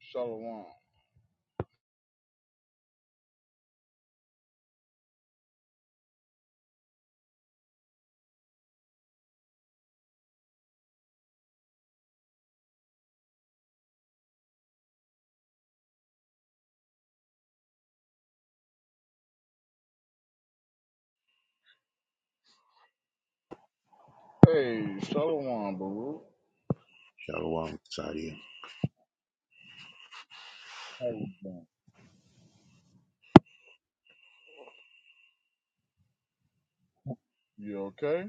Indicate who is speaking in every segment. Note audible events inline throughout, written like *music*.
Speaker 1: Shalom. Hey, Shalom, Baruch.
Speaker 2: Shalom, Sadia.
Speaker 1: How you doing? You okay?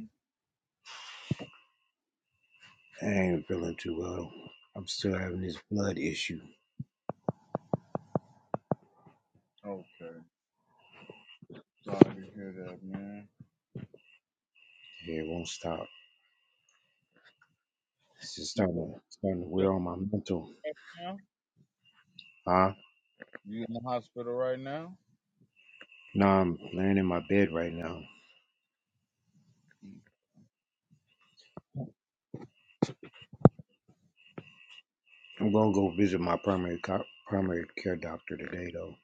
Speaker 2: I ain't feeling too well. I'm still having this blood issue.
Speaker 1: Okay. Sorry to hear that, man.
Speaker 2: Yeah, It won't stop. It's just
Speaker 1: You
Speaker 2: starting
Speaker 1: feel
Speaker 2: to, starting to
Speaker 1: sick
Speaker 2: wear on my mental.
Speaker 1: right now?
Speaker 2: Huh?
Speaker 1: You in the hospital right now?
Speaker 2: No, I'm laying in my bed right now. I'm gonna go visit my primary co- primary care doctor today, though.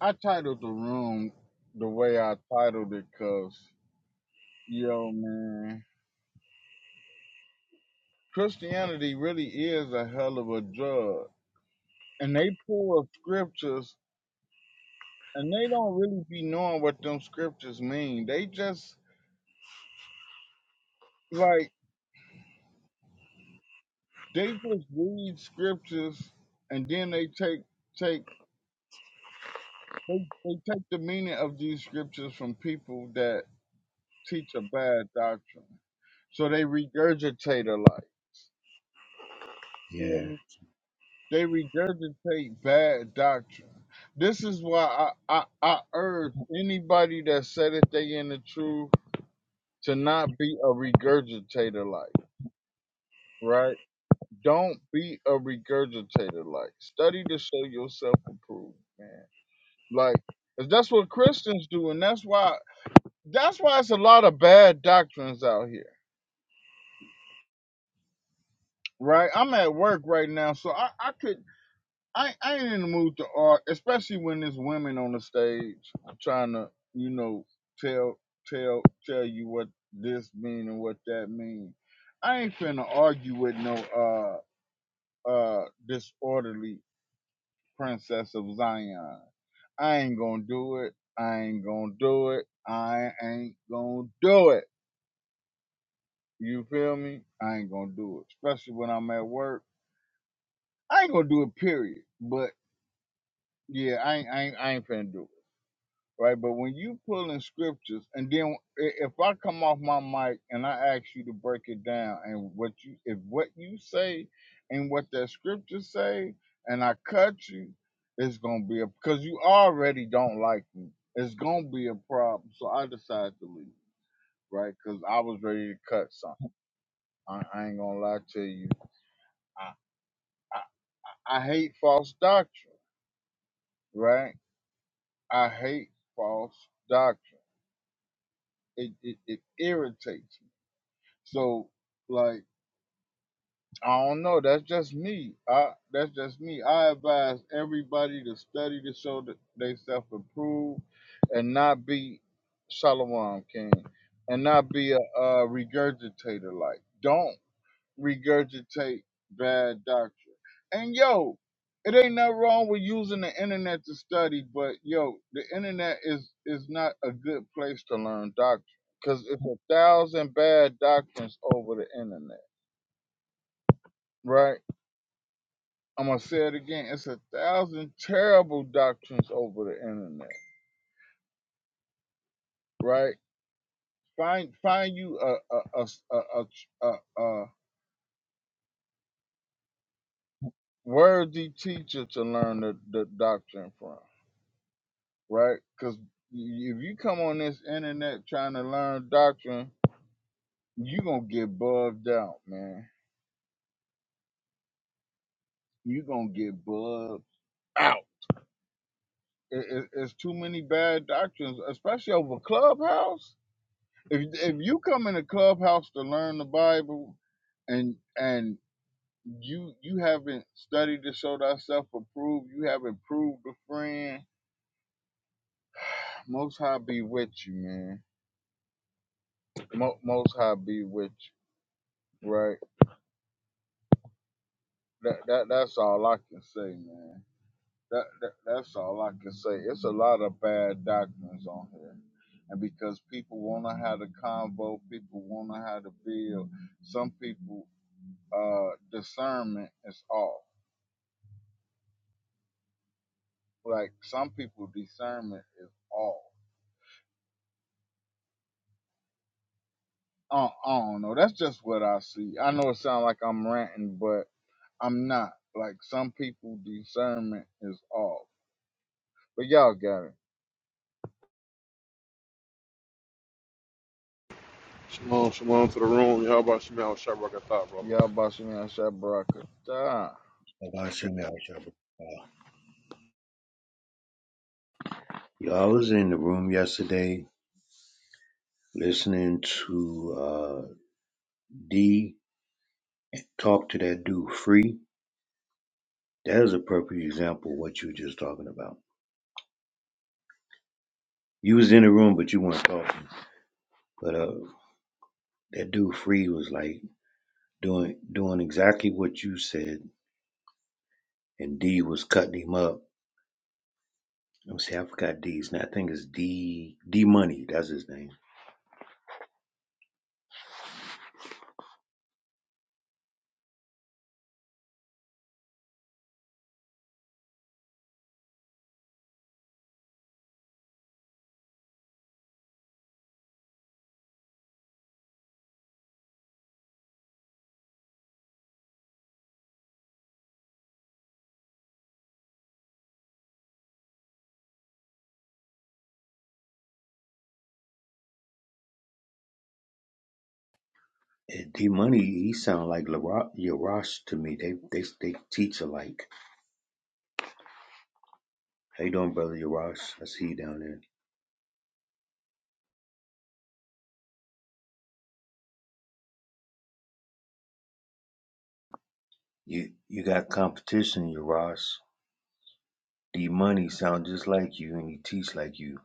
Speaker 1: I titled the room the way I titled it because, yo, man, Christianity really is a hell of a drug. And they pull up scriptures and they don't really be knowing what them scriptures mean. They just, like, They just read scriptures and then they take take they, they take the meaning of these scriptures from people that teach a bad doctrine. So they regurgitate a lot. feel
Speaker 2: Yeah.
Speaker 1: me? They regurgitate bad doctrine. This is why I, I, I urge anybody that said that they in the truth to not be a regurgitator like, right? Don't be a regurgitator like. Study to show yourself approved, man. Like if that's what Christians do, and that's why that's why it's a lot of bad doctrines out here. Right? I'm at work right now, so I, I could I, I ain't in the mood to argue, especially when there's women on the stage trying to, you know, tell tell tell you what this mean and what that mean. I ain't finna argue with no uh uh disorderly princess of Zion. I ain't gonna do it. I ain't gonna do it. I ain't gonna do it. You feel me? I ain't gonna do it, especially when I'm at work. I ain't gonna do it, period. But yeah, I ain't, I ain't, I ain't finna do it, right? But when you pulling scriptures, and then i- if I come off my mic and I ask you to break it down, and what you, if what you say, and what that scripture say, and I cut you, it's gonna be a because you already don't like me. It's gonna be a problem, so I decided to leave, right? Because I was ready to cut something. I, I ain't gonna lie to you. I, I I hate false doctrine, right? I hate false doctrine. It, it, it irritates me. So, like, I don't know. That's just me. I, that's just me. I advise everybody to study to show that they self improve and not be Solomon King and not be a, a regurgitator. Like, don't regurgitate bad doctrine. And yo, it ain't nothing wrong with using the internet to study, but yo, the internet is is not a good place to learn doctrine because it's a thousand bad doctrines over the internet, right? I'm gonna say it again. It's a thousand terrible doctrines over the internet, right? Find find you a a a a, a, a, a worthy teacher to learn the, the doctrine from right? Because if you come on this internet trying to learn doctrine, you gonna get bugged out, man. you gonna get bugged out. It, it- it's too many bad doctrines, especially over Clubhouse. If if you come in a Clubhouse to learn the Bible, and and you you haven't studied to show thyself approved, you haven't proved a friend. Most High be with you, man. Mo, most High be with you, right? that, that that's all I can say, man. That, that that's all I can say. It's a lot of bad doctrines on here, and because people wanna have the convo, people wanna have the build. Some people uh discernment is off. Like some people discernment is off. I, I don't know. That's just what I see. I know it sounds like I'm ranting, but I'm not. Like some people discernment is off. But y'all got it.
Speaker 3: Shalom, shalom to the room. Y'all about Shemal and Shadrach and thought, brothers.
Speaker 1: Y'all boss me out, Baraka.
Speaker 2: Allah send me out trouble. Uh, yeah, I was in the room yesterday listening to uh, D talk to that dude free. That is a perfect example of what you were just talking about. You was in the room, but you weren't talking. But uh, that dude Free was like doing doing exactly what you said, and D was cutting him up. Let me see, I forgot D's. Now I think it's D D Money. That's his name. And D Money, he sound like Lara- Yarash to me. They they they teach alike. How you doing, brother Yarash? I see you down there. You you got competition, Yarash. D Money sound just like you and he teach like you.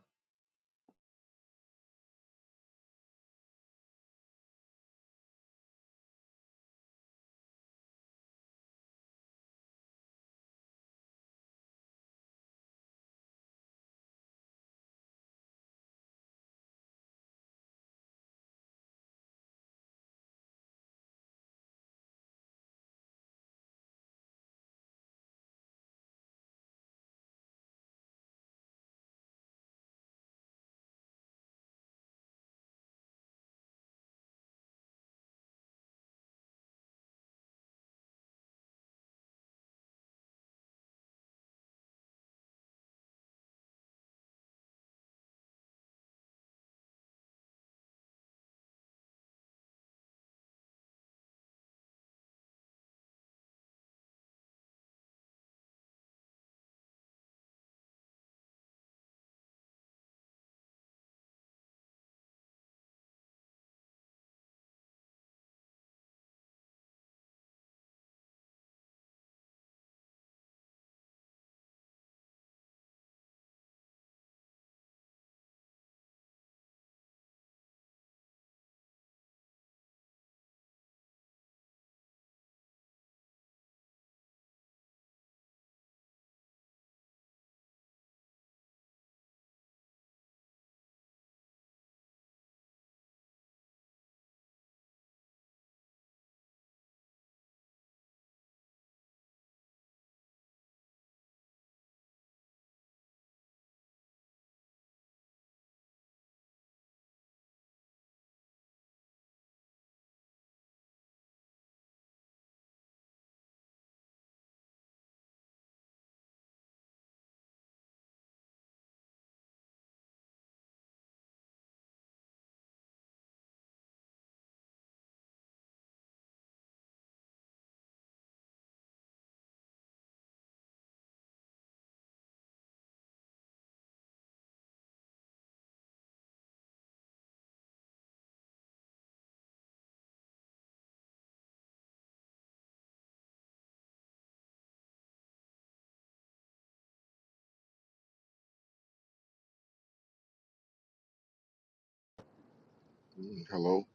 Speaker 4: Hello.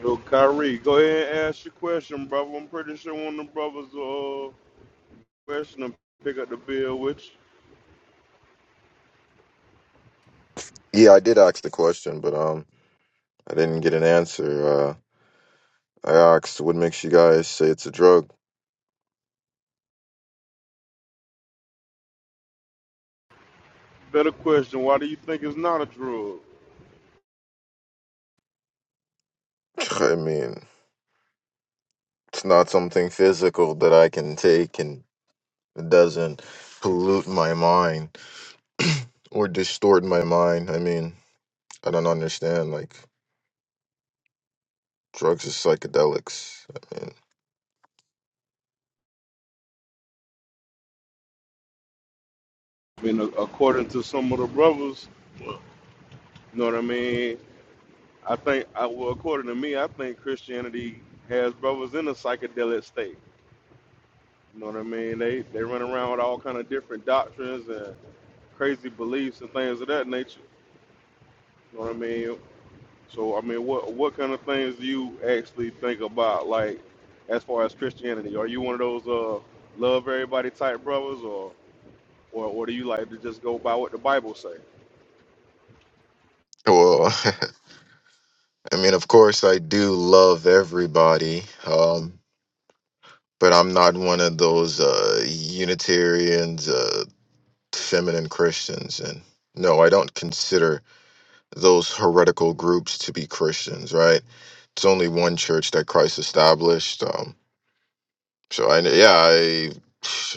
Speaker 3: Yo, Kyrie, go ahead and ask your question, brother. I'm pretty sure one of the brothers will uh question and pick up the bill, which
Speaker 4: Yeah, I did ask the question, but um, I didn't get an answer. Uh, I asked, "What makes you guys say it's a drug?"
Speaker 3: better question, why do you think it's not a drug?
Speaker 4: *laughs* *tsk* I mean, it's not something physical that I can take, and it doesn't pollute my mind *clears throat* or distort my mind. I mean, I don't understand. Like, drugs is psychedelics. I mean,
Speaker 3: I mean, a- according to some of the brothers, you know what I mean? I think, I, well, according to me, I think Christianity has brothers in a psychedelic state. You know what I mean? They they run around with all kind of different doctrines and crazy beliefs and things of that nature. You know what I mean? So I mean, what what kind of things do you actually think about, like as far as Christianity? Are you one of those uh love everybody type brothers, or or, or do you like to just go by what the Bible say?
Speaker 4: well, *laughs* I mean, of course, I do love everybody. Um, but I'm not one of those uh, Unitarians. Uh, feminine Christians. And no, I don't consider those heretical groups to be Christians, right? It's only one church that Christ established. Um, so I, yeah, I,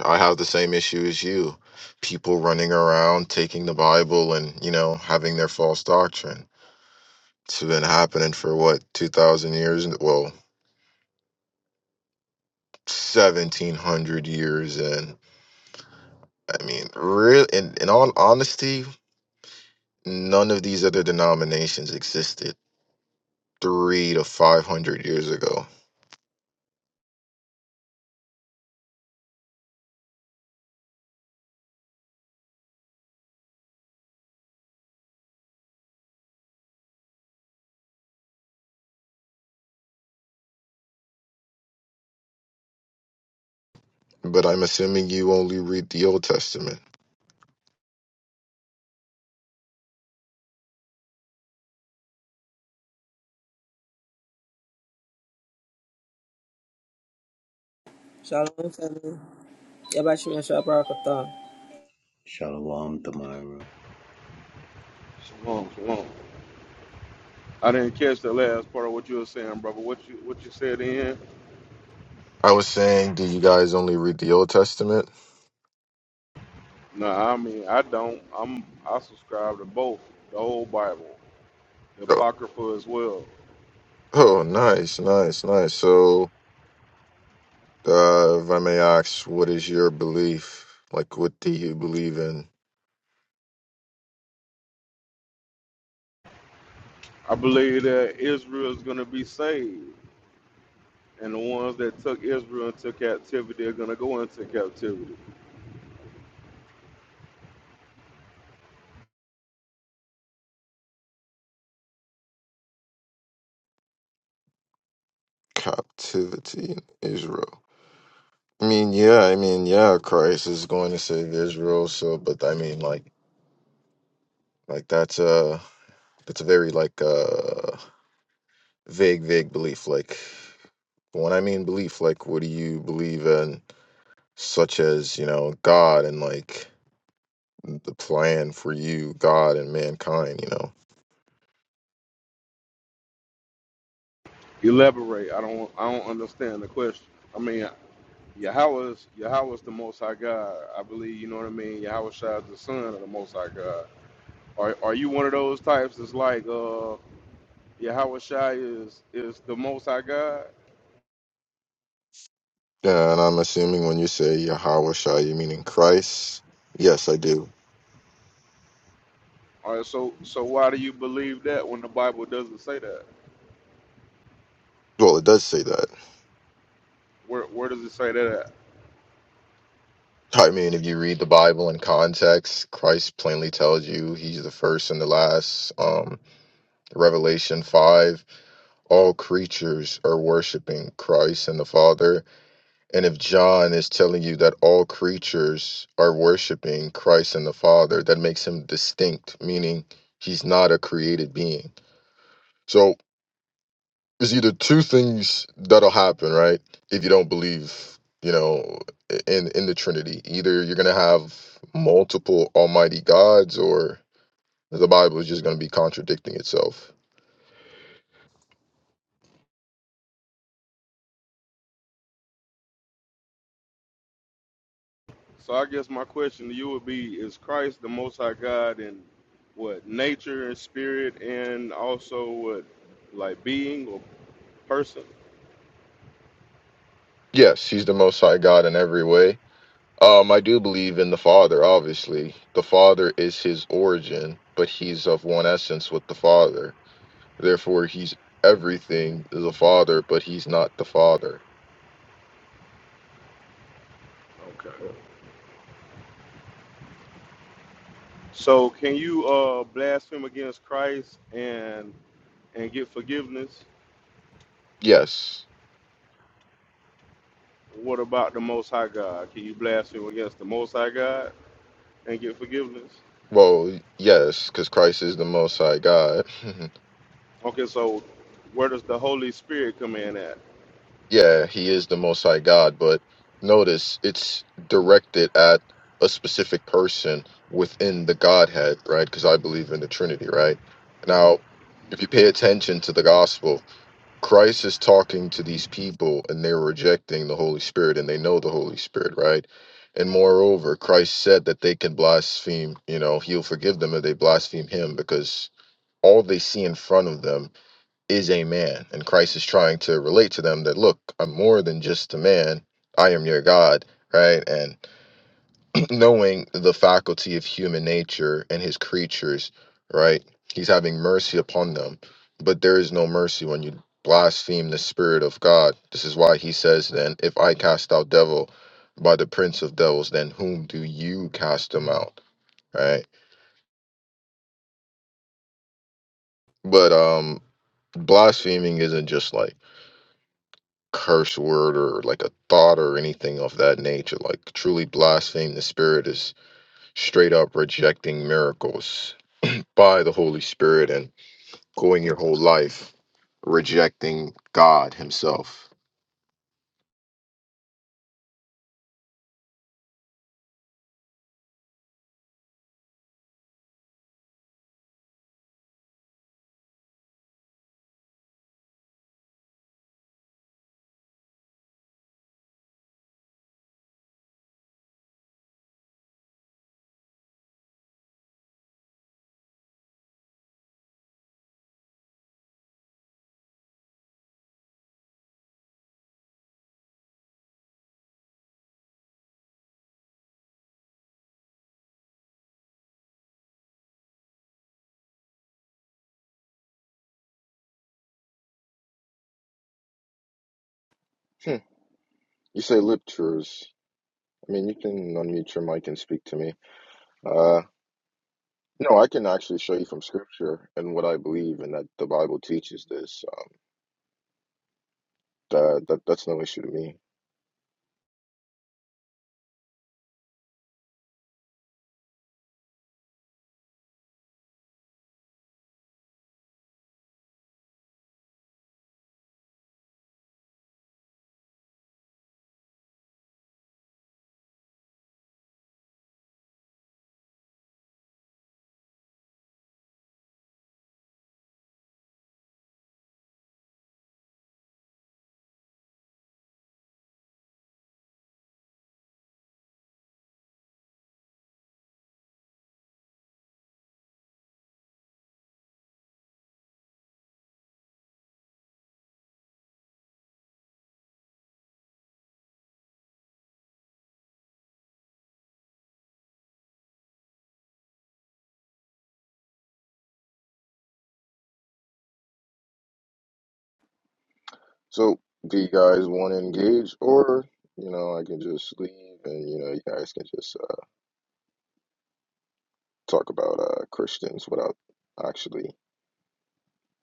Speaker 4: I have the same issue as you. People running around taking the Bible and you know having their false doctrine. It's been happening for what two thousand years? and- Well, seventeen hundred years, and I mean, real. In, in all honesty, none of these other denominations existed three to five hundred years ago. But I'm assuming you only read the Old Testament.
Speaker 5: Shalom, family. Yabashim Yashua Barakatan.
Speaker 2: Shalom, Thamira.
Speaker 3: Shalom, shalom. I didn't catch the last part of what you were saying, brother. What you what you said in?
Speaker 4: I was saying, do you guys only read the Old Testament?
Speaker 3: No, I mean I don't. I'm I subscribe to both the whole Bible, the
Speaker 4: Oh,
Speaker 3: Apocrypha as well.
Speaker 4: oh nice, nice, nice. So, uh, if I may ask, what is your belief? Like, what do you believe in?
Speaker 3: I believe that Israel is going to be saved, and the ones that took Israel into captivity are going to go into captivity.
Speaker 4: Captivity in Israel. I mean, yeah, I mean, yeah, Christ is going to save Israel. So, but I mean, like, like that's a, that's a very like, uh vague, vague belief. Like when I mean belief, like what do you believe in, such as you know God and like the plan for you, God and mankind. You know.
Speaker 3: Elaborate. I don't. I don't understand the question. I mean, Yahweh is Yahweh is the Most High God. I believe. You know what I mean. Yahweh Shai is the Son of the Most High God. Are Are you one of those types that's like, uh, Yahweh Shai is is the Most High God?
Speaker 4: Yeah, and I'm assuming when you say Yahweh Shai, you mean in Christ. Yes, I do.
Speaker 3: All right. So so why do you believe that when the Bible doesn't say that?
Speaker 4: Well, it does say that.
Speaker 3: Where Where does it say that? At?
Speaker 4: I mean, if you read the Bible in context, Christ plainly tells you he's the first and the last. Um, Revelation 5, all creatures are worshiping Christ and the Father And if John is telling you that all creatures are worshiping Christ and the Father, that makes him distinct, meaning he's not a created being. So it's either two things that'll happen, right? If you don't believe, you know, in in the Trinity, either you're gonna have multiple Almighty gods, or the Bible is just gonna be contradicting itself.
Speaker 3: So I guess my question to you would be: Is Christ the Most High God in what nature and spirit, and also what like being or person?
Speaker 4: Yes, he's the Most High God in every way Um, I do believe in the Father, obviously. The Father is his origin, but he's of one essence with the Father. Therefore, he's everything to the Father, but he's not the Father.
Speaker 3: Okay. So can you uh blaspheme against Christ and and get forgiveness?
Speaker 4: Yes.
Speaker 3: What about the Most High God? Can you blaspheme against the Most High God and get forgiveness?
Speaker 4: Well, yes, because Christ is the Most High God. *laughs*
Speaker 3: Okay, so where does the Holy Spirit come in at?
Speaker 4: yeah, he is the Most High God, but notice it's directed at a specific person within the Godhead, right? Because I believe in the Trinity, right? Now, if you pay attention to the Gospel, Christ is talking to these people and they're rejecting the Holy Spirit and they know the Holy Spirit, right? And moreover, Christ said that they can blaspheme, you know, he'll forgive them if they blaspheme him because all they see in front of them is a man. And Christ is trying to relate to them that, look, I'm more than just a man, I am your God, right? And knowing the faculty of human nature and his creatures, right? He's having mercy upon them. But there is no mercy when you blaspheme the spirit of God. This is why he says then, if I cast out devil by the prince of devils, then whom do you cast them out? Right? But um blaspheming isn't just like curse word or like a thought or anything of that nature. Like truly blaspheme the spirit is straight up rejecting miracles by the Holy Spirit and. going your whole life rejecting God Himself. Hmm. You say lip truths. I mean, you can unmute your mic and speak to me. Uh, no, I can actually show you from scripture and what I believe and that the Bible teaches this. Um, that, that that's no issue to me. So, do you guys want to engage, or you know, I can just leave and you know, you guys can just uh, talk about uh, Christians without actually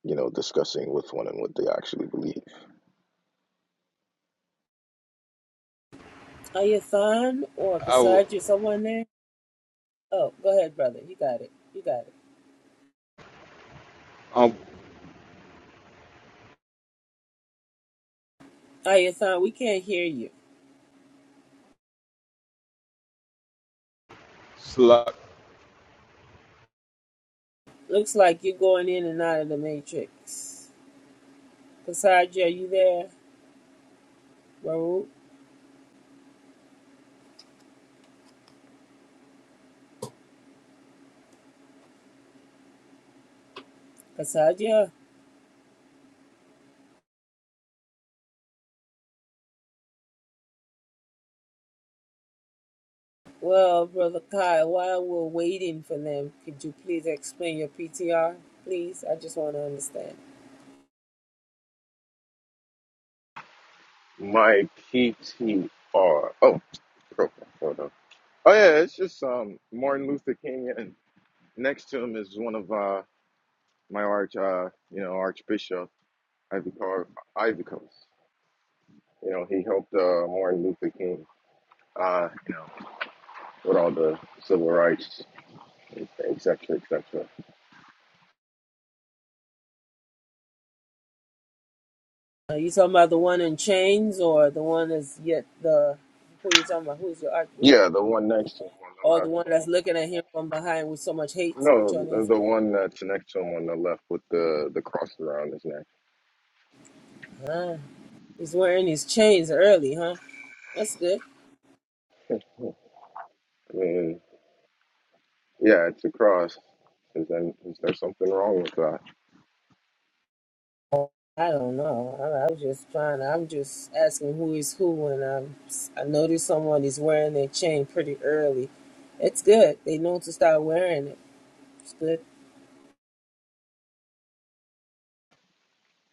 Speaker 4: you know discussing with one and what they actually believe.
Speaker 5: Are you Thon or
Speaker 3: I would
Speaker 5: Cassandra? Someone there? Oh, go ahead, brother. You got it. You got it.
Speaker 3: um
Speaker 5: Are you Thon? We can't hear you.
Speaker 3: Salak
Speaker 5: Looks like you're going in and out of the matrix. Cassandra, are you there? Baruch? Cassandra? Well, brother Kyle, while we're waiting for them, could you please explain your PTR? Please, I just want to understand.
Speaker 4: My PTR. Oh, profile photo. Oh yeah, it's just um Martin Luther King, and next to him is one of uh my arch uh you know Archbishop Ivy Car Ivy Coast. You know he helped uh Martin Luther King uh you know with all the civil rights etc cetera, etc. Cetera.
Speaker 5: Are you talking about the one in chains or the one that's yet the? Who are you talking about? Who's your arch?
Speaker 4: Yeah, the one next to him
Speaker 5: or the
Speaker 4: on the
Speaker 5: one
Speaker 4: left.
Speaker 5: that's looking at him from behind with so much hate. Which
Speaker 4: No,
Speaker 5: one
Speaker 4: the
Speaker 5: is it?
Speaker 4: the one that's next to him on the left with the the cross around his neck.
Speaker 5: Huh? He's wearing his chains early, huh? That's good.
Speaker 4: *laughs* I mean, yeah, it's a cross. Is that is there something wrong with that?
Speaker 5: I don't know. I, I was just trying. I'm just asking who is who, and I'm, I noticed someone is wearing their chain pretty early. It's good. They know to start wearing it. It's good.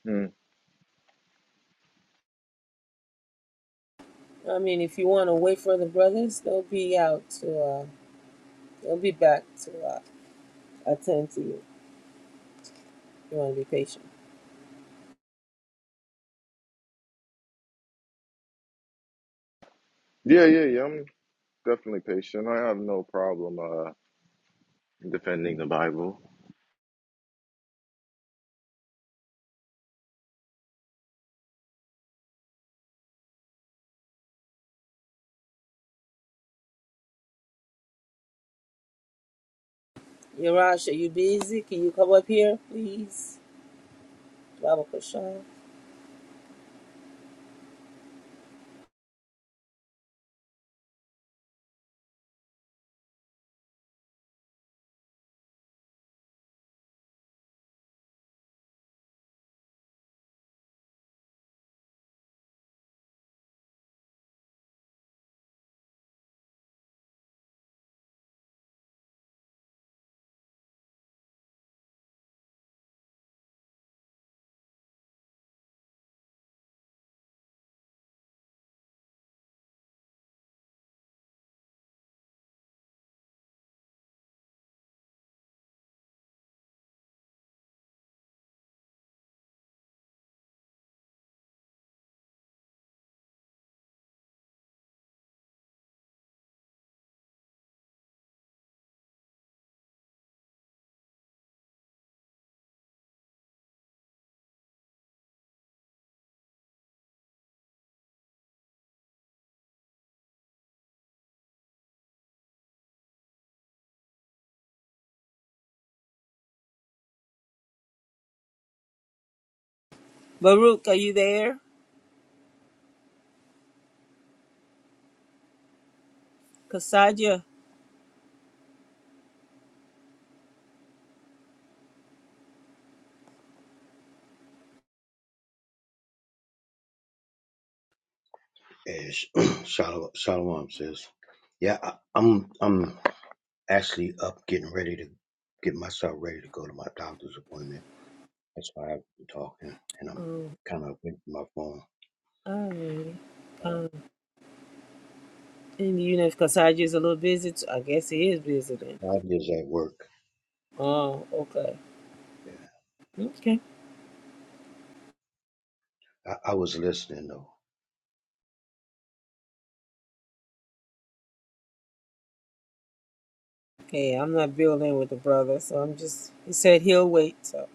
Speaker 4: Mm.
Speaker 5: I mean, if you want to wait for the brothers, they'll be out to. Uh, they'll be back to uh, attend to you. You want to be patient.
Speaker 4: Yeah, yeah, yeah. I'm definitely patient. I have no problem uh defending the Bible.
Speaker 5: Yarash, are you busy? Can you come up here, please? Baba Kashan. Baruch, are you there? Kasaja.
Speaker 2: Eh, sh- *clears throat* Shalom, shalom, sis. Yeah, I, I'm I'm actually up getting ready to get myself ready to go to my doctor's appointment. That's why I've been talking and I'm
Speaker 5: Oh,
Speaker 2: kind of away from my phone.
Speaker 5: alrighty.
Speaker 2: Uh,
Speaker 5: Um, and you know if Kasaja is a little busy, t- I guess he is busy then.
Speaker 2: I was at work.
Speaker 5: Oh, okay.
Speaker 2: Yeah,
Speaker 5: Okay.
Speaker 2: I, I was listening though.
Speaker 5: Hey, I'm not building with the brother, so I'm just, he said he'll wait, so.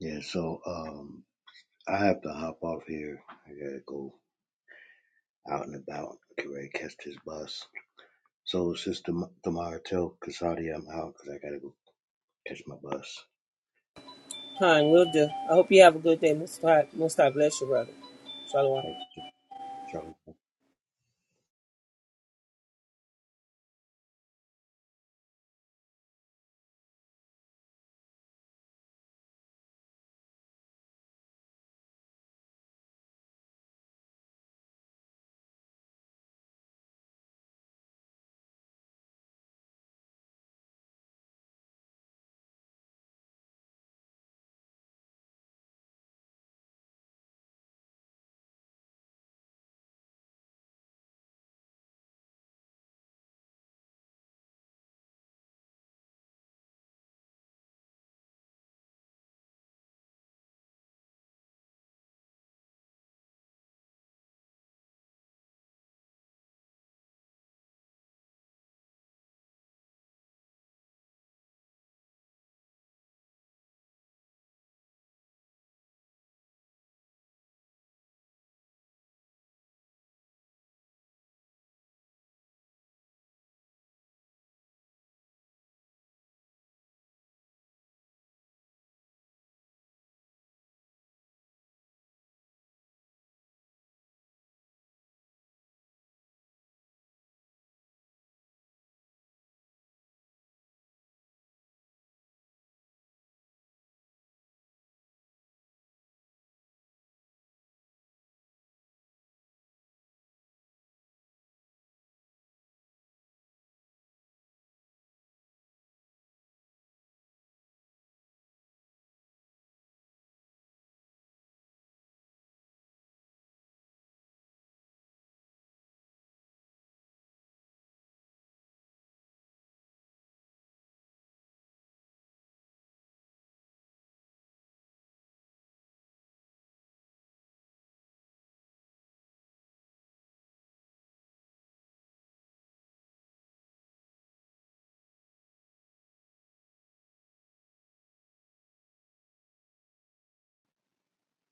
Speaker 2: Yeah, so um, I have to hop off here. I gotta go out and about, get ready to catch this bus. So, Sister Ma- Tamara, tell Casadia I'm out because I gotta go catch my bus.
Speaker 5: Khan, we'll do. I hope you have a good day. Most God Most Mustaf bless you, brother. Shalom.
Speaker 2: Like, so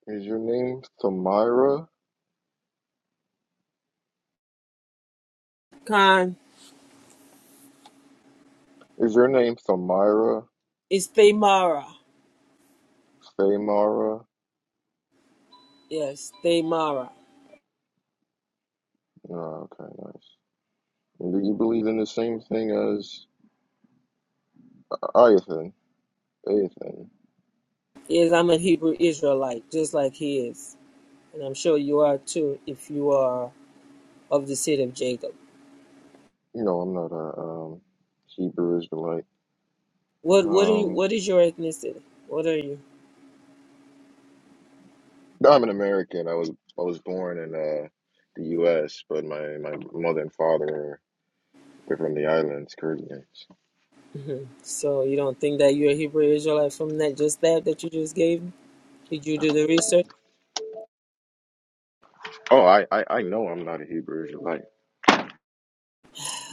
Speaker 4: Is your name Samira?
Speaker 5: Khan,
Speaker 4: Is your name Samira?
Speaker 5: it's Thamara.
Speaker 4: Samara?
Speaker 5: Yes, Thamara.
Speaker 4: No, okay, nice. And do you believe in the same thing as Ayathan? Ayathan.
Speaker 5: Yes, I'm a Hebrew Israelite, just like he is. And I'm sure you are too if you are of the seed of Jacob.
Speaker 4: You know, I'm not a um, Hebrew Israelite.
Speaker 5: What what are you
Speaker 4: Um,
Speaker 5: what is your ethnicity? What are you?
Speaker 4: I'm an American. I was I was born in uh, the U.S., but my my mother and father. They're from the islands, Caribbeans.
Speaker 5: hmm So you don't think that you're a Hebrew Israelite from that just that that you just gave me? Did you do the research?
Speaker 4: Oh, I, I, I know I'm not a Hebrew Israelite. Like,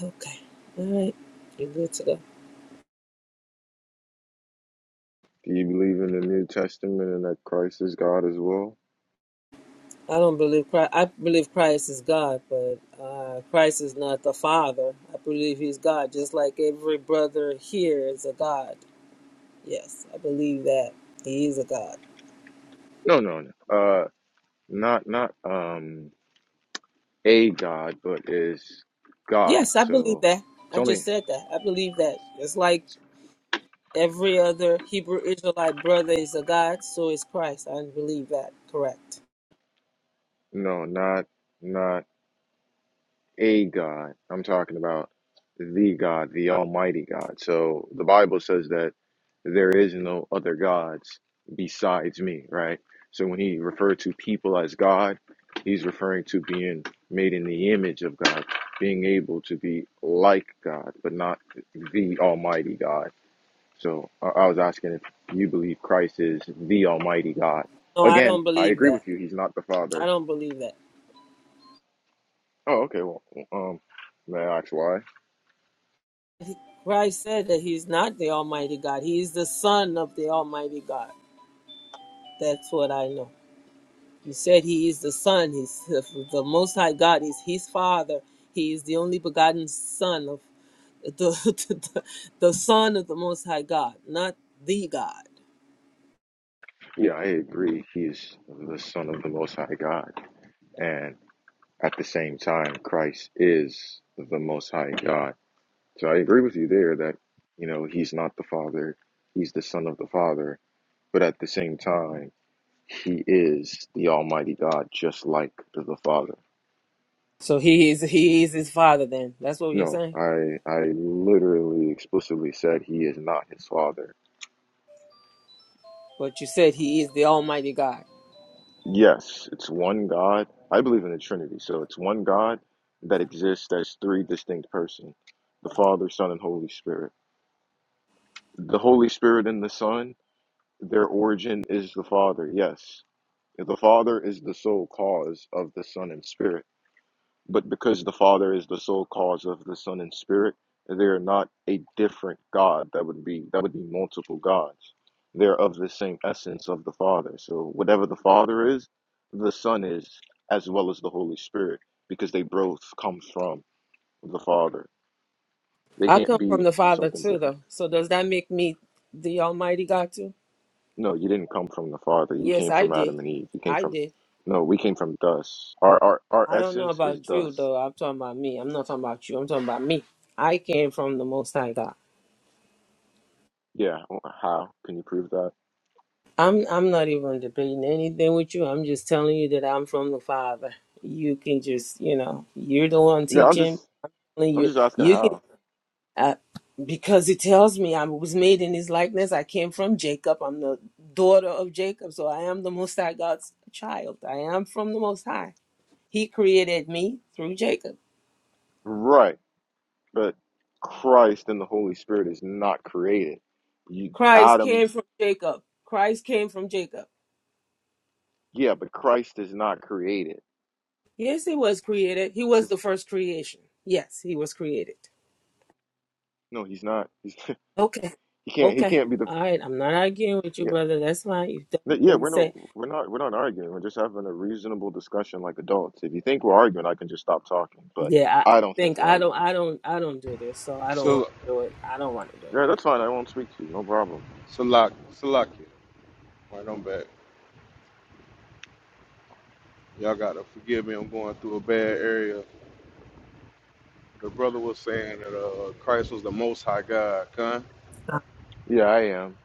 Speaker 5: Okay. All right. You're good to go.
Speaker 4: Do you believe in the New Testament and that Christ is God as well?
Speaker 5: I don't believe Christ. I believe Christ is God, but uh, Christ is not the Father. I believe He's God, just like every brother here is a God. Yes, I believe that He is a God.
Speaker 4: No, no, no. Uh, not not um a God, but is God.
Speaker 5: Yes, I believe
Speaker 4: So
Speaker 5: that.
Speaker 4: it's
Speaker 5: I just
Speaker 4: only
Speaker 5: said that. I believe that. It's like Every other Hebrew Israelite brother is a God, so is Christ. I believe that. Correct.
Speaker 4: no, not not a God. I'm talking about the God, the Almighty God. So the Bible says that there is no other gods besides me, right? So when he referred to people as God, he's referring to being made in the image of God, being able to be like God, but not the Almighty God. So I I was asking if you believe Christ is the Almighty God.
Speaker 5: No, I
Speaker 4: Again,
Speaker 5: don't
Speaker 4: I
Speaker 5: believe
Speaker 4: agree
Speaker 5: that.
Speaker 4: with you. He's not the
Speaker 5: I
Speaker 4: Father.
Speaker 5: don't believe that.
Speaker 4: Oh, okay. Well, um, may I ask why?
Speaker 5: Christ said that he's not the Almighty God. He is the Son of the Almighty God. That's what I know. He said he is the Son. He's the the Most High God is his Father. He is the only begotten Son of the, *laughs* the, the Son of the Most High God, not the God.
Speaker 4: Yeah, I agree. He's the Son of the Most High God. And at the same time, Christ is the Most High God. So I agree with you there that, you know, he's not the Father, he's the Son of the Father. But at the same time, he is the Almighty God, just like the Father.
Speaker 5: So he is he is his Father. Then that's what you're
Speaker 4: No,
Speaker 5: saying.
Speaker 4: I I literally explicitly said he is not his father.
Speaker 5: But you said he is the Almighty God.
Speaker 4: Yes, it's one God. I believe in the Trinity, so it's one God that exists as three distinct persons the Father, Son, and Holy Spirit. The Holy Spirit and the Son, their origin is the Father, yes. The Father is the sole cause of the Son and Spirit. But because the Father is the sole cause of the Son and Spirit, they are not a different God. That would be that would be multiple gods. They're of the same essence of the Father. So whatever the Father is, the Son is, as well as the Holy Spirit, because they both come from the Father. They
Speaker 5: I
Speaker 4: can't
Speaker 5: come from
Speaker 4: be
Speaker 5: the Father
Speaker 4: something
Speaker 5: too,
Speaker 4: different.
Speaker 5: though. So does that make me the Almighty God too?
Speaker 4: No, you didn't come from the Father. You
Speaker 5: Yes,
Speaker 4: came
Speaker 5: I
Speaker 4: from
Speaker 5: did.
Speaker 4: Adam and Eve. You came
Speaker 5: I
Speaker 4: from
Speaker 5: did.
Speaker 4: no, we came from dust. Our our our
Speaker 5: I don't know
Speaker 4: essence is
Speaker 5: about you
Speaker 4: dust.
Speaker 5: though. I'm talking about me. I'm not talking about you. I'm talking about me. I came from the Most High God.
Speaker 4: Yeah, how can you prove that?
Speaker 5: I'm I'm not even debating anything with you. I'm just telling you that I'm from the Father. You can just you know you're the one
Speaker 4: Yeah, I'm just
Speaker 5: teaching.
Speaker 4: I'm
Speaker 5: You
Speaker 4: just asking
Speaker 5: you can
Speaker 4: how.
Speaker 5: uh, because it tells me I was made in his likeness. I came from Jacob. I'm the daughter of Jacob. So I am the Most High God's child. I am from the Most High. He created me through Jacob.
Speaker 4: Right. But Christ and the Holy Spirit is not created. You
Speaker 5: Christ
Speaker 4: Adam,
Speaker 5: came from Jacob. Christ came from Jacob.
Speaker 4: yeah, but Christ is not created.
Speaker 5: Yes, he was created. He was
Speaker 4: It's,
Speaker 5: the first creation. Yes, he was created.
Speaker 4: no, he's not. He's, *laughs*
Speaker 5: Okay.
Speaker 4: he can't he
Speaker 5: Okay.
Speaker 4: can't be the
Speaker 5: All right. I'm not arguing with you,
Speaker 4: yeah.
Speaker 5: brother. That's fine. You don't
Speaker 4: No, Yeah,
Speaker 5: what you
Speaker 4: we're not
Speaker 5: say.
Speaker 4: we're not we're not arguing. We're just having a reasonable discussion like adults. If you think we're arguing, I can just stop talking, but
Speaker 5: Yeah, I
Speaker 4: I don't think
Speaker 5: think
Speaker 4: we're
Speaker 5: I don't
Speaker 4: arguing.
Speaker 5: I don't I don't do this, so I don't want
Speaker 3: Salak
Speaker 5: to do it. I don't want to do
Speaker 4: Yeah,
Speaker 5: it.
Speaker 4: that's fine. I won't speak to you. No problem.
Speaker 3: Salak Salak. Right, I'm back. Y'all gotta forgive me. I'm going through a bad area. The brother was saying that uh Christ was the Most High God. Huh?
Speaker 4: Yeah, I am.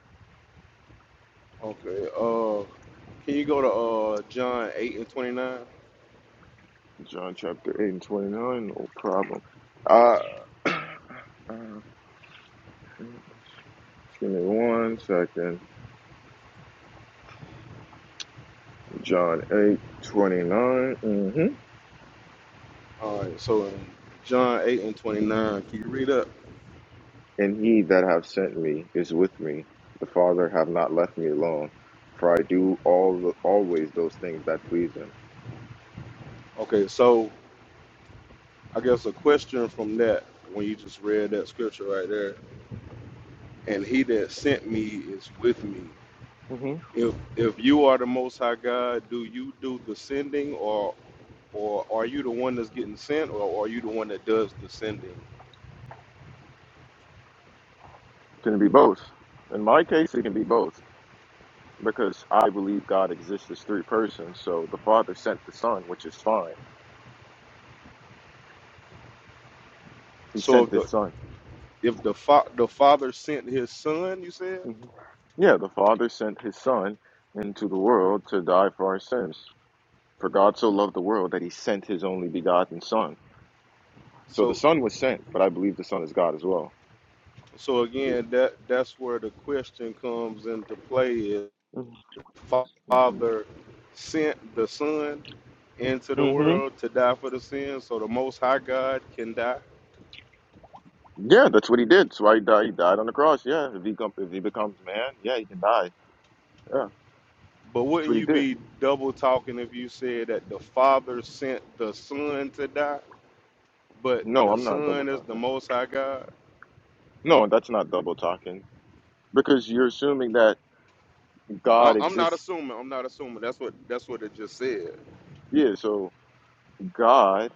Speaker 3: Okay. Can you go to uh, John 8 and 29?
Speaker 4: John chapter 8 and 29. No problem. Uh *clears throat* Give me one second. John 8 29. Mm hmm
Speaker 3: All right, so in John 8 and 29, can you read up?
Speaker 4: And he that have sent me is with me. The Father have not left me alone, for I do all the, always those things that please him.
Speaker 3: Okay, so I guess a question from that when you just read that scripture right there, and he that sent me is with me.
Speaker 4: Mm hmm
Speaker 3: If if you are the most high God, do you do the sending or or are you the one that's getting sent or are you the one that does the sending?
Speaker 4: Can it be both? In my case, it can be both because I believe God exists as three persons. So the Father sent the Son, which is fine. He
Speaker 3: So
Speaker 4: sent
Speaker 3: if
Speaker 4: this
Speaker 3: the
Speaker 4: Son.
Speaker 3: if the fa- the father sent his son, you said?
Speaker 4: hmm Yeah, the Father sent his Son into the world to die for our sins. For God so loved the world that he sent his only begotten Son. So
Speaker 3: So
Speaker 4: the Son was sent, but I believe the Son is God as well.
Speaker 3: So
Speaker 4: The,
Speaker 3: again, that that's where the question comes into play: is
Speaker 4: hmm
Speaker 3: Father sent the Son into the
Speaker 4: hmm
Speaker 3: world to die for the sin, so the Most High God can die.
Speaker 4: Yeah, that's what he did. So he died. He died on the cross. Yeah, if he com- if he becomes man, yeah, he can die. Yeah,
Speaker 3: But
Speaker 4: that's
Speaker 3: wouldn't
Speaker 4: what he
Speaker 3: you
Speaker 4: did.
Speaker 3: be double talking if you said that the Father sent the Son to die, but
Speaker 4: No,
Speaker 3: the
Speaker 4: I'm not double
Speaker 3: Son is the
Speaker 4: talking.
Speaker 3: Most High God?
Speaker 4: No, that's not double talking because you're assuming that
Speaker 3: I-
Speaker 4: God
Speaker 3: I'm not
Speaker 4: exists.
Speaker 3: assuming. I'm not assuming. That's what that's what it just said.
Speaker 4: Yeah, so God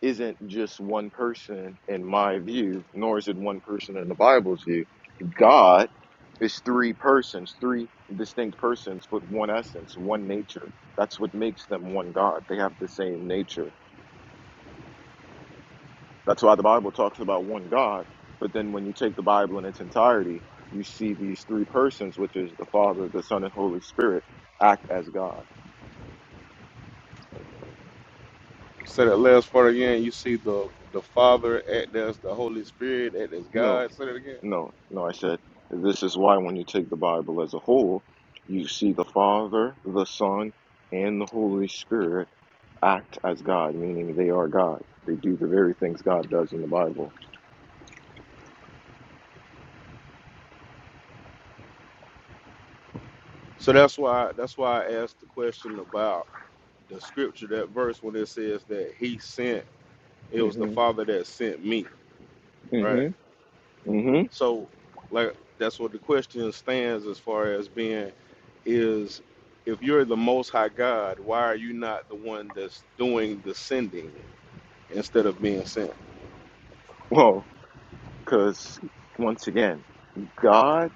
Speaker 4: isn't just one person in my view, nor is it one person in the Bible's view. God is three persons, three distinct persons, but one essence, one nature. That's what makes them one God. They have the same nature. That's why the Bible talks about one God. But then when you take the Bible in its entirety, you see these three persons, which is the Father, the Son, and Holy Spirit, act as God.
Speaker 3: Say that last part again. You see the the Father act as the Holy Spirit act as
Speaker 4: No.
Speaker 3: God. Say that again.
Speaker 4: No, no, I said this is why when you take the Bible as a whole, you see the Father, the Son, and the Holy Spirit act as God, meaning they are God. They do the very things God does in the Bible.
Speaker 3: So that's why that's why I asked the question about the scripture, that verse when it says that he sent, it was the
Speaker 4: hmm
Speaker 3: Father that sent me, right?
Speaker 4: hmm hmm
Speaker 3: So like that's what the question stands as far as being is if you're the most high God, why are you not the one that's doing the sending instead of being sent?
Speaker 4: Well, because once again, God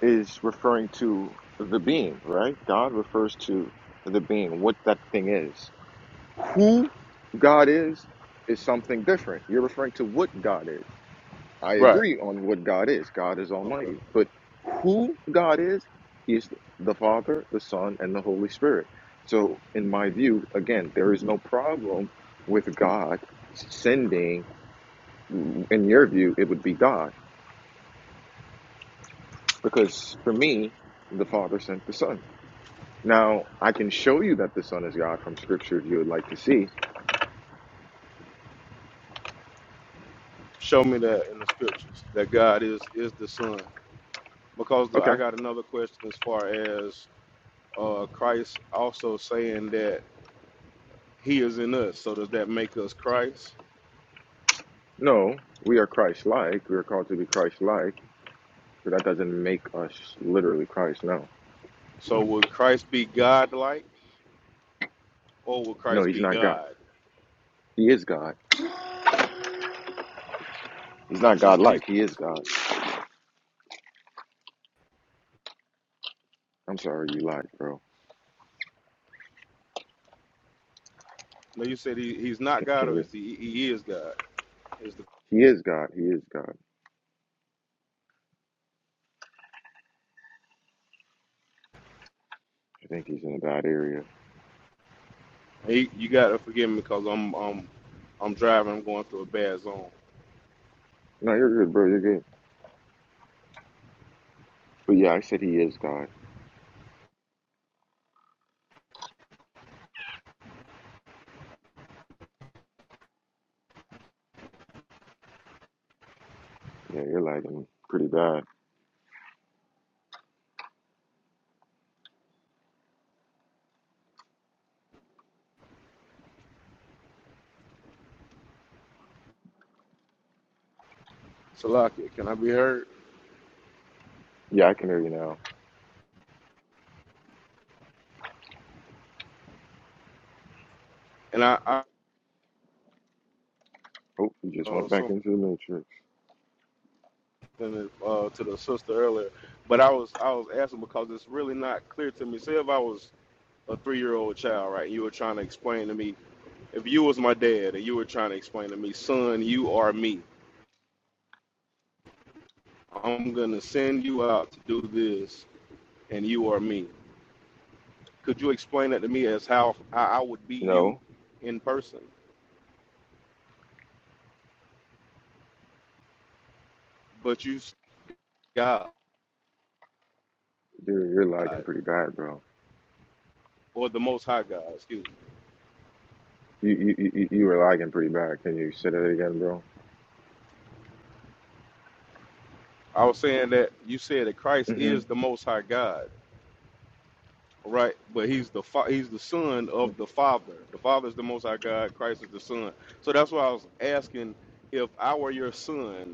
Speaker 4: is referring to the being, right? God refers to the being, what that thing is. Who God is is something different. You're referring to what God is. I
Speaker 3: Right.
Speaker 4: agree on what God is. God is
Speaker 3: Okay.
Speaker 4: Almighty. But who God is, He is the Father, the Son, and the Holy Spirit. So, in my view, again, there is no problem with God sending, in your view, it would be God. Because for me, the Father sent the Son. Now, I can show you that the Son is God from Scripture if you would like to see.
Speaker 3: Show me that in the scriptures that God is is the Son. Because the, I
Speaker 4: Okay.
Speaker 3: got another question as far as uh, Christ also saying that He is in us. So does that make us Christ?
Speaker 4: No, we are Christ like. We are called to be Christ like, but that doesn't make us literally Christ. No.
Speaker 3: So would Christ be God-like, or would
Speaker 4: No,
Speaker 3: Christ
Speaker 4: He's
Speaker 3: be
Speaker 4: not God.
Speaker 3: God?
Speaker 4: He is God. He's not
Speaker 3: He,
Speaker 4: God
Speaker 3: he's
Speaker 4: like. He is God. I'm sorry, you lied, bro.
Speaker 3: no. You said he, he's not
Speaker 4: Can,
Speaker 3: God,
Speaker 4: can
Speaker 3: or
Speaker 4: you?
Speaker 3: is he? He is God. Is the
Speaker 4: He is God. He is God. I think he's in a bad area.
Speaker 3: he, you gotta forgive me because I'm I'm I'm driving. I'm going through a bad zone.
Speaker 4: No, you're good, bro. You're good. But yeah, I said he is God. Yeah, you're lagging pretty bad.
Speaker 3: Salakia, can I be heard?
Speaker 4: Yeah, I can hear you now.
Speaker 3: And I, I
Speaker 4: Oh, you just
Speaker 3: uh,
Speaker 4: went back
Speaker 3: something
Speaker 4: into the matrix.
Speaker 3: uh, to the sister earlier, but I was I was asking because it's really not clear to me. Say if I was a three-year-old child, right? and You were trying to explain to me if you was my dad and you were trying to explain to me, son, you are me. I'm gonna send you out to do this, and you are me. Could you explain that to me as how I would be you
Speaker 4: No,
Speaker 3: in person, but you God
Speaker 4: you're you're lagging pretty bad, bro.
Speaker 3: or the Most High God? Excuse me.
Speaker 4: You you you, you you were lagging pretty bad. Can you say that again, bro?
Speaker 3: I was saying that you said that Christ is
Speaker 4: Mm-hmm.
Speaker 3: the Most High God, right? But he's the fa- he's the Son of the Father. The Father is the Most High God. Christ is the Son. So that's why I was asking if I were your son.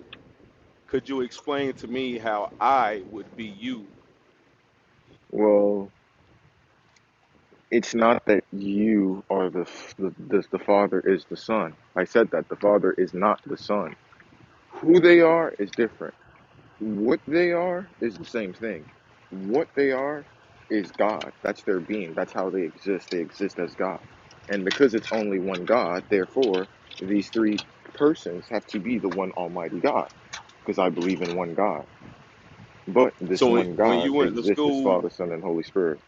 Speaker 3: could you explain to me how I would be you?
Speaker 4: Well, it's not that you are the the, the the Father is the Son. I said that the Father is not the Son. Who they are is different. What they are is the same thing. What they are is God. That's their being. That's how they exist. They exist as God. And because it's only one God, therefore, these three persons have to be the one Almighty God, because I believe in one God. But this
Speaker 3: So it-
Speaker 4: one
Speaker 3: when
Speaker 4: God
Speaker 3: you went to
Speaker 4: exists as
Speaker 3: school,
Speaker 4: Father, Son, and Holy Spirit.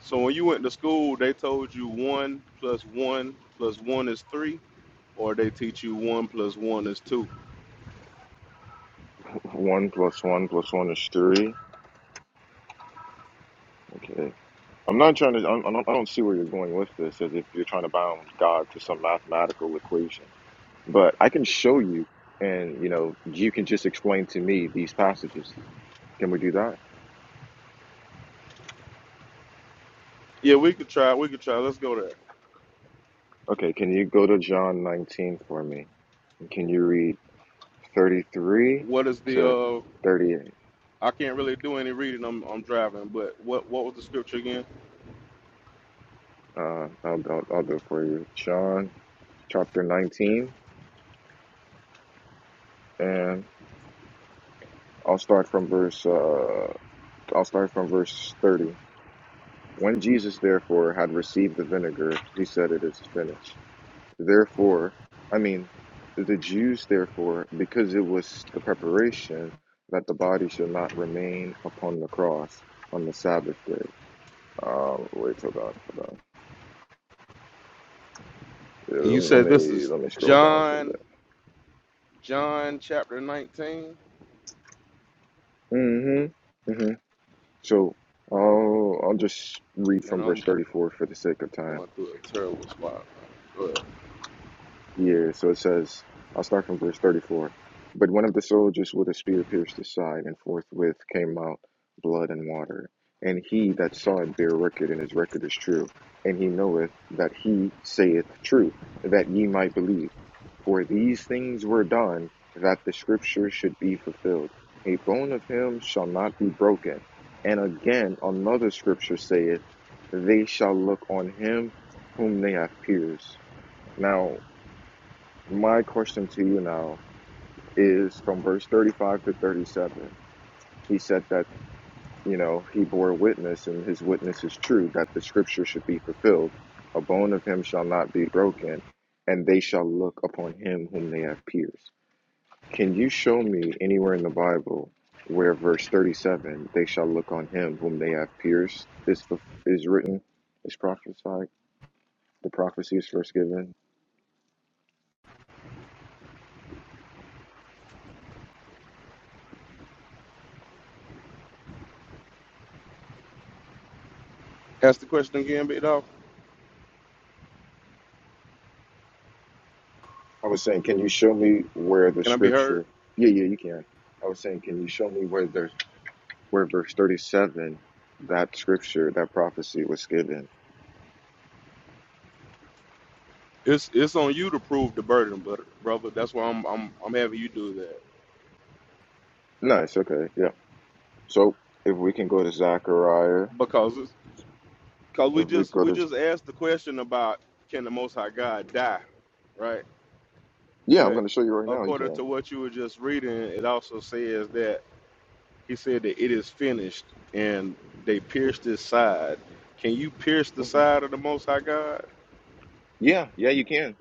Speaker 3: so when you went to school, they told you one plus one plus one is three, or they teach you one plus one is two.
Speaker 4: *laughs* One plus one plus one is three. Okay. I'm not trying to, I don't, I don't I don't see where you're going with this as if you're trying to bound God to some mathematical equation. but I can show you, and you know, you can just explain to me these passages. Can we do that?
Speaker 3: Yeah, we could try. We could try. Let's go there.
Speaker 4: Okay, can you go to John 19 for me? And can you read 33
Speaker 3: What is the?
Speaker 4: to
Speaker 3: uh
Speaker 4: 38?
Speaker 3: I can't really do any reading. I'm I'm driving. But what what was the scripture again?
Speaker 4: Uh, I'll, I'll, I'll do it for you. John chapter 19, and I'll start from verse. Uh, I'll start from verse 30. When Jesus therefore had received the vinegar, he said, "It is finished." Therefore, I mean, the Jews, therefore, because it was the preparation that the body should not remain upon the cross on the Sabbath day. Um, wait, hold on, hold on. Yeah,
Speaker 3: And
Speaker 4: let,
Speaker 3: you
Speaker 4: me, let
Speaker 3: said this
Speaker 4: me
Speaker 3: is
Speaker 4: scroll down to
Speaker 3: John
Speaker 4: that.
Speaker 3: John chapter 19.
Speaker 4: Mm-hmm. Mm-hmm. So, I'll I'll just read
Speaker 3: Man,
Speaker 4: from
Speaker 3: I'm
Speaker 4: verse thirty-four for the sake of time.
Speaker 3: going through a terrible spot. But
Speaker 4: Yeah, so it says, I'll start from verse 34. But one of the soldiers with a spear pierced his side, and forthwith came out blood and water. And he that saw it bare record, and his record is true. And he knoweth that he saith true, that ye might believe. For these things were done, that the scripture should be fulfilled. A bone of him shall not be broken. And again, another scripture saith, They shall look on him whom they have pierced. Now, my question to you now is from verse 35 to 37. He said that, you know, he bore witness and his witness is true that the scripture should be fulfilled. A bone of him shall not be broken, and they shall look upon him whom they have pierced. Can you show me anywhere in the Bible where verse 37, they shall look on him whom they have pierced, is, fu- is written, is prophesied, the prophecy is first given?
Speaker 3: ask the question again, big dog.
Speaker 4: I was saying, can you show me where the
Speaker 3: Can I be heard?
Speaker 4: scripture? Yeah, yeah, you can. I was saying, can you show me where there's where verse thirty-seven, that scripture, that prophecy was given?
Speaker 3: It's it's on you to prove the burden, but brother, that's why I'm I'm I'm having you do that
Speaker 4: Nice. Okay. Yeah. So if we can go to Zechariah,
Speaker 3: because it's because we
Speaker 4: if we
Speaker 3: just
Speaker 4: go
Speaker 3: we
Speaker 4: to,
Speaker 3: just asked the question about can the Most High God die, right?
Speaker 4: yeah, I'm
Speaker 3: But
Speaker 4: going to show you right now. You
Speaker 3: according to
Speaker 4: can.
Speaker 3: what you were just reading, it also says that he said that it is finished, and they pierced his side. Can you pierce the
Speaker 4: hmm
Speaker 3: side of the Most High God?
Speaker 4: Yeah. Yeah, you can.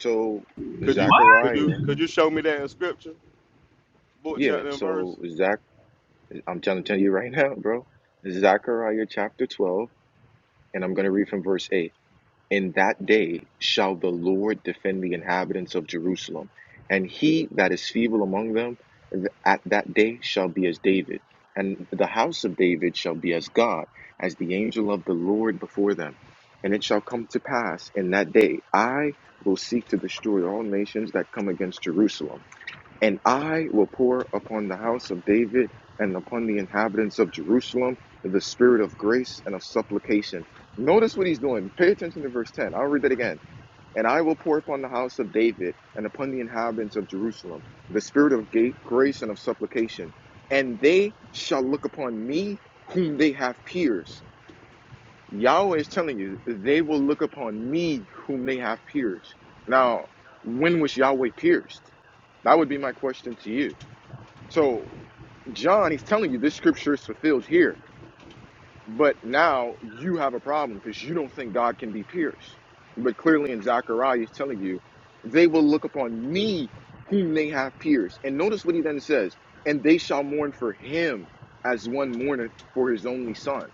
Speaker 4: So
Speaker 3: Could you
Speaker 6: What?
Speaker 3: could you
Speaker 4: Zechariah.
Speaker 3: could you show me that in Scripture, book
Speaker 4: Yeah.
Speaker 3: chapter and verse?
Speaker 4: So Zach, I'm telling, telling you right *laughs* now, bro. Zechariah chapter twelve, and I'm going to read from verse eight. In that day shall the Lord defend the inhabitants of Jerusalem, and he that is feeble among them th- at that day shall be as David, and the house of David shall be as God, as the angel of the Lord before them. And it shall come to pass in that day, I will seek to destroy all nations that come against Jerusalem and I will pour upon the house of David and upon the inhabitants of Jerusalem the spirit of grace and of supplication. Notice what he's doing. Pay attention to verse 10. I'll read that again. And I will pour upon the house of David and upon the inhabitants of Jerusalem the spirit of grace and of supplication. And they shall look upon me whom they have pierced. Yahweh is telling you, they will look upon me whom they have pierced. Now, when was Yahweh pierced? That would be my question to you so John, he's telling you this scripture is fulfilled here, but now you have a problem because you don't think God can be pierced. But clearly in Zechariah, he's telling you they will look upon me whom they have pierced. And notice what he then says, and they shall mourn for him as one mourneth for his only son.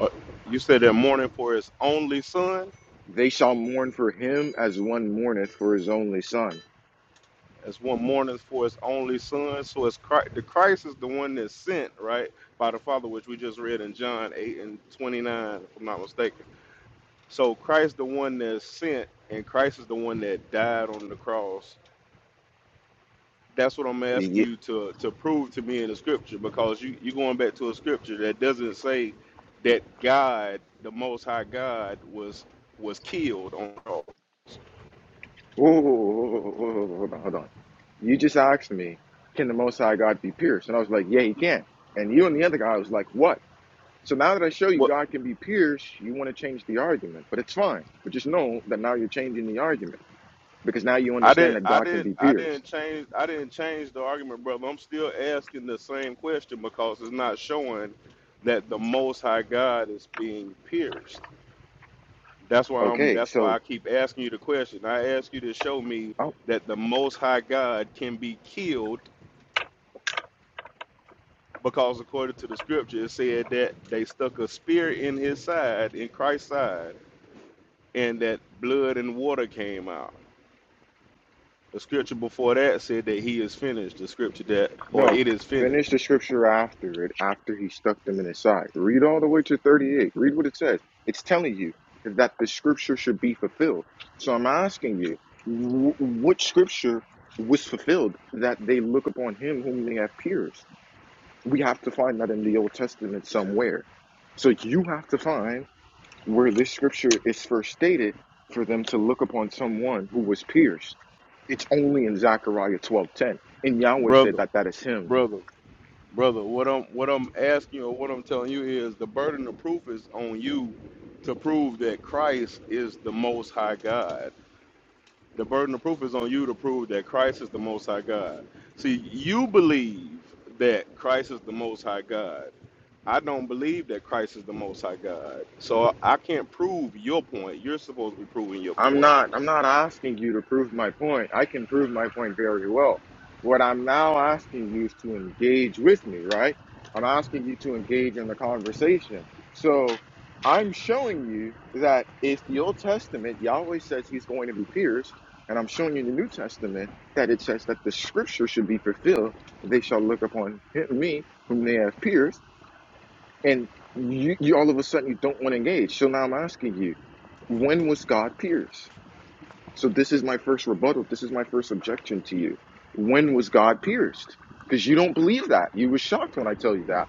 Speaker 3: Uh, you said that mourning for his only son.
Speaker 4: They shall mourn for him as one mourneth for his only son.
Speaker 3: as one mourneth for his only son. So it's Christ, the Christ is the one that's sent, right, by the Father, which we just read in John 8 and 29, if I'm not mistaken. So Christ the one that's sent, and Christ is the one that died on the cross. That's what I'm asking you to to prove to me in the scripture, because you you are going back to a scripture that doesn't say that God, the Most High God, was was killed on the cross.
Speaker 4: Whoa, whoa, whoa, whoa, whoa, whoa, whoa, hold on, hold on. You just asked me, can the Most High God be pierced? And I was like, yeah, he can. And you and the other guy was like, what? So now that I show you
Speaker 3: What?
Speaker 4: God can be pierced, you want to change the argument, but it's fine. But just know that now you're changing the argument because now you
Speaker 3: I
Speaker 4: understand
Speaker 3: didn't
Speaker 4: that
Speaker 3: I
Speaker 4: God can
Speaker 3: didn't
Speaker 4: be
Speaker 3: I
Speaker 4: pierced.
Speaker 3: didn't change I didn't change the argument, brother. I'm still asking the same question because it's not showing that the most high God is being pierced. That's why I'm
Speaker 4: Okay,
Speaker 3: that's why I
Speaker 4: so
Speaker 3: keep asking you the question. I ask you to show me
Speaker 4: I,
Speaker 3: that the most high God can be killed because according to the scripture it said that they stuck a spear in his side, in Christ's side, and that blood and water came out. The scripture before that said that he is finished. The scripture that or
Speaker 4: No,
Speaker 3: it is
Speaker 4: finish
Speaker 3: finished.
Speaker 4: the scripture after it, after he stuck them in his side. Read all the way to 38. Read what it says. It's telling you that the scripture should be fulfilled. So I'm asking you, wh- what scripture was fulfilled that they look upon him whom they have pierced? We have to find that in the Old Testament somewhere. So you have to find where this scripture is first stated for them to look upon someone who was pierced. It's only in Zechariah 12:10. And Yahweh said
Speaker 3: brother,
Speaker 4: that that is him
Speaker 3: brother, brother. What I'm what I'm asking or what I'm telling you is the burden of proof is on you to prove that Christ is the Most High God. The burden of proof is on you to prove that Christ is the Most High God. See, you believe that Christ is the Most High God. I don't believe that Christ is the Most High God. So I I can't prove your point. You're supposed to be proving your
Speaker 4: I'm
Speaker 3: point.
Speaker 4: not I'm not asking you to prove my point. I can prove my point very well. What I'm now asking you is to engage with me, right? I'm asking you to engage in the conversation. So I'm showing you that if the Old Testament Yahweh says he's going to be pierced, and I'm showing you in the New Testament that it says that the scripture should be fulfilled, they shall look upon him, me whom they have pierced, and you, you all of a sudden you don't want to engage. So now I'm asking you, when was God pierced? So this is my first rebuttal. This is my first objection to you. When was God pierced? Because you don't believe that. You were shocked when I tell you that.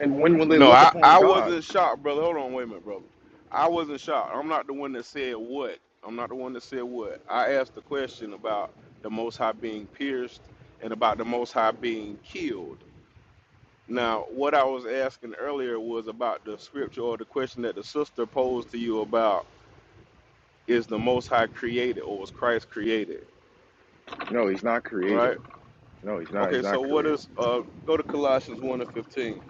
Speaker 4: And when will they
Speaker 3: No,
Speaker 4: look
Speaker 3: I,
Speaker 4: upon
Speaker 3: I
Speaker 4: God?
Speaker 3: wasn't shocked, brother. Hold on, wait a minute, brother. I wasn't shocked. I'm not the one that said what. I'm not the one that said what. I asked the question about the Most High being pierced and about the Most High being killed. Now, what I was asking earlier was about the scripture or the question that the sister posed to you about is the Most High created or was Christ created,
Speaker 4: No, he's not
Speaker 3: right?
Speaker 4: created. No, he's not. He's
Speaker 3: Okay,
Speaker 4: not
Speaker 3: so what
Speaker 4: created.
Speaker 3: is, uh, go to Colossians 1 and 15.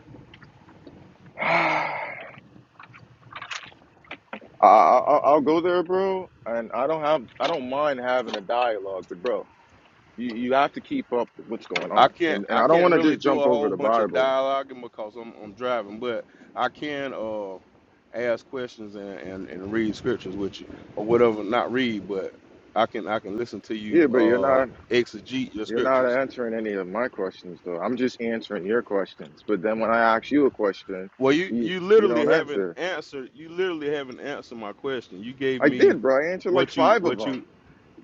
Speaker 4: *sighs* I, I, I'll go there, bro. And I don't have. I don't mind having a dialogue, but bro, you, you have to keep up with what's going
Speaker 3: I
Speaker 4: on.
Speaker 3: can't
Speaker 4: And and
Speaker 3: I
Speaker 4: I don't
Speaker 3: can't
Speaker 4: want to
Speaker 3: really
Speaker 4: just
Speaker 3: do
Speaker 4: jump
Speaker 3: a
Speaker 4: over
Speaker 3: whole
Speaker 4: the
Speaker 3: bunch of
Speaker 4: Bible.
Speaker 3: dialoguing because I'm I'm driving, but I can uh ask questions and, and, and read scriptures with you or whatever, not read, but I can I can listen to
Speaker 4: Yeah,
Speaker 3: you
Speaker 4: but you're
Speaker 3: uh
Speaker 4: not.
Speaker 3: exegete your
Speaker 4: You're not
Speaker 3: scriptures.
Speaker 4: answering any of my questions, though. I'm just answering your questions. But then when I ask you a question,
Speaker 3: Well you,
Speaker 4: you
Speaker 3: you
Speaker 4: you
Speaker 3: literally
Speaker 4: don't
Speaker 3: haven't
Speaker 4: answer.
Speaker 3: answered you literally haven't answered my question. You gave
Speaker 4: I
Speaker 3: me
Speaker 4: did, bro. I answered like
Speaker 3: what you
Speaker 4: five of
Speaker 3: what you
Speaker 4: them.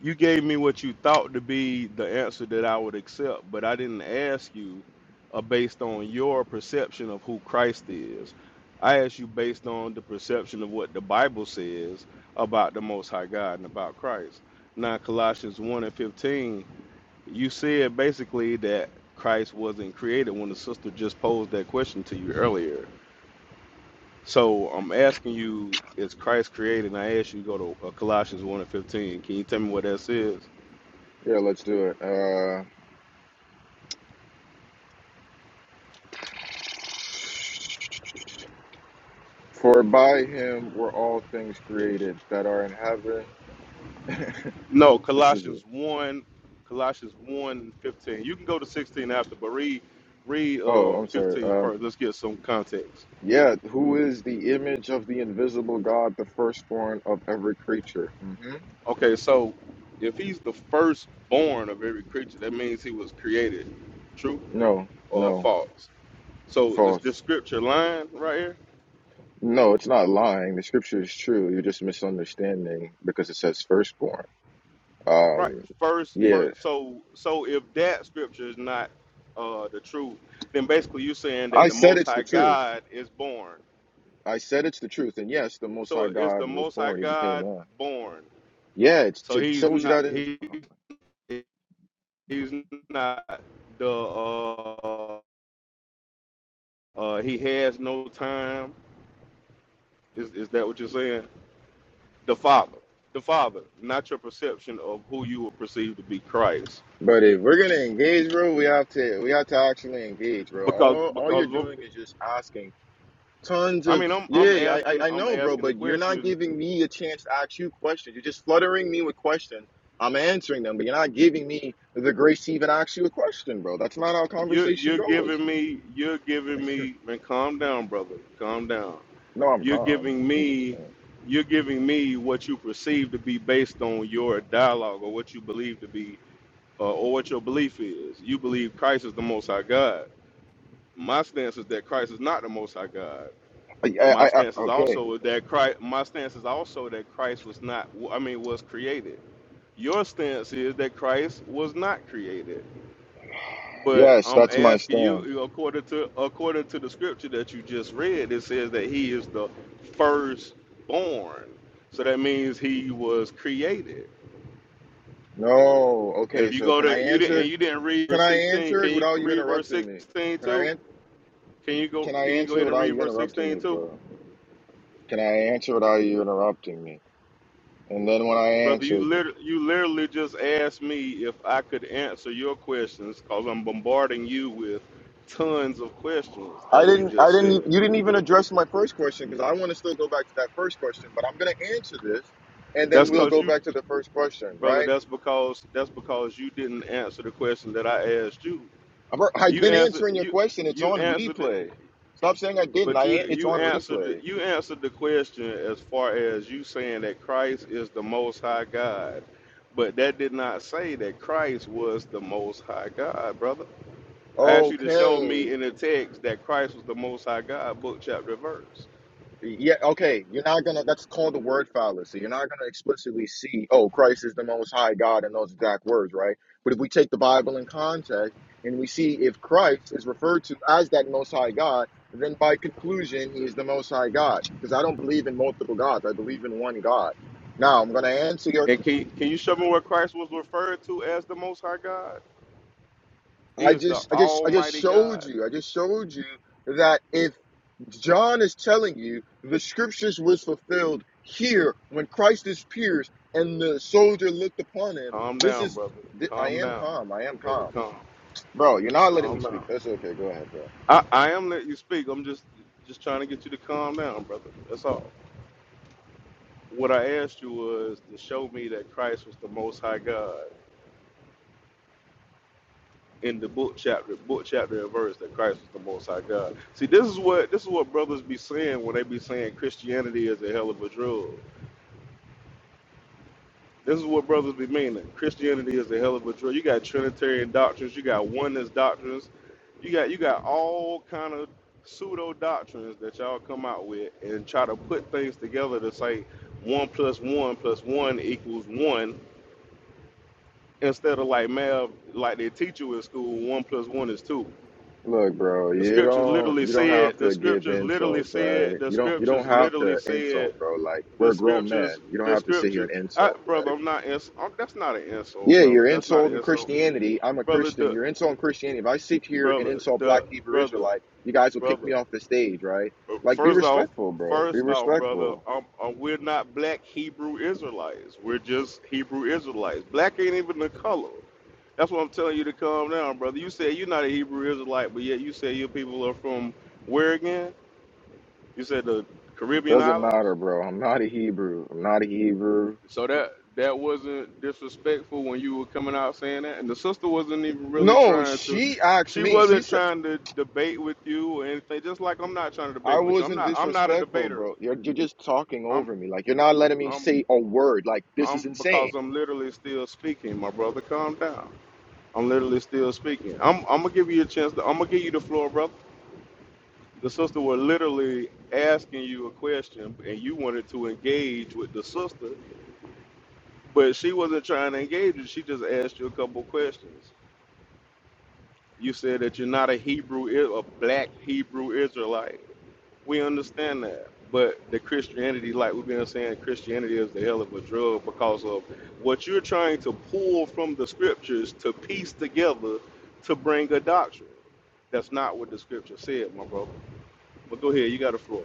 Speaker 3: You gave me what you thought to be the answer that I would accept, but I didn't ask you uh, based on your perception of who Christ is. I asked you based on the perception of what the Bible says about the Most High God and about Christ. Now, Colossians 1 and 15, you said basically that Christ wasn't created when the sister just posed that question to you earlier. So I'm asking you, is Christ created? And I asked you to go to uh, Colossians 1 and 15. Can you tell me what that says?
Speaker 4: Yeah, let's do it. Uh, for by him were all things created that are in heaven.
Speaker 3: No,
Speaker 4: This is.
Speaker 3: Colossians 1, Colossians one 15. You can go to 16 after, but read, read
Speaker 4: Oh,
Speaker 3: uh,
Speaker 4: I'm sorry.
Speaker 3: 15
Speaker 4: Um,
Speaker 3: let Let's get some context.
Speaker 4: yeah. Who is the image of the invisible God, the firstborn of every creature? hmm
Speaker 3: Okay, so if he's the firstborn of every creature, that means he was created. True
Speaker 4: No,
Speaker 3: or
Speaker 4: no,
Speaker 3: false? So is
Speaker 4: false.
Speaker 3: this scripture line right here?
Speaker 4: No, it's not lying. The scripture is true. You're just misunderstanding because it says firstborn.
Speaker 3: Right.
Speaker 4: Um,
Speaker 3: First,
Speaker 4: yeah,
Speaker 3: first so so if that scripture is not uh, the truth, then basically you're saying that
Speaker 4: I
Speaker 3: the
Speaker 4: said
Speaker 3: most
Speaker 4: it's the
Speaker 3: high
Speaker 4: truth.
Speaker 3: God is born.
Speaker 4: I said it's the truth. And yes, the Most High
Speaker 3: So is the
Speaker 4: God was
Speaker 3: most high
Speaker 4: born. He became
Speaker 3: God
Speaker 4: man.
Speaker 3: born?
Speaker 4: Yeah, it,
Speaker 3: So
Speaker 4: it
Speaker 3: he's
Speaker 4: tells you
Speaker 3: not
Speaker 4: that in.
Speaker 3: he he's not the uh, uh he has no time. Is is that what you're saying? The Father, the Father, not your perception of who you would perceive to be Christ.
Speaker 4: But if we're gonna engage, bro, we have to we have to actually engage, bro.
Speaker 3: Because
Speaker 4: All all
Speaker 3: because
Speaker 4: you're doing is just asking. tons
Speaker 3: I
Speaker 4: of
Speaker 3: mean I'm I'm
Speaker 4: yeah I, I
Speaker 3: asking
Speaker 4: i
Speaker 3: I'm
Speaker 4: know bro
Speaker 3: asking the
Speaker 4: but you're not
Speaker 3: question.
Speaker 4: giving me a chance to ask you questions you're just fluttering me with questions i'm answering them but you're not giving me the grace to even ask you a question bro that's not how
Speaker 3: You
Speaker 4: conversation
Speaker 3: you're
Speaker 4: goes
Speaker 3: giving me you're giving me man calm down brother calm down.
Speaker 4: no i'm
Speaker 3: You're
Speaker 4: calm
Speaker 3: giving
Speaker 4: I'm just
Speaker 3: me
Speaker 4: saying.
Speaker 3: you're giving me what you perceive to be based on your dialogue or what you believe to be uh, or what your belief is. You believe Christ is the Most High God. My stance is that Christ is not the Most High God.
Speaker 4: I,
Speaker 3: My
Speaker 4: I,
Speaker 3: stance
Speaker 4: I,
Speaker 3: is
Speaker 4: okay
Speaker 3: also that Christ. My stance is also that Christ was not. I mean, was created. Your stance is that Christ was not created. But
Speaker 4: yes
Speaker 3: I'm
Speaker 4: that's my
Speaker 3: asking you,
Speaker 4: stance
Speaker 3: you know, according to according to the scripture that you just read, it says that He is the firstborn. So that means He was created.
Speaker 4: no
Speaker 3: And
Speaker 4: okay
Speaker 3: if you
Speaker 4: so
Speaker 3: go
Speaker 4: can i
Speaker 3: to you didn't
Speaker 4: answer
Speaker 3: and you didn't read
Speaker 4: can
Speaker 3: verse
Speaker 4: i
Speaker 3: 16,
Speaker 4: answer
Speaker 3: can
Speaker 4: it
Speaker 3: you
Speaker 4: without you
Speaker 3: read verse
Speaker 4: interrupting me
Speaker 3: 16
Speaker 4: can i
Speaker 3: too?
Speaker 4: an-
Speaker 3: Can you go?
Speaker 4: can i
Speaker 3: Can you go
Speaker 4: answer
Speaker 3: ahead and
Speaker 4: without
Speaker 3: read
Speaker 4: you
Speaker 3: verse
Speaker 4: interrupting
Speaker 3: sixteen
Speaker 4: me
Speaker 3: too,
Speaker 4: bro can i answer without you interrupting me and then when I
Speaker 3: brother? You
Speaker 4: answer,
Speaker 3: literally, you literally just asked me if I could answer your questions because I'm bombarding you with tons of questions,
Speaker 4: I
Speaker 3: as you
Speaker 4: didn't. I
Speaker 3: just
Speaker 4: didn't. e-
Speaker 3: said.
Speaker 4: You didn't even address my first question because I want to still go back to that first question. But I'm going to answer this, and then
Speaker 3: That's
Speaker 4: we'll
Speaker 3: because
Speaker 4: go
Speaker 3: you,
Speaker 4: back to the first question.
Speaker 3: brother.
Speaker 4: Right?
Speaker 3: That's because that's because you didn't answer the question that I asked you.
Speaker 4: I've, al- I've
Speaker 3: You
Speaker 4: been
Speaker 3: answered
Speaker 4: answering your
Speaker 3: you
Speaker 4: question. It's
Speaker 3: you
Speaker 4: on
Speaker 3: answered.
Speaker 4: replay. Stop saying I didn't.
Speaker 3: But
Speaker 4: I
Speaker 3: you
Speaker 4: an- it's
Speaker 3: you
Speaker 4: on
Speaker 3: answered the-
Speaker 4: replay.
Speaker 3: you answered the question as far as you saying that Christ is the Most High God, but that did not say that Christ was the Most High God, brother. I asked you to show
Speaker 4: Okay.
Speaker 3: me in the text that Christ was the Most High God, book chapter verse.
Speaker 4: Yeah, okay. You're not gonna, that's called the word fallacy. You're not gonna explicitly see, oh, Christ is the most high God in those exact words, right? But if we take the Bible in context and we see if Christ is referred to as that most high God, then by conclusion, he is the most high God. Because I don't believe in multiple gods, I believe in one God. Now, I'm gonna answer your
Speaker 3: And can can you show me where Christ was referred to as the Most High God? He
Speaker 4: I
Speaker 3: is the
Speaker 4: just, I just, I just
Speaker 3: Almighty
Speaker 4: showed
Speaker 3: God.
Speaker 4: you. I just showed you that if John is telling you the scriptures was fulfilled here when Christ is pierced and the soldier looked upon him,
Speaker 3: Calm
Speaker 4: this
Speaker 3: down,
Speaker 4: is.
Speaker 3: brother.
Speaker 4: thi- I
Speaker 3: Calm
Speaker 4: am
Speaker 3: down,
Speaker 4: calm. I am
Speaker 3: brother.
Speaker 4: calm,
Speaker 3: Calm.
Speaker 4: bro. You're not letting me
Speaker 3: Calm
Speaker 4: speak.
Speaker 3: down.
Speaker 4: That's okay. Go ahead, bro.
Speaker 3: I, I am letting you speak. I'm just just trying to get you to calm down, brother. That's all. What I asked you was to show me that Christ was the Most High God in the book chapter, book chapter and verse that Christ was the Most High God. See, this is what this is what brothers be saying when they be saying Christianity is a hell of a drug. This is what brothers be meaning. Christianity is a hell of a drill. You got Trinitarian doctrines, you got oneness doctrines, you got you got all kind of pseudo doctrines that y'all come out with and try to put things together to say one plus one plus one equals one instead of like math like they teach you in school, one plus one is two.
Speaker 4: Look, bro.
Speaker 3: The
Speaker 4: You
Speaker 3: scriptures
Speaker 4: don't.
Speaker 3: literally
Speaker 4: You don't have
Speaker 3: said the
Speaker 4: to give
Speaker 3: scriptures literally
Speaker 4: insults,
Speaker 3: said
Speaker 4: right?
Speaker 3: the
Speaker 4: You don't. You
Speaker 3: scriptures
Speaker 4: don't have
Speaker 3: literally
Speaker 4: to
Speaker 3: said
Speaker 4: insult, bro. Like
Speaker 3: the
Speaker 4: we're grown men.
Speaker 3: scriptures,
Speaker 4: You don't
Speaker 3: the
Speaker 4: have to sit here
Speaker 3: scriptures.
Speaker 4: and
Speaker 3: I,
Speaker 4: insult.
Speaker 3: brother,
Speaker 4: like,
Speaker 3: I'm not ins- I'm, That's not an insult,
Speaker 4: Yeah,
Speaker 3: brother.
Speaker 4: you're
Speaker 3: That's not an
Speaker 4: insulting
Speaker 3: insult,
Speaker 4: Christianity. I'm a
Speaker 3: brother.
Speaker 4: Christian.
Speaker 3: The
Speaker 4: You're insulting Christianity. If I sit here and
Speaker 3: brother,
Speaker 4: insult Black
Speaker 3: the
Speaker 4: Hebrew
Speaker 3: brother,
Speaker 4: Israelite, you guys will kick
Speaker 3: brother.
Speaker 4: me off the stage, right? Like, be
Speaker 3: First off,
Speaker 4: respectful, bro. Be
Speaker 3: first off, brother,
Speaker 4: respectful.
Speaker 3: um, uh, we're not black Hebrew Israelites. We're just Hebrew Israelites. Black ain't even the color. That's what I'm telling you to calm down, brother. You say you're not a Hebrew Israelite, but yet you say your people are from where again? You said the
Speaker 4: It
Speaker 3: Caribbean
Speaker 4: doesn't
Speaker 3: islands.
Speaker 4: matter, bro. I'm not a Hebrew. I'm not a Hebrew.
Speaker 3: So that that wasn't disrespectful when you were coming out saying that, and the sister wasn't even really
Speaker 4: No,
Speaker 3: trying to.
Speaker 4: she asked
Speaker 3: She
Speaker 4: me. She
Speaker 3: wasn't
Speaker 4: said
Speaker 3: trying to debate with you or anything. Just like I'm not trying to
Speaker 4: I
Speaker 3: debate with you. I'm
Speaker 4: wasn't
Speaker 3: not. I'm not a
Speaker 4: disrespectful,
Speaker 3: debater.
Speaker 4: bro. You're you're just talking
Speaker 3: I'm.
Speaker 4: over me. Like you're not letting me
Speaker 3: I'm.
Speaker 4: say a word. Like this
Speaker 3: I'm
Speaker 4: is insane.
Speaker 3: because I'm literally still speaking, my brother. Calm down. I'm literally still speaking. I'm. I'm gonna give you a chance. To, I'm gonna give you the floor, brother. The sister was literally asking you a question, and you wanted to engage with the sister, but she wasn't trying to engage you. She just asked you a couple questions. You said that you're not a Hebrew, I- a black Hebrew Israelite. We understand that. But the Christianity, like we've been saying, Christianity is the hell of a drug because of what you're trying to pull from the scriptures to piece together to bring a doctrine. That's not what the scripture said, my brother. But go ahead, you got the floor.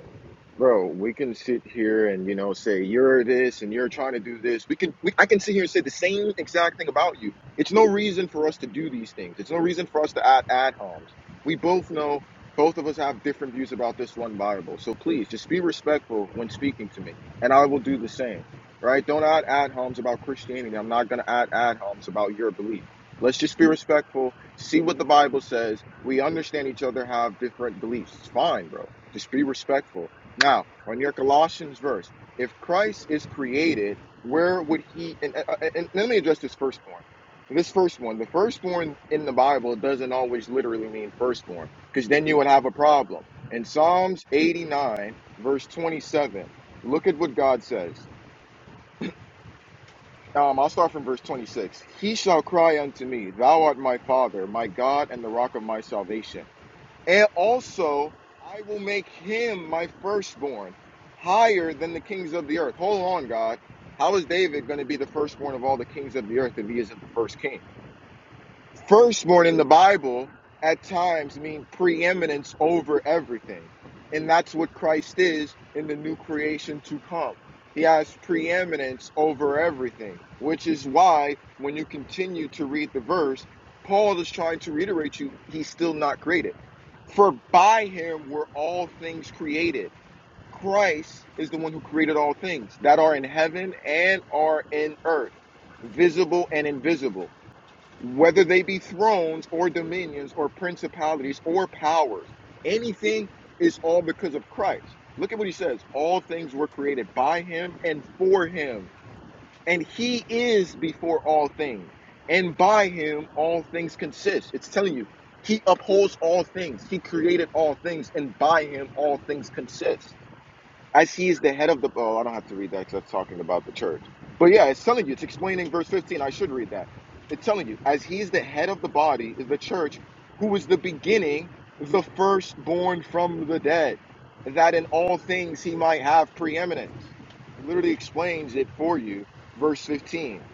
Speaker 4: Bro, we can sit here and you know say you're this and you're trying to do this. We can we, I can sit here and say the same exact thing about you. It's no reason for us to do these things. It's no reason for us to add ad homs. We both know both of us have different views about this one Bible. So please just be respectful when speaking to me, and I will do the same. Right? Don't add ad homs about Christianity. I'm not gonna add ad homs about your belief. Let's just be respectful, see what the Bible says. We understand each other have different beliefs. It's fine, bro. Just be respectful now, on your Colossians verse, if Christ is created, where would he? And, uh, uh, and let me address this firstborn. This firstborn, the firstborn in the Bible doesn't always literally mean firstborn, because then you would have a problem. In Psalms 89, verse 27, look at what God says. Um, I'll start from verse 26. He shall cry unto me, Thou art my Father, my God, and the rock of my salvation. And also, I will make him my firstborn, higher than the kings of the earth. Hold on, God. How is David going to be the firstborn of all the kings of the earth if he isn't the first king? firstborn in the Bible at times mean preeminence over everything. And that's what Christ is in the new creation to come. He has preeminence over everything, which is why when you continue to read the verse, Paul is trying to reiterate you he's still not created. For by him were all things created. Christ is the one who created all things that are in heaven and are in earth, visible and invisible whether they be thrones or dominions or principalities or powers. Anything is all because of Christ. Look at what he says all things were created by him and for him, and he is before all things, and by him all things consist. It's telling you, he upholds all things, he created all things, and by him all things consist as he is the head of the oh i don't have to read that because that's talking about the church but yeah it's telling you it's explaining verse 15 i should read that it's telling you as he is the head of the body the church who is the beginning the firstborn from the dead that in all things he might have preeminence he literally explains it for you verse 15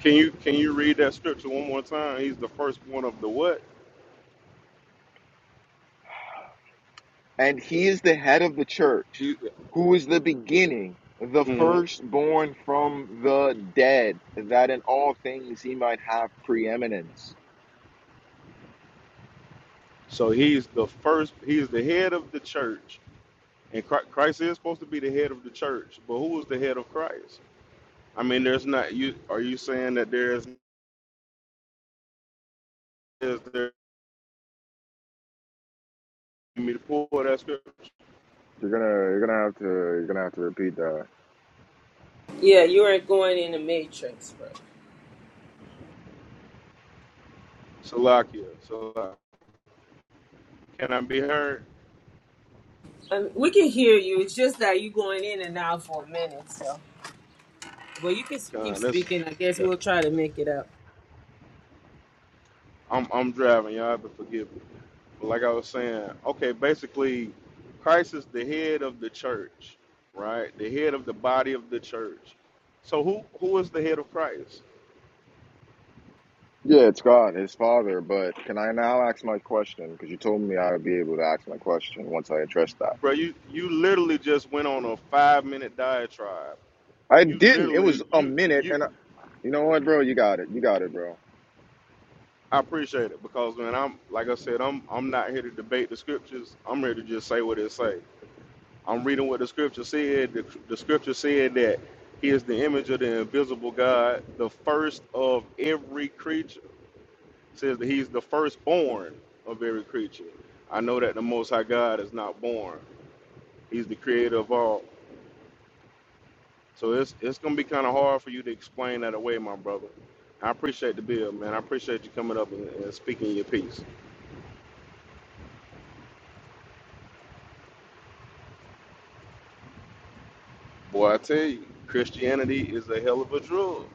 Speaker 3: Can you can you read that scripture one more time? He's the firstborn of the what?
Speaker 4: and he is the head of the church
Speaker 3: He,
Speaker 4: who is the beginning the
Speaker 3: mhm.
Speaker 4: firstborn from the dead that in all things he might have preeminence
Speaker 3: So he's the first. He's the head of the church, And Chri- Christ is supposed to be the head of the church, but who is the head of Christ? I mean, there's not you. Are you saying that there is is there you mean to pull that scripture?
Speaker 4: You're gonna you're gonna have to you're gonna have to repeat that.
Speaker 5: Yeah, you aren't going in the matrix, bro.
Speaker 3: Salakia, Salakia. Can I be heard?
Speaker 5: I mean, we can hear you. It's just that you going in and out for a minute, so. But you can s- keep
Speaker 3: God, that's
Speaker 5: speaking. I guess
Speaker 3: that,
Speaker 5: we'll try to make it up.
Speaker 3: I'm I'm driving, y'all, but forgive me. But like I was saying, okay, basically, Christ is the head of the church, right? The head of the body of the church. So who who is the head of Christ,
Speaker 4: Yeah, it's God, his father, but can I now ask my question? Because you told me I would be able to ask my question once I addressed that.
Speaker 3: bro? You you literally just went on a five minute diatribe
Speaker 4: I
Speaker 3: you
Speaker 4: didn't. It
Speaker 3: literally
Speaker 4: was a
Speaker 3: you
Speaker 4: minute
Speaker 3: you
Speaker 4: and I, you know what, bro? You got it. You got it, bro.
Speaker 3: I appreciate it because when I'm like I said, I'm I'm not here to debate the scriptures. I'm here to just say what it say. I'm reading what the scripture said. The, the scripture said that he is the image of the invisible God, the first of every creature. It says that he's the firstborn of every creature. I know that the most high God is not born. He's the creator of all. So it's it's gonna be kind of hard for you to explain that away, my brother. I appreciate the bill, man. I appreciate you coming up and, and speaking your piece. Boy, I tell you, Christianity is a hell of a drug.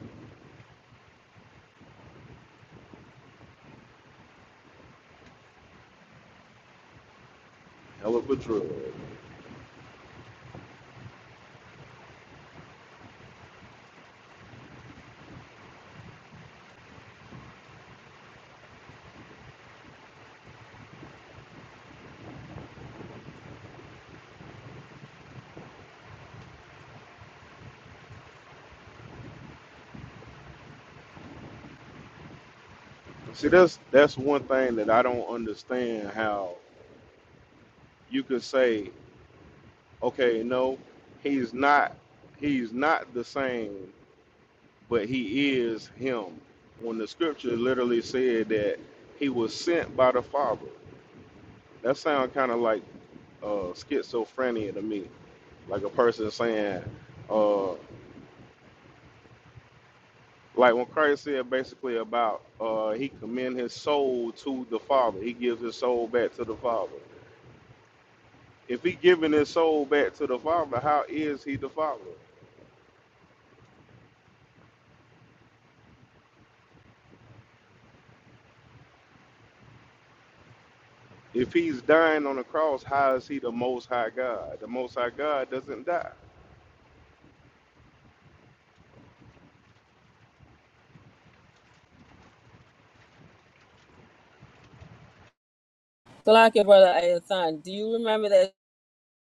Speaker 3: Hell of a drug. See, that's that's one thing that I don't understand. How you could say, okay, no, he's not, he's not the same, but he is him. When the scripture literally said that he was sent by the Father. That sounds kind of like uh, schizophrenia to me, like a person saying, uh, like when Christ said basically about uh, he commend his soul to the Father, he gives his soul back to the Father. If he giving his soul back to the Father, how is he the Father? If he's dying on the cross, how is he the Most High God? The Most High God doesn't die.
Speaker 5: Glock, brother Ayathan, do you remember that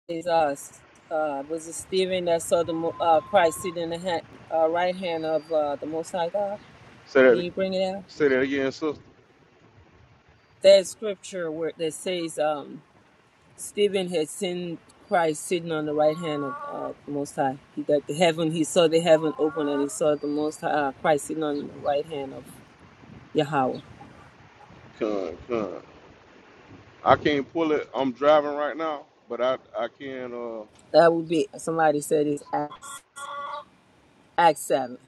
Speaker 5: is us? Uh, was it Stephen that saw the mo- uh, Christ sitting in the hand, uh, right hand of uh, the Most High God?
Speaker 3: Say
Speaker 5: Can
Speaker 3: that.
Speaker 5: you bring it out?
Speaker 3: Say that again, sister.
Speaker 5: There's scripture where that says, um, Stephen had seen Christ sitting on the right hand of uh, the Most High. He that the heaven he saw the heaven open and he saw the Most High uh, Christ sitting on the right hand of Yahweh.
Speaker 3: Come, come. I can't pull it. I'm driving right now, but I I can. Uh,
Speaker 5: That would be somebody said it's Acts, seven.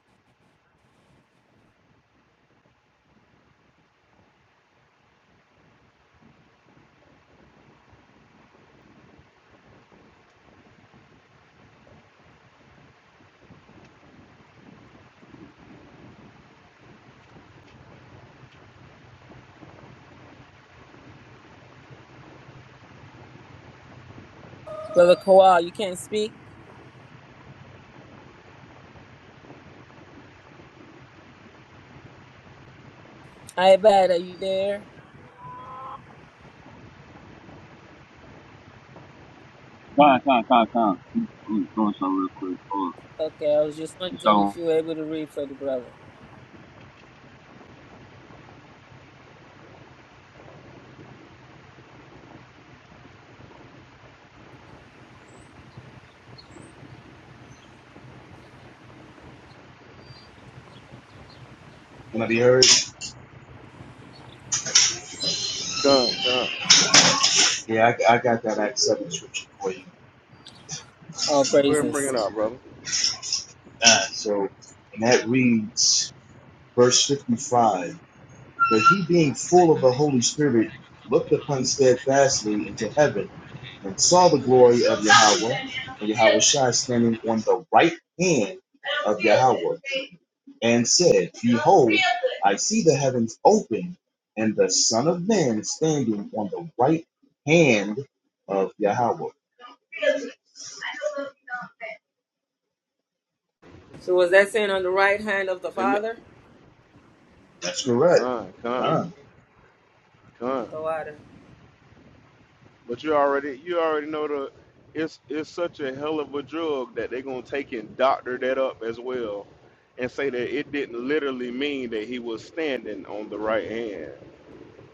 Speaker 5: Brother Kowal, you can't speak. I bad. Are you there?
Speaker 6: Con, con, con, con. Let me let something real quick. Hold on.
Speaker 5: Okay, I was just wondering
Speaker 6: So,
Speaker 5: if you were able to read for the brother.
Speaker 7: Can I be heard?
Speaker 3: come, come. Go
Speaker 7: Yeah, I, I got that Act 7 scripture for you.
Speaker 5: All
Speaker 3: ahead and bring
Speaker 5: praises.
Speaker 3: it out, brother.
Speaker 7: Ah, so, and that reads, verse 55 But he, being full of the Holy Spirit, looked upon steadfastly into heaven and saw the glory of Yahweh, and Yahweh Shai standing on the right hand, and said, I see the heavens open, and the Son of Man standing on the right hand of Yahweh.
Speaker 5: So was that saying on the right hand of the
Speaker 3: and it-
Speaker 5: Father?
Speaker 7: That's correct.
Speaker 3: con, con,
Speaker 7: Ah.
Speaker 3: con.
Speaker 5: The water.
Speaker 3: But you already you already know the it's it's such a hell of a drug that they're gonna take and doctor that up as well, and say that it didn't literally mean that he was standing on the right hand.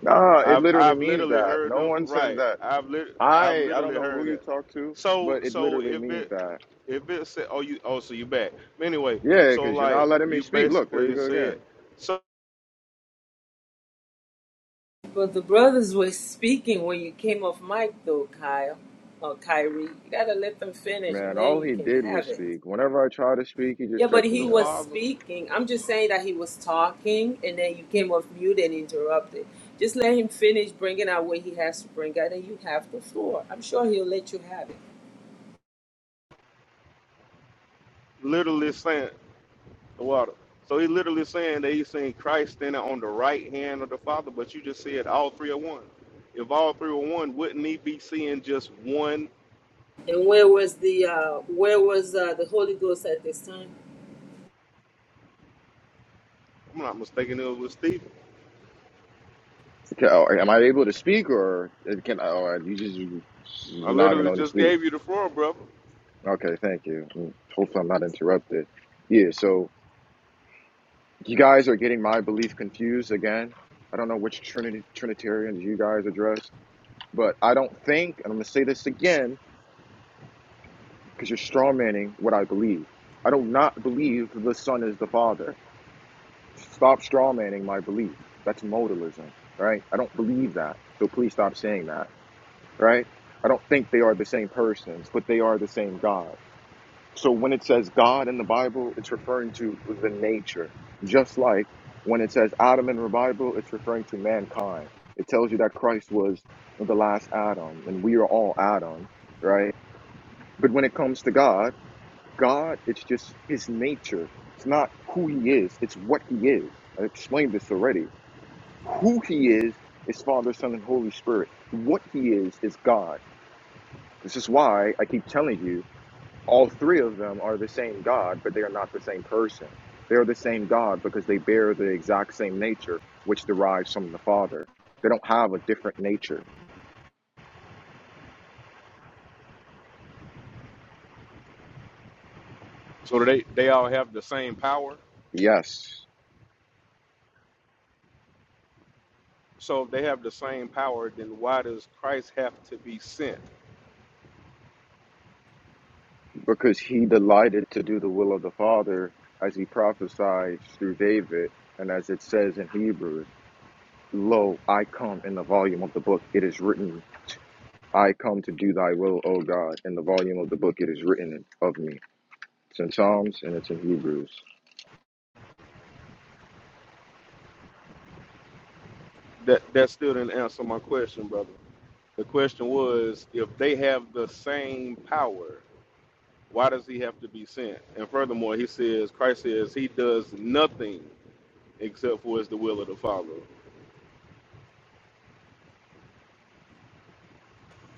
Speaker 4: Nah, it
Speaker 3: I've
Speaker 4: literally
Speaker 3: I've
Speaker 4: means
Speaker 3: literally
Speaker 4: that.
Speaker 3: heard
Speaker 4: No
Speaker 3: them
Speaker 4: one says
Speaker 3: right.
Speaker 4: that.
Speaker 3: I've lit I've
Speaker 4: I I don't
Speaker 3: literally
Speaker 4: know who
Speaker 3: heard
Speaker 4: you
Speaker 3: that.
Speaker 4: talk to,
Speaker 3: So
Speaker 4: but it
Speaker 3: so
Speaker 4: literally
Speaker 3: if
Speaker 4: means
Speaker 3: it
Speaker 4: that.
Speaker 3: if it said oh you oh so you back. But anyway,
Speaker 4: Yeah,
Speaker 3: so
Speaker 4: because you're
Speaker 3: like
Speaker 4: not letting me
Speaker 3: you
Speaker 4: speak. Look, there you
Speaker 3: basically
Speaker 4: go
Speaker 3: said
Speaker 4: again.
Speaker 3: so
Speaker 5: But the brothers were speaking when you came off mic, though, Kyle or Kyrie. You gotta let them finish,
Speaker 4: Man,
Speaker 5: and then
Speaker 4: all
Speaker 5: you
Speaker 4: he
Speaker 5: can
Speaker 4: did was
Speaker 5: have it.
Speaker 4: speak. Whenever I try to speak, he just
Speaker 5: Yeah, but
Speaker 4: cuts
Speaker 5: he
Speaker 3: the
Speaker 4: me off.
Speaker 5: was
Speaker 3: father
Speaker 5: speaking. I'm just saying that he was talking, and then you came off mute and interrupted. Just let him finish bringing out what he has to bring out, and you have the floor. I'm sure he'll let you have it.
Speaker 3: literally saying the water. So he's literally saying that he's seeing Christ standing on the right hand of the Father, but you just said all three are one. If all three were one, wouldn't he be seeing just one?
Speaker 5: And where was the uh, where was uh, the Holy Ghost at this time?
Speaker 3: I'm not mistaken, it was Stephen.
Speaker 4: Okay, oh, am I able to speak or it can? I? Oh, uh, you just
Speaker 3: I
Speaker 4: not gonna
Speaker 3: literally
Speaker 4: only
Speaker 3: just
Speaker 4: speak.
Speaker 3: gave you the floor, brother.
Speaker 4: Okay, thank you. Mm, Hopefully, I'm not interrupted. Yeah, so you guys are getting my belief confused again. I don't know which Trinity, Trinitarians you guys addressed, but I don't think, and I'm gonna say this again because you're strawmanning what I believe. I do not believe the Son is the Father. Stop strawmanning my belief. That's modalism, right? I don't believe that. So please stop saying that. right? I don't think they are the same persons, but they are the same God. So when it says God in the Bible, it's referring to the nature. Just like when it says Adam in the Bible, it's referring to mankind. It tells you that Christ was the last Adam and we are all Adam, right? But when it comes to God, God, it's just his nature. It's not who he is, it's what he is. I explained this already. Who he is is Father, Son, and Holy Spirit. What he is is God. This is why I keep telling you all three of them are the same God, but they are not the same person. They are the same God because they bear the exact same nature, which derives from the Father. They don't have a different nature.
Speaker 3: So they, they all have the same power.
Speaker 4: Yes,
Speaker 3: So if they have the same power, then why does Christ have to be sent?
Speaker 4: because he delighted to do the will of the Father as he prophesied through David and as it says in Hebrews. Lo, I come in the volume of the book, it is written, I come to do thy will, O God. In the volume of the book, it is written of me. It's in Psalms and it's in Hebrews.
Speaker 3: That that still didn't answer my question, brother. The question was if they have the same power, Why does he have to be sent? And furthermore, he says, Christ says he does nothing except for it's the will of the Father.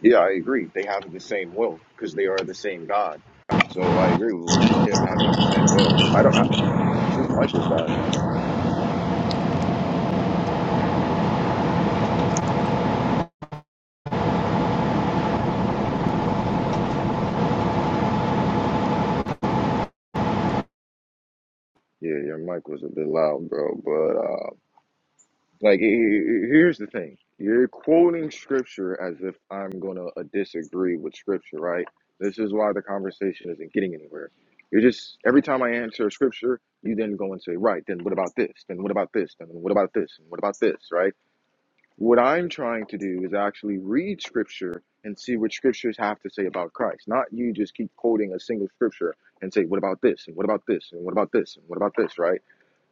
Speaker 4: Yeah, I agree. They have the same will because they are the same God. So I agree with him having the same will. I don't. I, whose mic is that? Yeah, your mic was a bit loud, bro. But uh, like, he- he- here's the thing: you're quoting scripture as if I'm gonna uh, disagree with scripture, right? This is why the conversation isn't getting anywhere. You're just every time I answer scripture, you then go and say, right? Then what about this? Then what about this? Then what about this? And what about this? Right? What I'm trying to do is actually read scripture and see what scriptures have to say about Christ, not you just keep quoting a single scripture and say, what about this? And what about this? And what about this? And what about this? Right?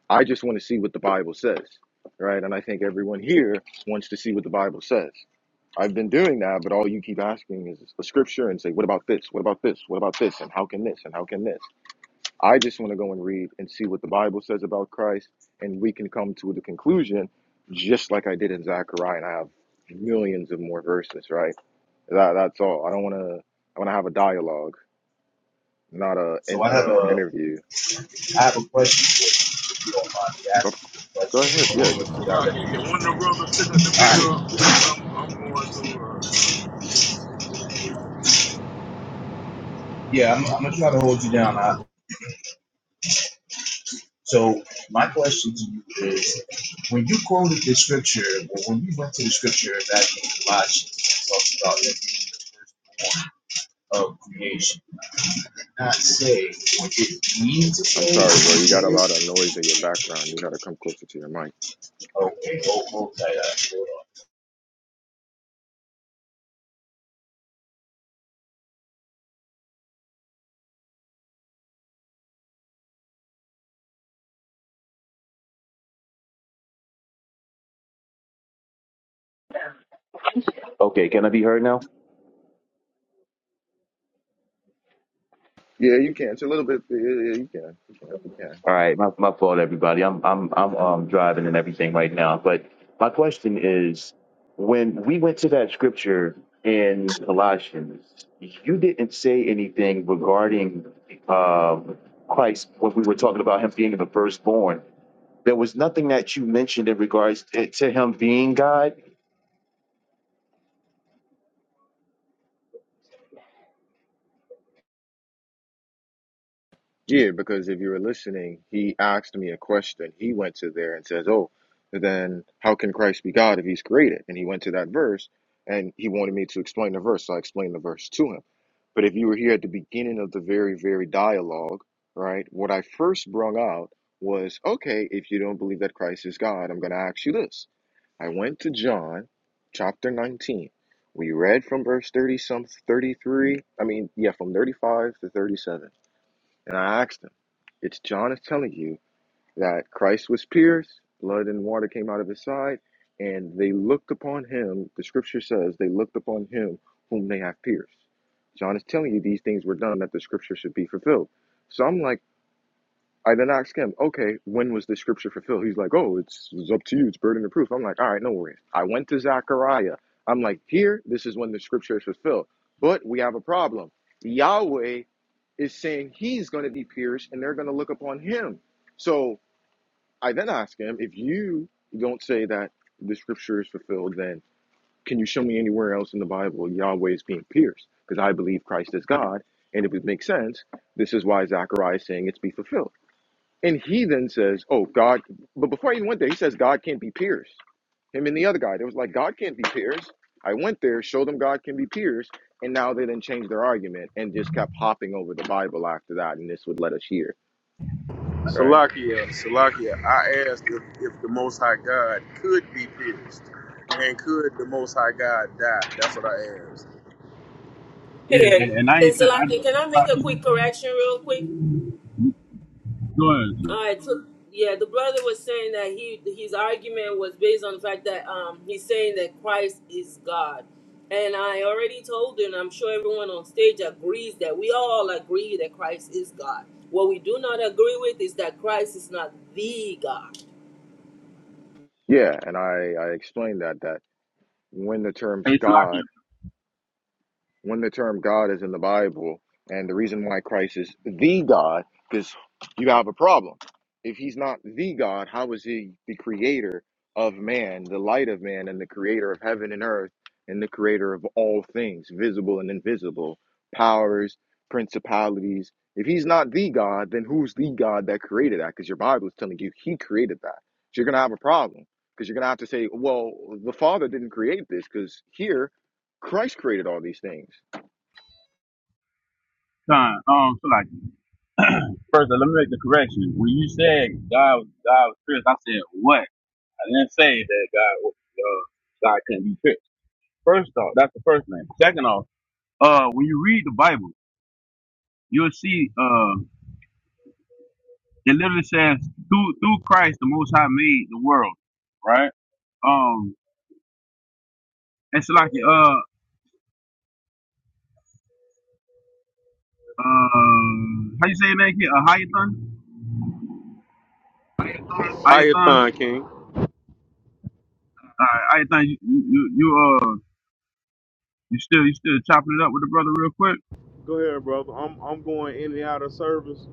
Speaker 4: I just want to see what the Bible says. Right? And I think everyone here wants to see what the Bible says. I've been doing that, but all you keep asking is a scripture and say, what about this? What about this? What about this? And how can this? And how can this? I just want to go and read and see what the Bible says about Christ, and we can come to the conclusion, just like I did in Zechariah, and I have millions of more verses, right? That, that's all. I don't want to. I want to have a dialogue, not a
Speaker 7: So
Speaker 4: an
Speaker 7: I have
Speaker 4: uh,
Speaker 7: a
Speaker 4: interview.
Speaker 7: I have a question you don't mind me
Speaker 4: Go
Speaker 7: asking you
Speaker 4: go ahead.
Speaker 7: question
Speaker 4: Yeah,
Speaker 7: before direct answer. All right. Yeah, I'm, I'm gonna try to hold you down. I, so my question to you is, when you quoted the scripture, or when you went to the scripture back in Colossians, it talks about the of creation, not say what it means to
Speaker 4: I'm
Speaker 7: say.
Speaker 4: sorry, bro. You
Speaker 7: what
Speaker 4: got a
Speaker 7: it
Speaker 4: lot of
Speaker 7: is.
Speaker 4: noise in your background. You got to come closer to your mic.
Speaker 7: Okay, hold, hold tight. Hold on. Okay, can I be heard now?
Speaker 4: Yeah, you can. It's a little bit. Yeah, yeah, you can. You can. You can.
Speaker 7: All right, my, my fault, everybody. I'm I'm I'm um, driving and everything right now. But my question is, when we went to that scripture in Colossians, you didn't say anything regarding um, Christ when we were talking about him being the firstborn. There was nothing that you mentioned in regards to, to him being God.
Speaker 4: Yeah, because if you were listening, he asked me a question. He went to there and says, Oh, then how can Christ be God if he's created? And he went to that verse and he wanted me to explain the verse. So I explained the verse to him. But if you were here at the beginning of the very, very dialogue, right, what I first brung out was, Okay, if you don't believe that Christ is God, I'm going to ask you this. I went to John chapter 19. We read from verse 30 some 33, I mean, yeah, from 35 to 37 and I asked him, it's John is telling you that Christ was pierced, blood and water came out of his side, and they looked upon him. The scripture says they looked upon him whom they have pierced. John is telling you these things were done that the scripture should be fulfilled. So I'm like, I then asked him, okay, when was the scripture fulfilled? He's like, oh, it's, it's up to you. It's burden of proof. I'm like, all right, no worries. I went to Zechariah. I'm like, here, this is when the scripture is fulfilled. But we have a problem. Yahweh is saying he's going to be pierced and they're going to look upon him. So I then ask him, if you don't say that the scripture is fulfilled, then can you show me anywhere else in the Bible Yahweh is being pierced? Because I believe Christ is God. And if it makes sense, this is why Zechariah is saying it's be fulfilled. And he then says, Oh, God, but before I even went there, he says, God can't be pierced. Him and the other guy, they was like, God can't be pierced. I went there, showed them God can be pierced, and now they then changed their argument and just kept hopping over the Bible after that, and this would let us hear, right?
Speaker 3: Salakia, Salakia, I asked if, if the Most High God could be pierced and could the Most High God die. That's what I asked.
Speaker 6: yeah,
Speaker 5: Yeah.
Speaker 6: and, and I ain't
Speaker 5: And so,
Speaker 6: saying, I,
Speaker 5: like, can I
Speaker 6: it's like,
Speaker 5: make a quick correction, real quick?
Speaker 6: you- go ahead, sir.
Speaker 5: All right, so yeah, the brother was saying that he his argument was based on the fact that um he's saying that Christ is God, and I already told you, and I'm sure everyone on stage agrees that we all agree that Christ is God. What we do not agree with is that Christ is not the God.
Speaker 4: Yeah, and I, I explained that that when the terms
Speaker 6: Hey, Salaki,
Speaker 4: God when the term God is in the Bible and the reason why Christ is the God, because you have a problem. If he's not the God, how is he the creator of man, the light of man, and the creator of heaven and earth, and the creator of all things, visible and invisible, powers, principalities? If he's not the God, then who's the God that created that? Because your Bible is telling you he created that. So you're going to have a problem because you're going to have to say, well, the Father didn't create this because here Christ created all these things.
Speaker 6: time. Um, Salaki. First, let me make the correction. When you said God was God was pierced, I said what? I didn't say that God was uh, God couldn't be pierced. First off, that's the first thing. Second off, uh, when you read the Bible, you'll see uh, it literally says through through Christ the Most High made the world, right? Um, And Shalaki, uh, um, how you say your name, kid? Uh, Hayathon?
Speaker 3: How you
Speaker 6: Hayathon?
Speaker 3: fine, King?
Speaker 6: All right, Hayathon, you, you, you, uh, you still, you still chopping it up with the brother real quick?
Speaker 3: Go ahead, brother. I'm I'm going in and out of service,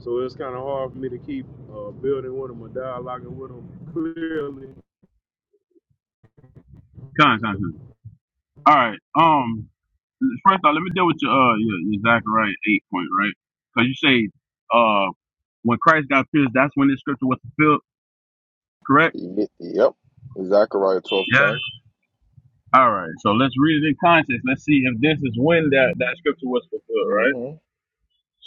Speaker 3: so it's kind of hard for me to keep uh, building with him or dialoguing with him clearly.
Speaker 6: Con, con, con. All right, um, first off, let me deal with your, uh, your, your Zechariah 8 point, right? Because you say, uh, when Christ got pierced, that's when this scripture was fulfilled, correct?
Speaker 4: Ye- Yep. Zechariah twelve
Speaker 6: Yeah.
Speaker 4: ten.
Speaker 6: All right, so let's read it in context. Let's see if this is when that, that scripture was fulfilled, right?
Speaker 4: Mm-hmm.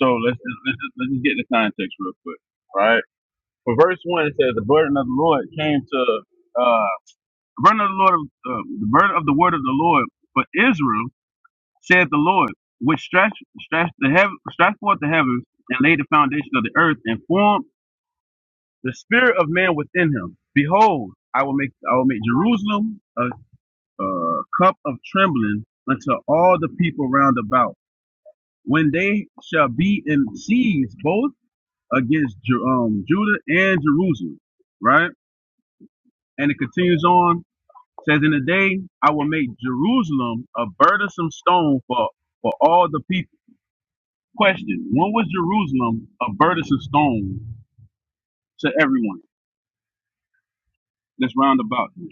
Speaker 6: So let's, just, let's, just, let's just get the context real quick, right? For verse one, it says, "The burden of the Lord came to uh, the burden of the Lord, uh, the burden of the word of the Lord for Israel," said the Lord, which stretched stretched the heaven, stretched forth the heavens and laid the foundation of the earth and formed the spirit of man within him. Behold, I will make I will make Jerusalem a, a cup of trembling unto all the people round about, when they shall be in siege both against Ju- um, Judah and Jerusalem. Right, and it continues on. says in the day I will make Jerusalem a burdensome stone for, for all the people. Question When was Jerusalem a burdensome stone to everyone? Let's round about. this.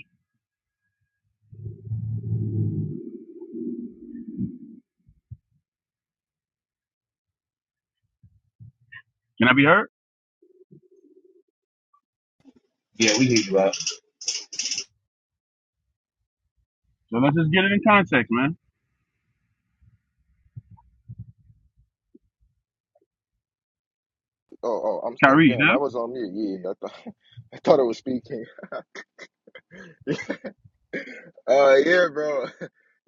Speaker 6: Can I be heard?
Speaker 7: Yeah, we hear you out.
Speaker 6: So let's just get it in context, man.
Speaker 4: Oh, oh, I'm stuck.
Speaker 6: Kyrie,
Speaker 4: Damn,
Speaker 6: yeah?
Speaker 4: I was on mute. Yeah, I thought *laughs* I thought I was speaking. *laughs* Uh, yeah, bro. *laughs*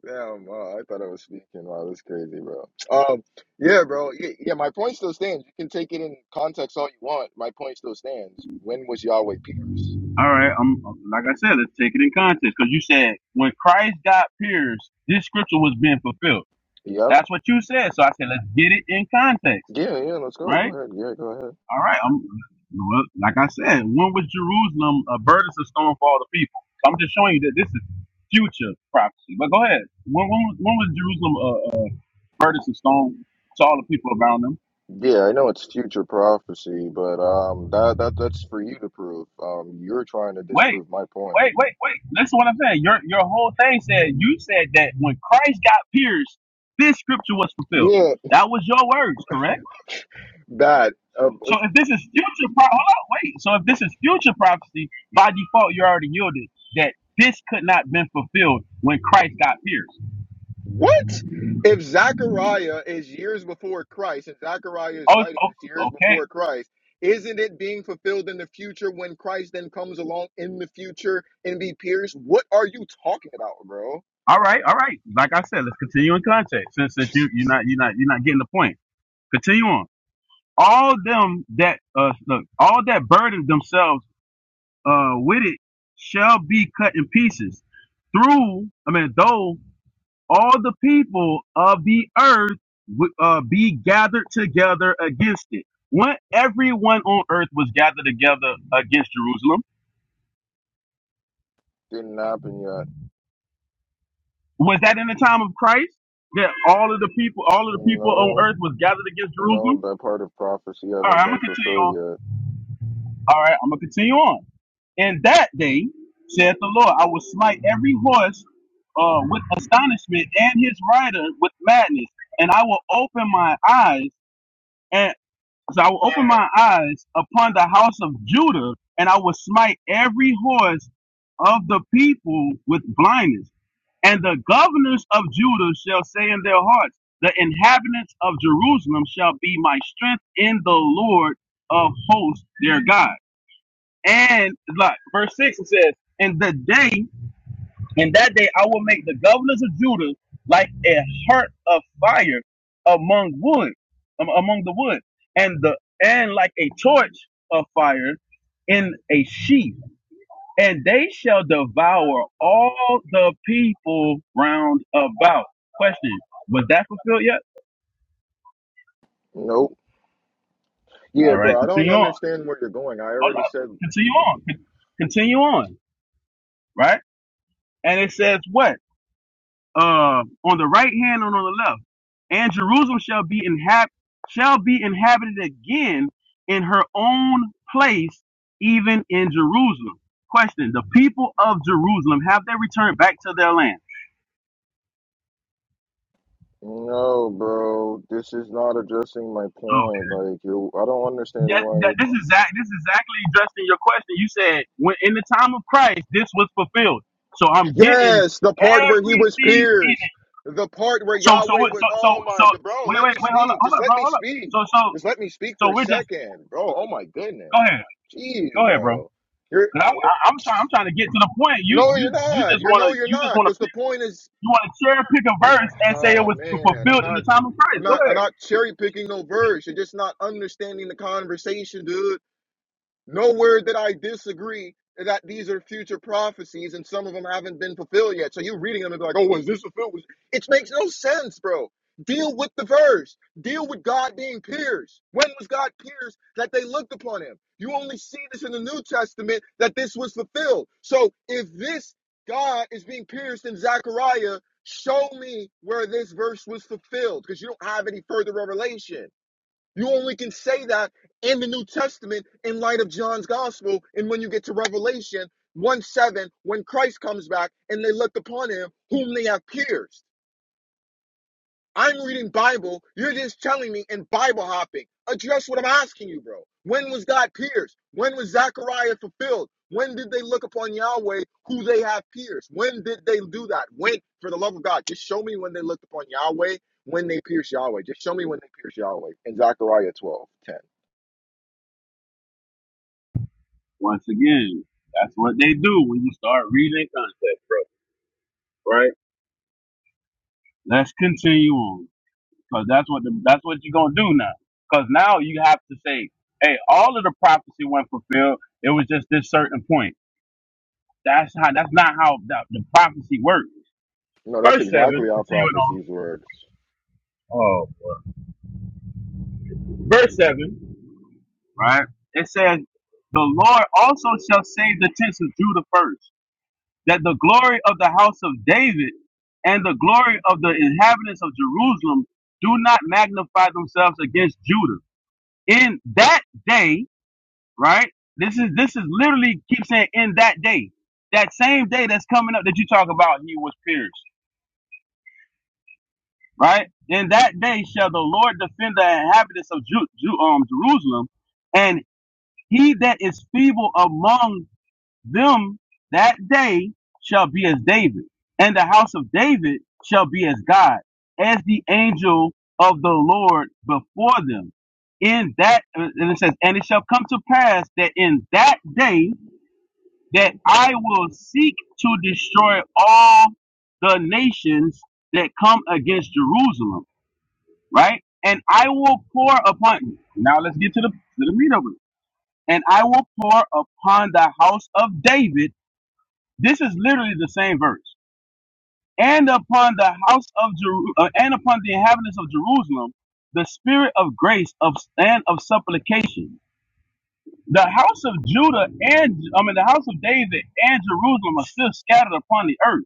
Speaker 4: Damn, uh, I thought I was speaking. Wow, that's crazy, bro. Um, yeah, bro. Yeah, yeah, my point still stands. You can take it in context all you want. My point still stands. When was Yahweh pierced?
Speaker 6: All right, I'm like I said, let's take it in context. Because you said when Christ got pierced, this scripture was being fulfilled.
Speaker 4: Yep.
Speaker 6: That's what you said. So I said, let's get it in context,
Speaker 4: Yeah, yeah. Let's go.
Speaker 6: right?
Speaker 4: Go ahead. Yeah, go ahead.
Speaker 6: All right. I'm, well, like I said, when was Jerusalem a burdensome stone for all the people? So I'm just showing you that this is future prophecy. But go ahead. When, when, was- when was Jerusalem a, a burdensome stone to all the people around them?
Speaker 4: Yeah, I know it's future prophecy, but um, that that that's for you to prove. Um, you're trying to
Speaker 6: Wait,
Speaker 4: disprove my point.
Speaker 6: wait, wait, wait. Listen to what I'm saying. Your your whole thing said you said that when Christ got pierced, this scripture was fulfilled.
Speaker 4: Yeah,
Speaker 6: That was your words, correct?
Speaker 4: that uh, uh,
Speaker 6: So if this is future, pro- hold on, wait. So if this is future prophecy, by default, you already yielded that this could not been fulfilled when Christ got pierced.
Speaker 4: what if Zechariah is years before Christ and Zechariah is
Speaker 6: Oh, it's-
Speaker 4: writing this
Speaker 6: oh,
Speaker 4: years
Speaker 6: okay.
Speaker 4: before Christ? Isn't it being fulfilled in the future when Christ then comes along in the future and be pierced? What are you talking about, bro?
Speaker 6: All right, all right. Like I said, let's continue in context. Since since you you're not you're not you're not getting the point. Continue on. All them that uh look, all that burden themselves uh with it shall be cut in pieces through. I mean, though. all the people of the earth would uh, be gathered together against it. When everyone on earth was gathered together against Jerusalem,
Speaker 4: Didn't happen yet.
Speaker 6: was that in the time of Christ that all of the people, all of the people on
Speaker 4: No,
Speaker 6: earth was gathered against Jerusalem?
Speaker 4: no, that part of prophecy
Speaker 6: All right,
Speaker 4: haven't
Speaker 6: I'm gonna
Speaker 4: been
Speaker 6: continue
Speaker 4: fulfilled
Speaker 6: on.
Speaker 4: yet.
Speaker 6: All right, I'm gonna continue on. In that day, saith the Lord, I will smite every horse uh, with astonishment and his rider with madness, and I will open my eyes. So I will open my eyes upon the house of Judah, and I will smite every horse of the people with blindness. And the governors of Judah shall say in their hearts, The inhabitants of Jerusalem shall be my strength in the Lord of hosts, their God. And like verse 6 it says, In the day in that day I will make the governors of Judah like a heart of fire among wood, um, among the wood, and the and like a torch of fire in a sheath. And they shall devour all the people round about. Question: Was that fulfilled yet?
Speaker 4: Nope. Yeah,
Speaker 6: All right,
Speaker 4: bro, I don't
Speaker 6: continue on.
Speaker 4: understand where you're going. I
Speaker 6: Hold
Speaker 4: already
Speaker 6: up,
Speaker 4: said.
Speaker 6: continue on. Con- Continue on. Right, and it says what? uh, on the right hand and on the left. And Jerusalem shall be inhab- shall be inhabited again in her own place, even in Jerusalem. Question: The people of Jerusalem have they returned back to their land?
Speaker 4: No, bro, this is not addressing my
Speaker 6: Okay.
Speaker 4: point. Like, you, I don't understand
Speaker 6: That,
Speaker 4: why.
Speaker 6: that,
Speaker 4: you-
Speaker 6: this is exact, this is exactly addressing your question. You said when in the time of Christ this was fulfilled. So I'm getting
Speaker 4: Yes, the part where he was
Speaker 6: everything in
Speaker 4: pierced,
Speaker 6: it.
Speaker 4: the part where
Speaker 6: So so
Speaker 4: Yahweh
Speaker 6: what-
Speaker 4: was.
Speaker 6: so so
Speaker 4: Oh
Speaker 6: so
Speaker 4: my god, bro,
Speaker 6: wait
Speaker 4: let
Speaker 6: wait
Speaker 4: me
Speaker 6: wait hold up
Speaker 4: speak.
Speaker 6: hold
Speaker 4: Just
Speaker 6: up
Speaker 4: let
Speaker 6: bro
Speaker 4: me
Speaker 6: hold up.
Speaker 4: speak.
Speaker 6: So so
Speaker 4: Just let me speak for
Speaker 6: so
Speaker 4: a
Speaker 6: we're just
Speaker 4: second, bro. Oh my goodness,
Speaker 6: go ahead
Speaker 4: jeez,
Speaker 6: go ahead bro.
Speaker 4: bro. You're,
Speaker 6: And I,
Speaker 4: you're
Speaker 6: I- I'm trying. I'm trying to get to the point. You,
Speaker 4: no, you're
Speaker 6: you, you
Speaker 4: not.
Speaker 6: just
Speaker 4: You're
Speaker 6: want to.
Speaker 4: no, you're
Speaker 6: You just
Speaker 4: not.
Speaker 6: want to.
Speaker 4: Because the point is,
Speaker 6: You want to cherry pick a verse and say it
Speaker 4: oh
Speaker 6: was
Speaker 4: man, I'm
Speaker 6: fulfilled in
Speaker 4: not.
Speaker 6: the time of Christ.
Speaker 4: I'm
Speaker 6: Go
Speaker 4: not. I'm
Speaker 6: ahead.
Speaker 4: not cherry picking no verse. You're just not understanding the conversation, dude. Nowhere that I disagree that these are future prophecies and some of them haven't been fulfilled yet. So you're reading them and be like, oh, was this fulfilled? It makes no sense, bro. Deal with the verse. Deal with God being pierced. When was God pierced that they looked upon him? You only see this in the New Testament that this was fulfilled. So if this God is being pierced in Zechariah, show me where this verse was fulfilled because you don't have any further revelation. You only can say that in the New Testament in light of John's gospel. And when you get to Revelation 1 7, when Christ comes back and they looked upon him, whom they have pierced. I'm reading Bible. You're just telling me and Bible hopping. Address what I'm asking you, bro. When was God pierced? When was Zechariah fulfilled? When did they look upon Yahweh who they have pierced? When did they do that? When, for the love of God, just show me when they looked upon Yahweh, when they pierced Yahweh. Just show me when they pierced Yahweh in Zechariah 12 10.
Speaker 6: Once again, that's what they do when you start reading in context, bro. Right? Let's continue on because that's what the, that's what you're gonna do now. Because now you have to say, hey, all of the prophecy went fulfilled. It was just this certain point. That's how. That's not how the, the prophecy works.
Speaker 4: No, that's
Speaker 6: Verse seven.
Speaker 4: exactly how
Speaker 6: Continuing on.
Speaker 4: prophecies works.
Speaker 6: Oh, boy. verse seven. right? It says, The Lord also shall save the tents of Judah first, that the glory of the house of David and the glory of the inhabitants of Jerusalem do not magnify themselves against Judah. In that day, right? This is this is literally keep saying in that day. That same day that's coming up that you talk about, he was pierced, right? In that day shall the Lord defend the inhabitants of Ju- Ju- um, Jerusalem, and he that is feeble among Them that day shall be as David, and the house of David shall be as God, as the angel of the Lord before them. In that, and it says, and it shall come to pass that in that day that I will seek to destroy all the nations that come against Jerusalem, right? And I will pour upon you. Now let's get to the to the meat of it. And I will pour upon the house of David this is literally the same verse. And upon the house of Jeru- uh, and upon the inhabitants of Jerusalem, the spirit of grace of and of supplication. The house of Judah and I mean the house of David and Jerusalem are still scattered upon the earth.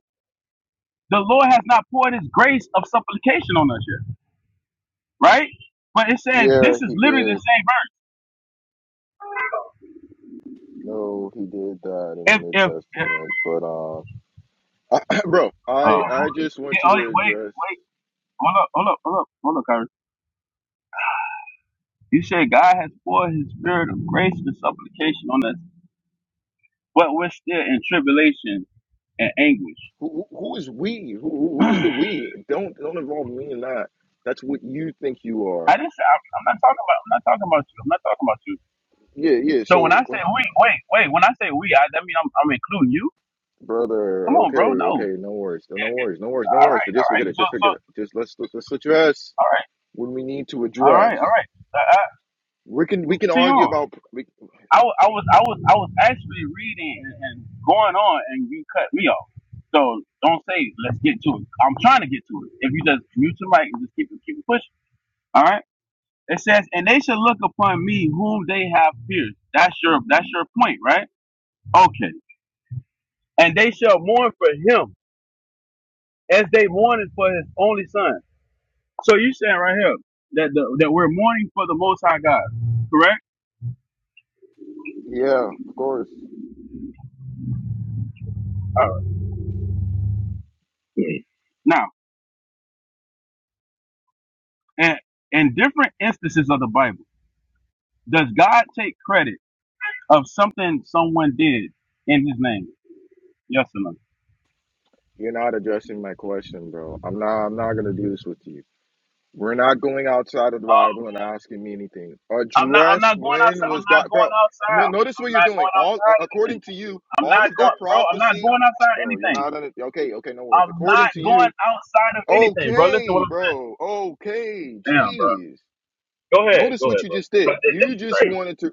Speaker 6: The Lord has not poured His grace of supplication on us yet, right? But it says
Speaker 4: Yeah,
Speaker 6: this is
Speaker 4: he
Speaker 6: literally the
Speaker 4: did.
Speaker 6: same
Speaker 4: No, he did that in the
Speaker 6: verse.
Speaker 4: New
Speaker 6: If if
Speaker 4: Testament. But uh, *clears throat* bro, I
Speaker 6: uh,
Speaker 4: I just
Speaker 6: yeah,
Speaker 4: want you
Speaker 6: wait,
Speaker 4: to
Speaker 6: wait,
Speaker 4: address
Speaker 6: wait. Hold up, hold up, hold up, hold up, Kyrie. You said God has poured his spirit of grace and supplication on us but we're still in tribulation and anguish.
Speaker 4: who who who is we? Who
Speaker 6: *clears throat*
Speaker 4: who who is the
Speaker 6: I
Speaker 4: we? Don't don't involve me in that. That's what you think you are.
Speaker 6: just, I'm, I'm not talking about, I'm not talking about you. I'm not talking about you.
Speaker 4: Yeah, yeah.
Speaker 6: So when I
Speaker 4: So,
Speaker 6: say we, wait, wait, when I say we, I, that mean I'm, I'm including you. Come
Speaker 4: brother,
Speaker 6: on,
Speaker 4: okay,
Speaker 6: bro. No.
Speaker 4: okay. No worries. No worries. No worries. No
Speaker 6: All
Speaker 4: worries.
Speaker 6: right,
Speaker 4: But just
Speaker 6: all right.
Speaker 4: forget it.
Speaker 6: So,
Speaker 4: Just
Speaker 6: so,
Speaker 4: forget it. Just let's let's address
Speaker 6: all right,
Speaker 4: when we need to
Speaker 6: all right,
Speaker 4: address.
Speaker 6: all right. Uh, uh,
Speaker 4: We can we can
Speaker 6: see you
Speaker 4: argue
Speaker 6: on.
Speaker 4: about. We,
Speaker 6: I, wa- I was, I was, I was actually reading and, and going on, and you cut me off. So don't say let's get to it. I'm trying to get to it. If you just mute your mic and just keep it, keep it pushing. All right. It says, and they shall look upon me whom they have pierced. That's your that's your point, right? Okay. And they shall mourn for him as they mourned for his only son. So you saying right here that the, that we're mourning for the Most High God, correct?
Speaker 4: yeah, of course.
Speaker 6: All right. Now, and in different instances of the Bible, does God take credit of something someone did in His name? Yes or no?
Speaker 4: You're not addressing my question, bro. I'm not I'm not gonna do this with you. We're not going outside of the
Speaker 6: Um,
Speaker 4: Bible and asking me anything.
Speaker 6: I'm not. I'm
Speaker 4: Address
Speaker 6: not going outside.
Speaker 4: when
Speaker 6: I'm
Speaker 4: was
Speaker 6: not
Speaker 4: God bro.
Speaker 6: going
Speaker 4: No,
Speaker 6: outside.
Speaker 4: notice what
Speaker 6: I'm
Speaker 4: you're
Speaker 6: not
Speaker 4: doing.
Speaker 6: going
Speaker 4: All a-
Speaker 6: outside anything.
Speaker 4: according to you,
Speaker 6: I'm
Speaker 4: all
Speaker 6: not
Speaker 4: of that
Speaker 6: going, bro. I'm not
Speaker 4: prophecy,
Speaker 6: going outside
Speaker 4: bro, you're
Speaker 6: anything.
Speaker 4: not on it. okay, okay, no worries.
Speaker 6: I'm not
Speaker 4: According to
Speaker 6: going
Speaker 4: you,
Speaker 6: outside of anything, bro. Listen, what
Speaker 4: okay, bro, okay,
Speaker 6: I'm damn, bro.
Speaker 4: jeez.
Speaker 6: Go ahead,
Speaker 4: Notice
Speaker 6: go
Speaker 4: what
Speaker 6: ahead,
Speaker 4: you
Speaker 6: bro.
Speaker 4: just did.
Speaker 6: But this, this
Speaker 4: You
Speaker 6: is
Speaker 4: just
Speaker 6: crazy.
Speaker 4: wanted to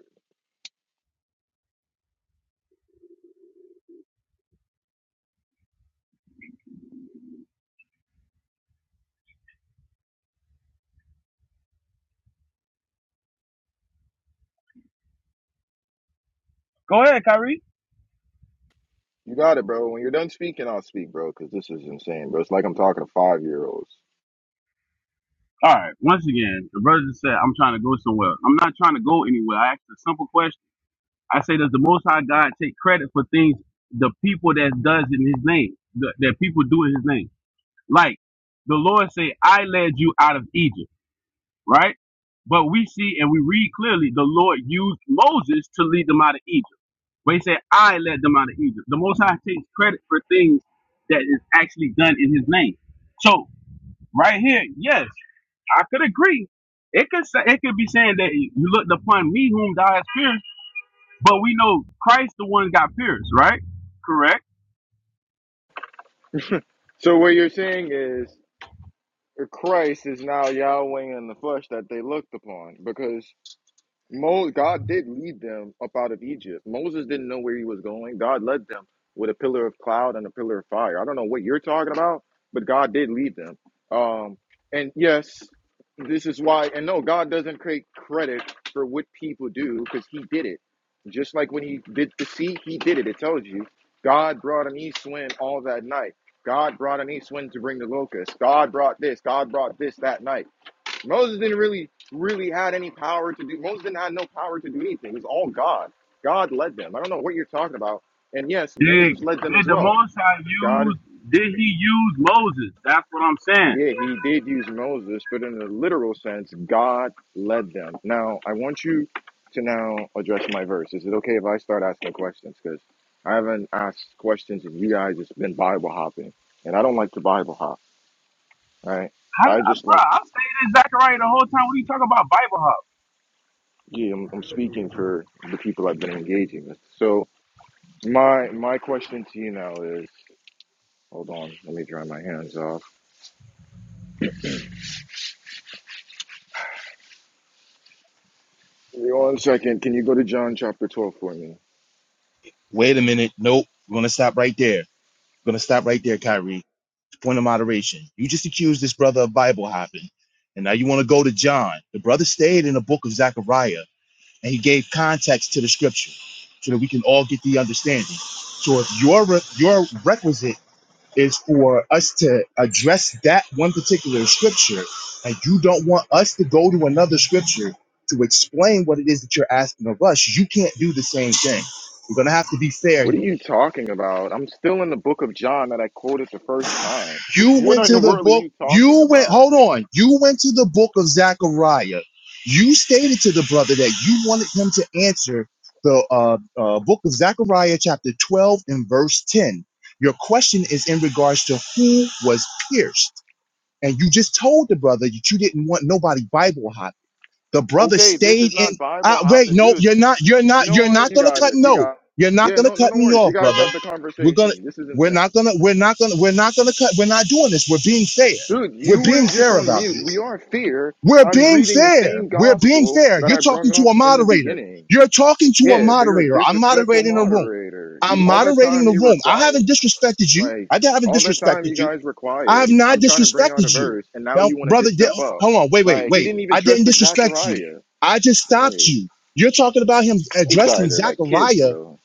Speaker 6: Go ahead, Kyrie.
Speaker 4: you got it, bro. When you're done speaking, I'll speak, bro, because this is insane, bro. It's like I'm talking to five year olds.
Speaker 6: All right. Once again, the brother just said, "I'm trying to go somewhere. I'm not trying to go anywhere." I asked a simple question. I say, "Does the Most High God take credit for things the people that does in His name, that, that people do in His name?" Like the Lord say, "I led you out of Egypt," right? But we see and we read clearly the Lord used Moses to lead them out of Egypt. But he said, I led them out of Egypt. The Most High takes credit for things that is actually done in his name. So right here, yes, I could agree. It could say, it could be saying that you looked upon me whom thou hast pierced, but we know Christ the one got pierced, right? Correct.
Speaker 4: So what you're saying is Christ is now Yahweh in the flesh that they looked upon because Mo, God did lead them up out of Egypt. Moses didn't know where he was going. God led them with a pillar of cloud and a pillar of fire. I don't know what you're talking about, but God did lead them. Um, and yes, this is why. And no, God doesn't take credit for what people do because He did it. Just like when He did the sea, He did it. It tells you God brought an east wind all that night. God brought an east wind to bring the locusts. God brought this. God brought this that night. Moses didn't really, really had any power to do. Moses didn't have no power to do anything. It was all God. God led them. I don't know what you're talking about. And yes,
Speaker 6: Did,
Speaker 4: Moses led them
Speaker 6: did
Speaker 4: as
Speaker 6: the
Speaker 4: well.
Speaker 6: Most High
Speaker 4: God is,
Speaker 6: use, did he use Moses? That's what I'm saying.
Speaker 4: yeah, he did use Moses, but in a literal sense, God led them. Now, I want you to now address my verse. Is it okay if I start asking questions? Because I haven't asked questions and you guys just been Bible hopping. And I don't like to Bible hop, right?
Speaker 6: How,
Speaker 4: I
Speaker 6: I,
Speaker 4: just
Speaker 6: bro,
Speaker 4: like,
Speaker 6: I stayed in Zechariah the whole time. What are you talking about Bible hop?
Speaker 4: yeah, I'm, I'm speaking for the people I've been engaging with. So, My my question to you now is, hold on, let me dry my hands off. Give me One second, can you go to John chapter twelve for me?
Speaker 7: Wait a minute. Nope. We're gonna stop right there. We're gonna stop right there, Kyrie. point of moderation. You just accused this brother of Bible hopping, and now you want to go to John. The brother stayed in the book of Zechariah, and he gave context to the scripture so that we can all get the understanding. So if your re- your requisite is for us to address that one particular scripture, and you don't want us to go to another scripture to explain what it is that you're asking of us, you can't do the same thing. We're gonna have to be fair
Speaker 4: What
Speaker 7: here.
Speaker 4: are you talking about? I'm still in the book of John that I quoted the first time. Wh-
Speaker 7: You
Speaker 4: What
Speaker 7: went
Speaker 4: in the
Speaker 7: to the
Speaker 4: world are
Speaker 7: book.
Speaker 4: you talking
Speaker 7: You went,
Speaker 4: about?
Speaker 7: hold on. You went to the book of Zechariah. You stated to the brother that you wanted him to answer the uh, uh, book of Zechariah, chapter 12, and verse 10. Your question is in regards to who was pierced. And you just told the brother that you didn't want nobody Bible hot. The brother
Speaker 4: Okay, this is
Speaker 7: stayed in.
Speaker 4: not
Speaker 7: Uh,
Speaker 4: Bible
Speaker 7: wait,
Speaker 4: hopping,
Speaker 7: no,
Speaker 4: dude.
Speaker 7: you're not. You're not.
Speaker 4: You know
Speaker 7: You're not
Speaker 4: what? You
Speaker 7: going to
Speaker 4: got
Speaker 7: cut.
Speaker 4: it. You
Speaker 7: No,
Speaker 4: got.
Speaker 7: you're not
Speaker 4: Yeah,
Speaker 7: going to
Speaker 4: no, no,
Speaker 7: cut
Speaker 4: no
Speaker 7: me
Speaker 4: worries. You
Speaker 7: off,
Speaker 4: guys
Speaker 7: brother.
Speaker 4: got the
Speaker 7: We're gonna
Speaker 4: conversation. This is
Speaker 7: we're
Speaker 4: insane,
Speaker 7: not gonna we're not gonna we're not gonna cut we're not doing this. We're being fair.
Speaker 4: dude.
Speaker 7: We're
Speaker 4: You were
Speaker 7: being
Speaker 4: just
Speaker 7: fair
Speaker 4: on
Speaker 7: about
Speaker 4: mute. We
Speaker 7: this.
Speaker 4: are fear.
Speaker 7: We're
Speaker 4: I'm
Speaker 7: being
Speaker 4: reading the
Speaker 7: fair.
Speaker 4: same
Speaker 7: We're being
Speaker 4: gospel
Speaker 7: fair.
Speaker 4: that
Speaker 7: You're
Speaker 4: I
Speaker 7: talking
Speaker 4: brung
Speaker 7: to
Speaker 4: up
Speaker 7: a
Speaker 4: in the
Speaker 7: moderator.
Speaker 4: beginning.
Speaker 7: You're talking to a
Speaker 4: Yeah, but you're a
Speaker 7: moderator. I'm
Speaker 4: disrespectful
Speaker 7: moderating a room.
Speaker 4: moderator.
Speaker 7: I'm
Speaker 4: You all the
Speaker 7: moderating
Speaker 4: time
Speaker 7: the
Speaker 4: you were
Speaker 7: room. I haven't
Speaker 4: quiet.
Speaker 7: disrespected you.
Speaker 4: Like
Speaker 7: I haven't
Speaker 4: all the time you
Speaker 7: disrespected you.
Speaker 4: guys were
Speaker 7: I have
Speaker 4: quiet.
Speaker 7: not
Speaker 4: I'm trying to bring out a
Speaker 7: disrespected you.
Speaker 4: verse and now
Speaker 7: Now,
Speaker 4: you want to
Speaker 7: brother,
Speaker 4: just
Speaker 7: di-
Speaker 4: step up.
Speaker 7: hold on. Wait, wait,
Speaker 4: Like he
Speaker 7: wait.
Speaker 4: didn't even
Speaker 7: I didn't
Speaker 4: trust the
Speaker 7: disrespect you.
Speaker 4: Zachariah.
Speaker 7: I just stopped
Speaker 4: Hey,
Speaker 7: you. You're talking about him
Speaker 4: these
Speaker 7: addressing
Speaker 4: guys are like kids,
Speaker 7: Zechariah
Speaker 4: bro.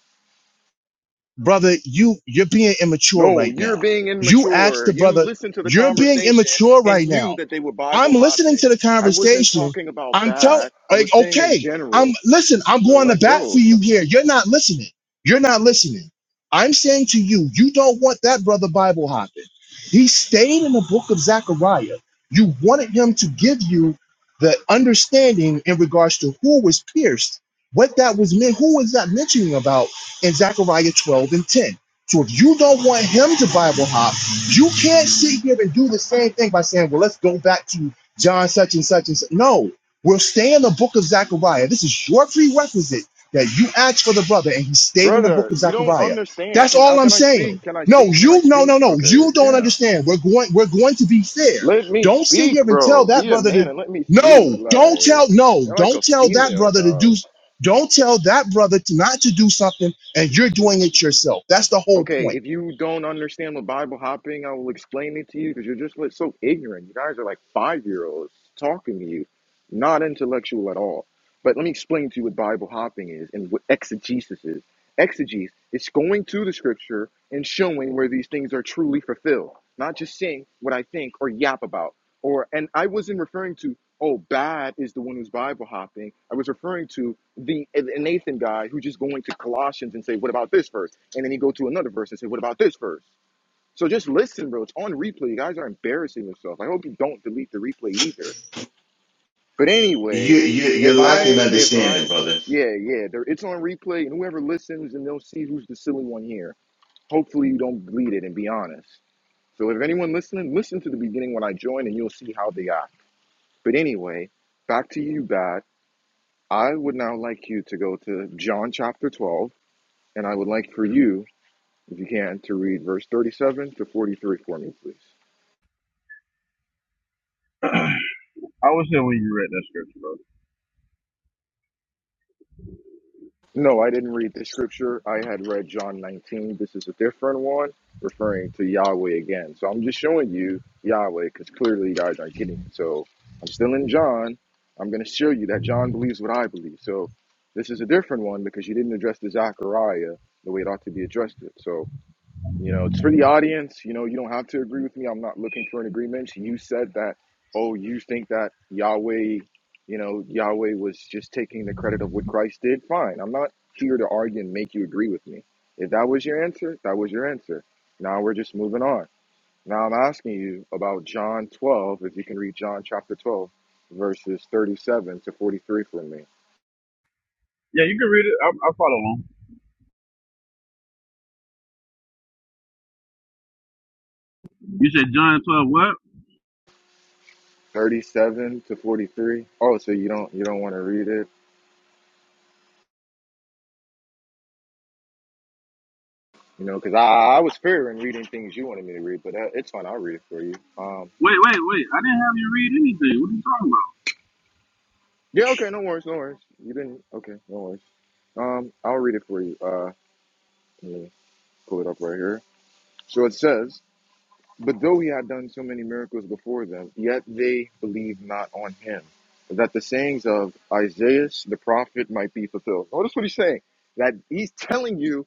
Speaker 7: brother, you you're being immature
Speaker 4: No,
Speaker 7: right now.
Speaker 4: you're being
Speaker 7: You asked
Speaker 4: immature.
Speaker 7: the
Speaker 4: You
Speaker 7: brother,
Speaker 4: listened to the
Speaker 7: you're being
Speaker 4: conversation
Speaker 7: immature right
Speaker 4: and
Speaker 7: now.
Speaker 4: knew that they were
Speaker 7: I'm
Speaker 4: Bible
Speaker 7: listening
Speaker 4: hopping.
Speaker 7: to the
Speaker 4: I wasn't
Speaker 7: conversation.
Speaker 4: talking about
Speaker 7: I'm telling,
Speaker 4: bad. I
Speaker 7: like,
Speaker 4: was saying in
Speaker 7: okay, I'm
Speaker 4: general.
Speaker 7: listen. I'm
Speaker 4: So
Speaker 7: going to
Speaker 4: like,
Speaker 7: bat for
Speaker 4: bro,
Speaker 7: you here. You're not listening. You're not listening. I'm saying to you, you don't want that brother Bible hopping. He stayed in the book of Zechariah. You wanted him to give you the understanding in regards to who was pierced, what that was meant, who was that mentioning about in Zechariah 12 and 10. So if you don't want him to Bible hop, you can't sit here and do the same thing by saying, well, let's go back to John such and such and such. No, we'll stay in the book of Zechariah. This is your prerequisite that you asked for the brother and he stayed in the book
Speaker 4: brother,
Speaker 7: of
Speaker 4: you don't
Speaker 7: Zechariah.
Speaker 4: understand.
Speaker 7: That's
Speaker 4: Can now
Speaker 7: all I'm
Speaker 4: can I
Speaker 7: saying.
Speaker 4: speak? Can I
Speaker 7: No,
Speaker 4: speak? Can I
Speaker 7: you no
Speaker 4: speak?
Speaker 7: no no.
Speaker 4: Okay,
Speaker 7: You don't
Speaker 4: damn.
Speaker 7: understand. We're going we're going to be fair.
Speaker 4: Let me
Speaker 7: Don't sit
Speaker 4: speak,
Speaker 7: here and tell
Speaker 4: bro.
Speaker 7: that
Speaker 4: Be a
Speaker 7: brother to
Speaker 4: man and let me speak.
Speaker 7: no, don't
Speaker 4: Like
Speaker 7: tell no,
Speaker 4: you're like
Speaker 7: don't
Speaker 4: a
Speaker 7: tell that
Speaker 4: female,
Speaker 7: brother to do
Speaker 4: dog.
Speaker 7: don't tell that brother to not to do something and you're doing it yourself. That's the whole
Speaker 4: Okay,
Speaker 7: point.
Speaker 4: if you don't understand what Bible hopping, I will explain it to you because you're just like so ignorant. You guys are like five year olds talking to you, not intellectual at all. But let me explain to you what Bible hopping is and what exegesis is. Exegesis is going to the scripture and showing where these things are truly fulfilled, not just saying what I think or yap about. Or and I wasn't referring to oh bad is the one who's Bible hopping. I was referring to the, the Nathan guy who just going to Colossians and say, "What about this verse?" And then he go to another verse and say, "What about this verse?" So just listen, bro. It's on replay. You guys are embarrassing yourself. I hope you don't delete the replay either. But
Speaker 7: You
Speaker 4: anyway,
Speaker 7: you you're
Speaker 4: if
Speaker 7: lacking
Speaker 4: I if
Speaker 7: understanding,
Speaker 4: I
Speaker 7: brother.
Speaker 4: yeah yeah, there, it's on replay, and whoever listens and they'll see who's the silly one here. Hopefully you don't delete it and be honest. So if anyone listening, listen to the beginning when I join, and you'll see how they act. But anyway, back to you, God. I would now like you to go to John chapter twelve And I would like for you, if you can, to read verse 37 to 43 for me, please.
Speaker 6: *clears throat* I was here when you read that scripture, bro.
Speaker 4: No, I didn't read the scripture. I had read John 19. This is a different one referring to Yahweh again. So I'm just showing you Yahweh because clearly you guys aren't getting it. So I'm still in John. I'm going to show you that John believes what I believe. So this is a different one because you didn't address the Zechariah the way it ought to be addressed. It. So. You know, it's for the audience. You know, you don't have to agree with me. I'm not looking for an agreement. You said that, oh, you think that Yahweh, you know, Yahweh was just taking the credit of what Christ did. Fine. I'm not here to argue and make you agree with me. If that was your answer, that was your answer. Now we're just moving on. Now I'm asking you about John 12, if you can read John chapter 12, verses 37 to 43 for me.
Speaker 6: Yeah, you can read it. I, I follow along. You said John 12, what?
Speaker 4: 37 to 43. Oh, so you don't you don't want to read it? You know, because I, I was fearing reading things you wanted me to read, but that, it's fine. I'll read it for you. Um,
Speaker 6: Wait, wait, wait. I didn't have you read anything. What are you talking about?
Speaker 4: yeah, okay, no worries, no worries. You didn't, okay, no worries. Um, I'll read it for you. Uh, let me pull it up right here. So it says, "But though he had done so many miracles before them, yet they believed not on him, that the sayings of Isaiah the prophet might be fulfilled." Notice what he's saying. That he's telling you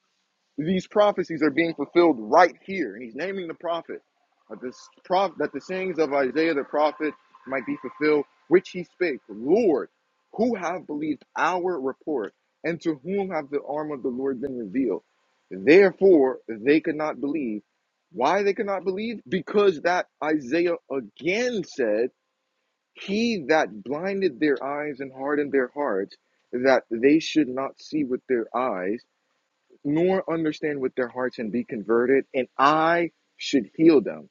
Speaker 4: These prophecies are being fulfilled right here. And he's naming the prophet that, this prof- that the sayings of Isaiah the prophet might be fulfilled, which he spake, Lord, who have believed our report, and to whom have the arm of the Lord been revealed? Therefore, they could not believe. Why they could not believe? Because that Isaiah again said, He that blinded their eyes and hardened their hearts, that they should not see with their eyes nor understand with their hearts and be converted, and I should heal them.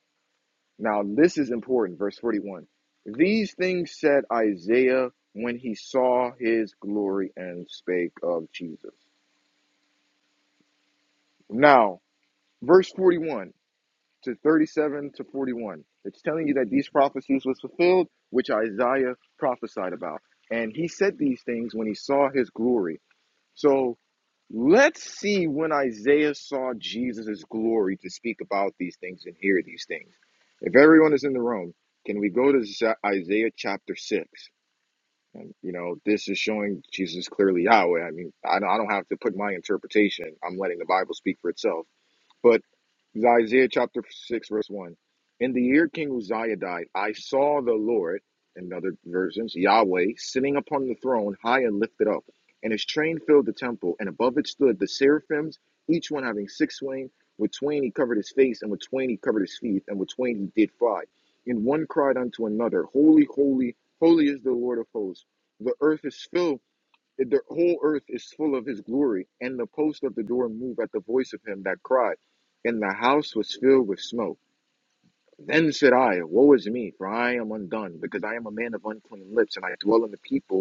Speaker 4: Now, this is important. Verse 41. These things said Isaiah when he saw his glory and spake of Jesus. Now, verse 41 to 37 to 41. It's telling you that these prophecies was fulfilled, which Isaiah prophesied about. And he said these things when he saw his glory. So Let's see when Isaiah saw Jesus' glory to speak about these things and hear these things. If everyone is in the room, can we go to Za- Isaiah chapter 6? And, you know, this is showing Jesus clearly Yahweh. I mean, I don't, I don't have to put my interpretation. I'm letting the Bible speak for itself. But Isaiah chapter 6, verse 1. In the year King Uzziah died, I saw the Lord, in other versions, Yahweh, sitting upon the throne, high and lifted up, and his train filled the temple, and above it stood the seraphims, each one having six wings. With twain he covered his face, and with twain he covered his feet, and with twain he did fly. And one cried unto another, Holy, holy, holy is the Lord of hosts. The earth is filled that the whole earth is full of his glory, and the post of the door moved at the voice of him that cried, and the house was filled with smoke. Then said I, Woe is me, for I am undone, because I am a man of unclean lips, and I dwell in the people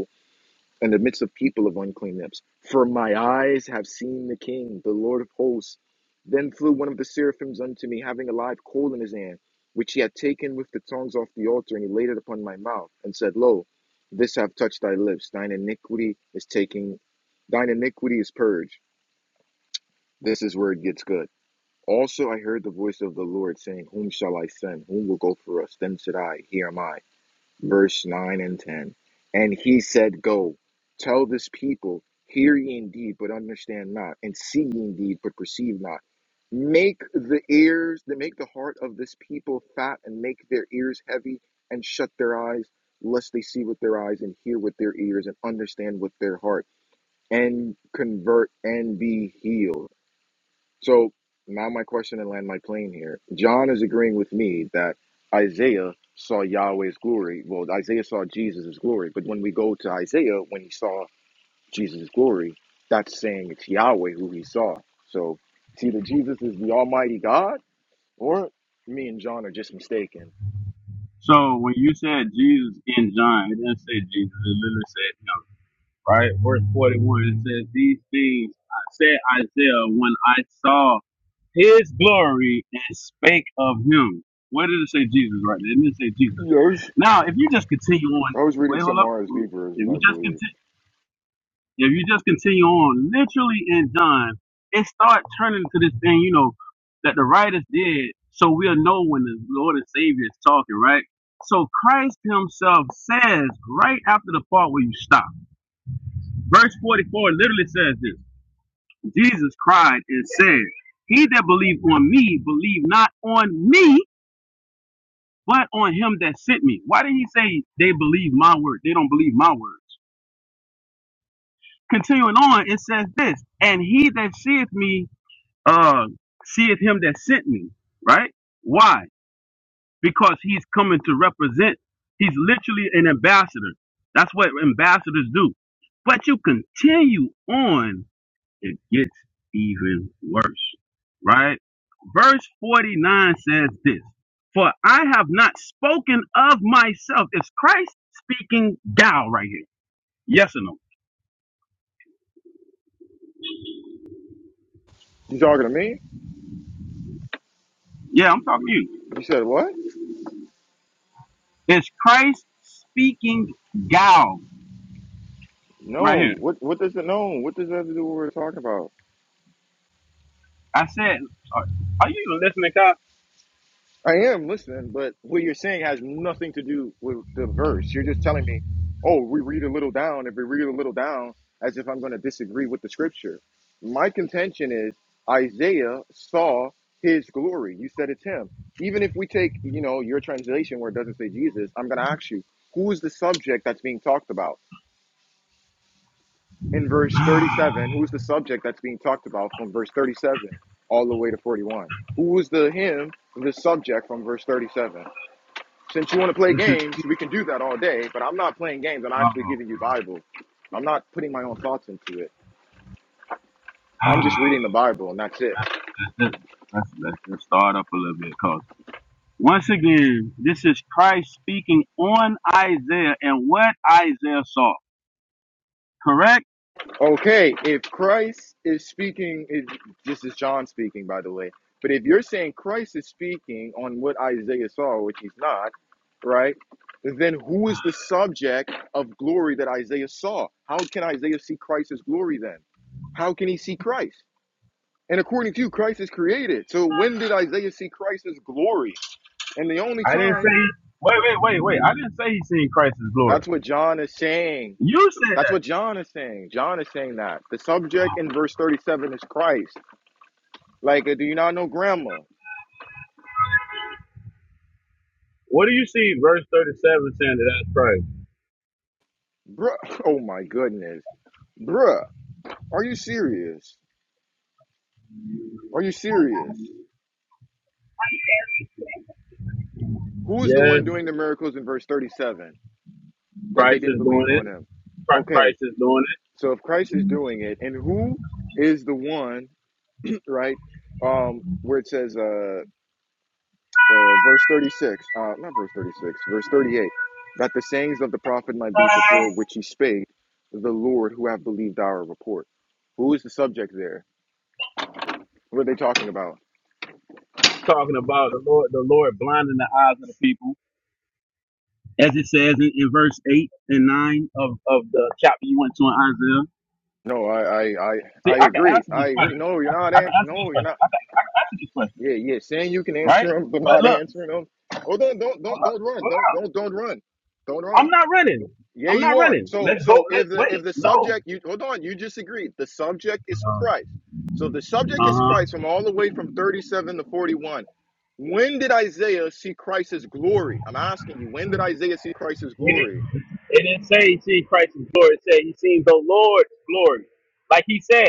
Speaker 4: in the midst of people of unclean lips. For my eyes have seen the King, the Lord of hosts. Then flew one of the seraphims unto me, having a live coal in his hand, which he had taken with the tongs off the altar, and he laid it upon my mouth, and said, Lo, this have touched thy lips. Thine iniquity is taken, thine iniquity is purged. This is where it gets good. Also I heard the voice of the Lord saying, Whom shall I send? Whom will go for us? Then said I, Here am I verse 9 and 10. And he said, Go, tell this people, hear ye indeed, but understand not, and see ye indeed, but perceive not. Make the ears, make the heart of this people fat, and make their ears heavy, and shut their eyes, lest they see with their eyes, and hear with their ears, and understand with their heart, and convert and be healed. So now my question and land my plane here. John is agreeing with me that Isaiah saw Yahweh's glory. Well, Isaiah saw Jesus' glory, but when we go to Isaiah, when he saw Jesus' glory, that's saying it's Yahweh who he saw. So it's either Jesus is the Almighty God, or me and John are just mistaken.
Speaker 6: So when you said Jesus in John, it didn't say Jesus. It literally said him, right? Verse 41, it says, These things I said Isaiah when I saw his glory and spake of him. Where did it say Jesus right there? It didn't say Jesus.
Speaker 4: Yeah, I was,
Speaker 6: Now, if you just continue on,
Speaker 4: I was reading
Speaker 6: wait, hold
Speaker 4: some
Speaker 6: up.
Speaker 4: RSV
Speaker 6: If
Speaker 4: version,
Speaker 6: you
Speaker 4: I
Speaker 6: just continue
Speaker 4: believe.
Speaker 6: If you just continue on, literally in John, it starts turning to this thing, you know, that the writers did, so we'll know when the Lord and Savior is talking, right? So Christ Himself says right after the part where you stop. Verse 44 literally says this Jesus cried and said, He that believed on me, believe not on me, but on him that sent me. Why did he say they believe my word? They don't believe my words. Continuing on, it says this, and he that seeth me uh, seeth him that sent me, right? Why? Because he's coming to represent. He's literally an ambassador. That's what ambassadors do. But you continue on, it gets even worse, right? Verse 49 says this For I have not spoken of myself. Is Christ speaking thou right here? Yes or no?
Speaker 4: You talking to me?
Speaker 6: Yeah, I'm talking to you.
Speaker 4: You said what?
Speaker 6: Is Christ speaking thou right here?
Speaker 4: No. What What does it No. What does that have to do with what we're talking about?
Speaker 6: I said, are, are you even listening, Cop?
Speaker 4: I am listening, but what you're saying has nothing to do with the verse. You're just telling me, oh, we read a little down. If we read a little down, as if I'm going to disagree with the scripture. My contention is Isaiah saw his glory. You said it's him. Even if we take, you know, your translation where it doesn't say Jesus, I'm going to ask you, who is the subject that's being talked about? In verse
Speaker 6: *sighs*
Speaker 4: 37, who is the subject that's being talked about from verse 37 all the way to 41? Who is the him, the subject from verse 37? Since you want to play
Speaker 6: this is
Speaker 4: games, we can do that all day, but I'm not playing games. I'm actually giving you
Speaker 6: oh,
Speaker 4: Bible. I'm not putting my own thoughts into it. I'm
Speaker 6: *sighs*
Speaker 4: just reading the Bible and that's it.
Speaker 6: let's, let's let's just start up a little bit, cause once again, this is Christ speaking on Isaiah and what Isaiah saw. Correct?
Speaker 4: Okay, if Christ is speaking, if, this is John speaking, by the way, but if you're saying Christ is speaking on what Isaiah saw, which he's not, right? Then who is the subject of glory that Isaiah saw? How can Isaiah see Christ's glory then? How can he see Christ? And according to you, Christ is created. So when did Isaiah see Christ's glory? And the only
Speaker 6: I didn't
Speaker 4: time
Speaker 6: say. Wait, wait, wait, wait. I didn't say he seen Christ's glory.
Speaker 4: that's what John is saying.
Speaker 6: You said
Speaker 4: That's
Speaker 6: that.
Speaker 4: what John is saying. John is saying that. The subject in verse 37 is Christ. Like, uh, do you not know grandma?
Speaker 6: What do you see? Verse thirty-seven saying that that's Christ.
Speaker 4: Bruh. *laughs* Oh my goodness. Bruh. Are you serious? Are you serious? Who is the
Speaker 6: Yes,
Speaker 4: one doing the miracles in verse 37 that they
Speaker 6: Christ
Speaker 4: didn't
Speaker 6: is doing
Speaker 4: believe
Speaker 6: it.
Speaker 4: on him? Okay.
Speaker 6: Christ is doing
Speaker 4: So if Christ is doing it, and who is the one, *clears throat* right? Um, where it says, uh, uh, verse 36, uh, not verse 36, verse 38, that the sayings of the prophet might
Speaker 6: it.
Speaker 4: be fulfilled, which he spake, the Lord who have believed our report. Who is the subject there? What are they talking about?
Speaker 6: It's talking about the Lord, the Lord blinding the eyes of the people as it says in, in verse 8 and 9 of, of the chapter you went to in Isaiah.
Speaker 4: No, I, I, I,
Speaker 6: See,
Speaker 4: I
Speaker 6: I can
Speaker 4: agree.
Speaker 6: answer
Speaker 4: I
Speaker 6: these
Speaker 4: agree.
Speaker 6: questions.
Speaker 4: No, you're not
Speaker 6: I can
Speaker 4: answering.
Speaker 6: answer these
Speaker 4: No, you're
Speaker 6: questions.
Speaker 4: not.
Speaker 6: I can, I can answer these questions,
Speaker 4: Yeah, yeah. Saying you can answer
Speaker 6: right?
Speaker 4: them, but
Speaker 6: But
Speaker 4: not *laughs*
Speaker 6: look,
Speaker 4: answering them. Oh, don't, don't,
Speaker 6: hold
Speaker 4: don't,
Speaker 6: up,
Speaker 4: don't run.
Speaker 6: hold
Speaker 4: Don't,
Speaker 6: up.
Speaker 4: don't, don't run. Don't run.
Speaker 6: I'm not running.
Speaker 4: Yeah,
Speaker 6: I'm not
Speaker 4: you are.
Speaker 6: running.
Speaker 4: So
Speaker 6: Let's go.
Speaker 4: so
Speaker 6: Let's
Speaker 4: if the if
Speaker 6: wait.
Speaker 4: the
Speaker 6: No.
Speaker 4: subject you hold on, you just agreed. The subject is
Speaker 6: Uh
Speaker 4: Christ. So the subject is
Speaker 6: huh.
Speaker 4: Christ from all the way from 37 to 41. When did Isaiah see Christ's glory? I'm asking you, when did Isaiah see Christ's
Speaker 6: It,
Speaker 4: glory?
Speaker 6: didn't- it didn't say he seen Christ's glory. It said he seen the Lord's glory. Like he said.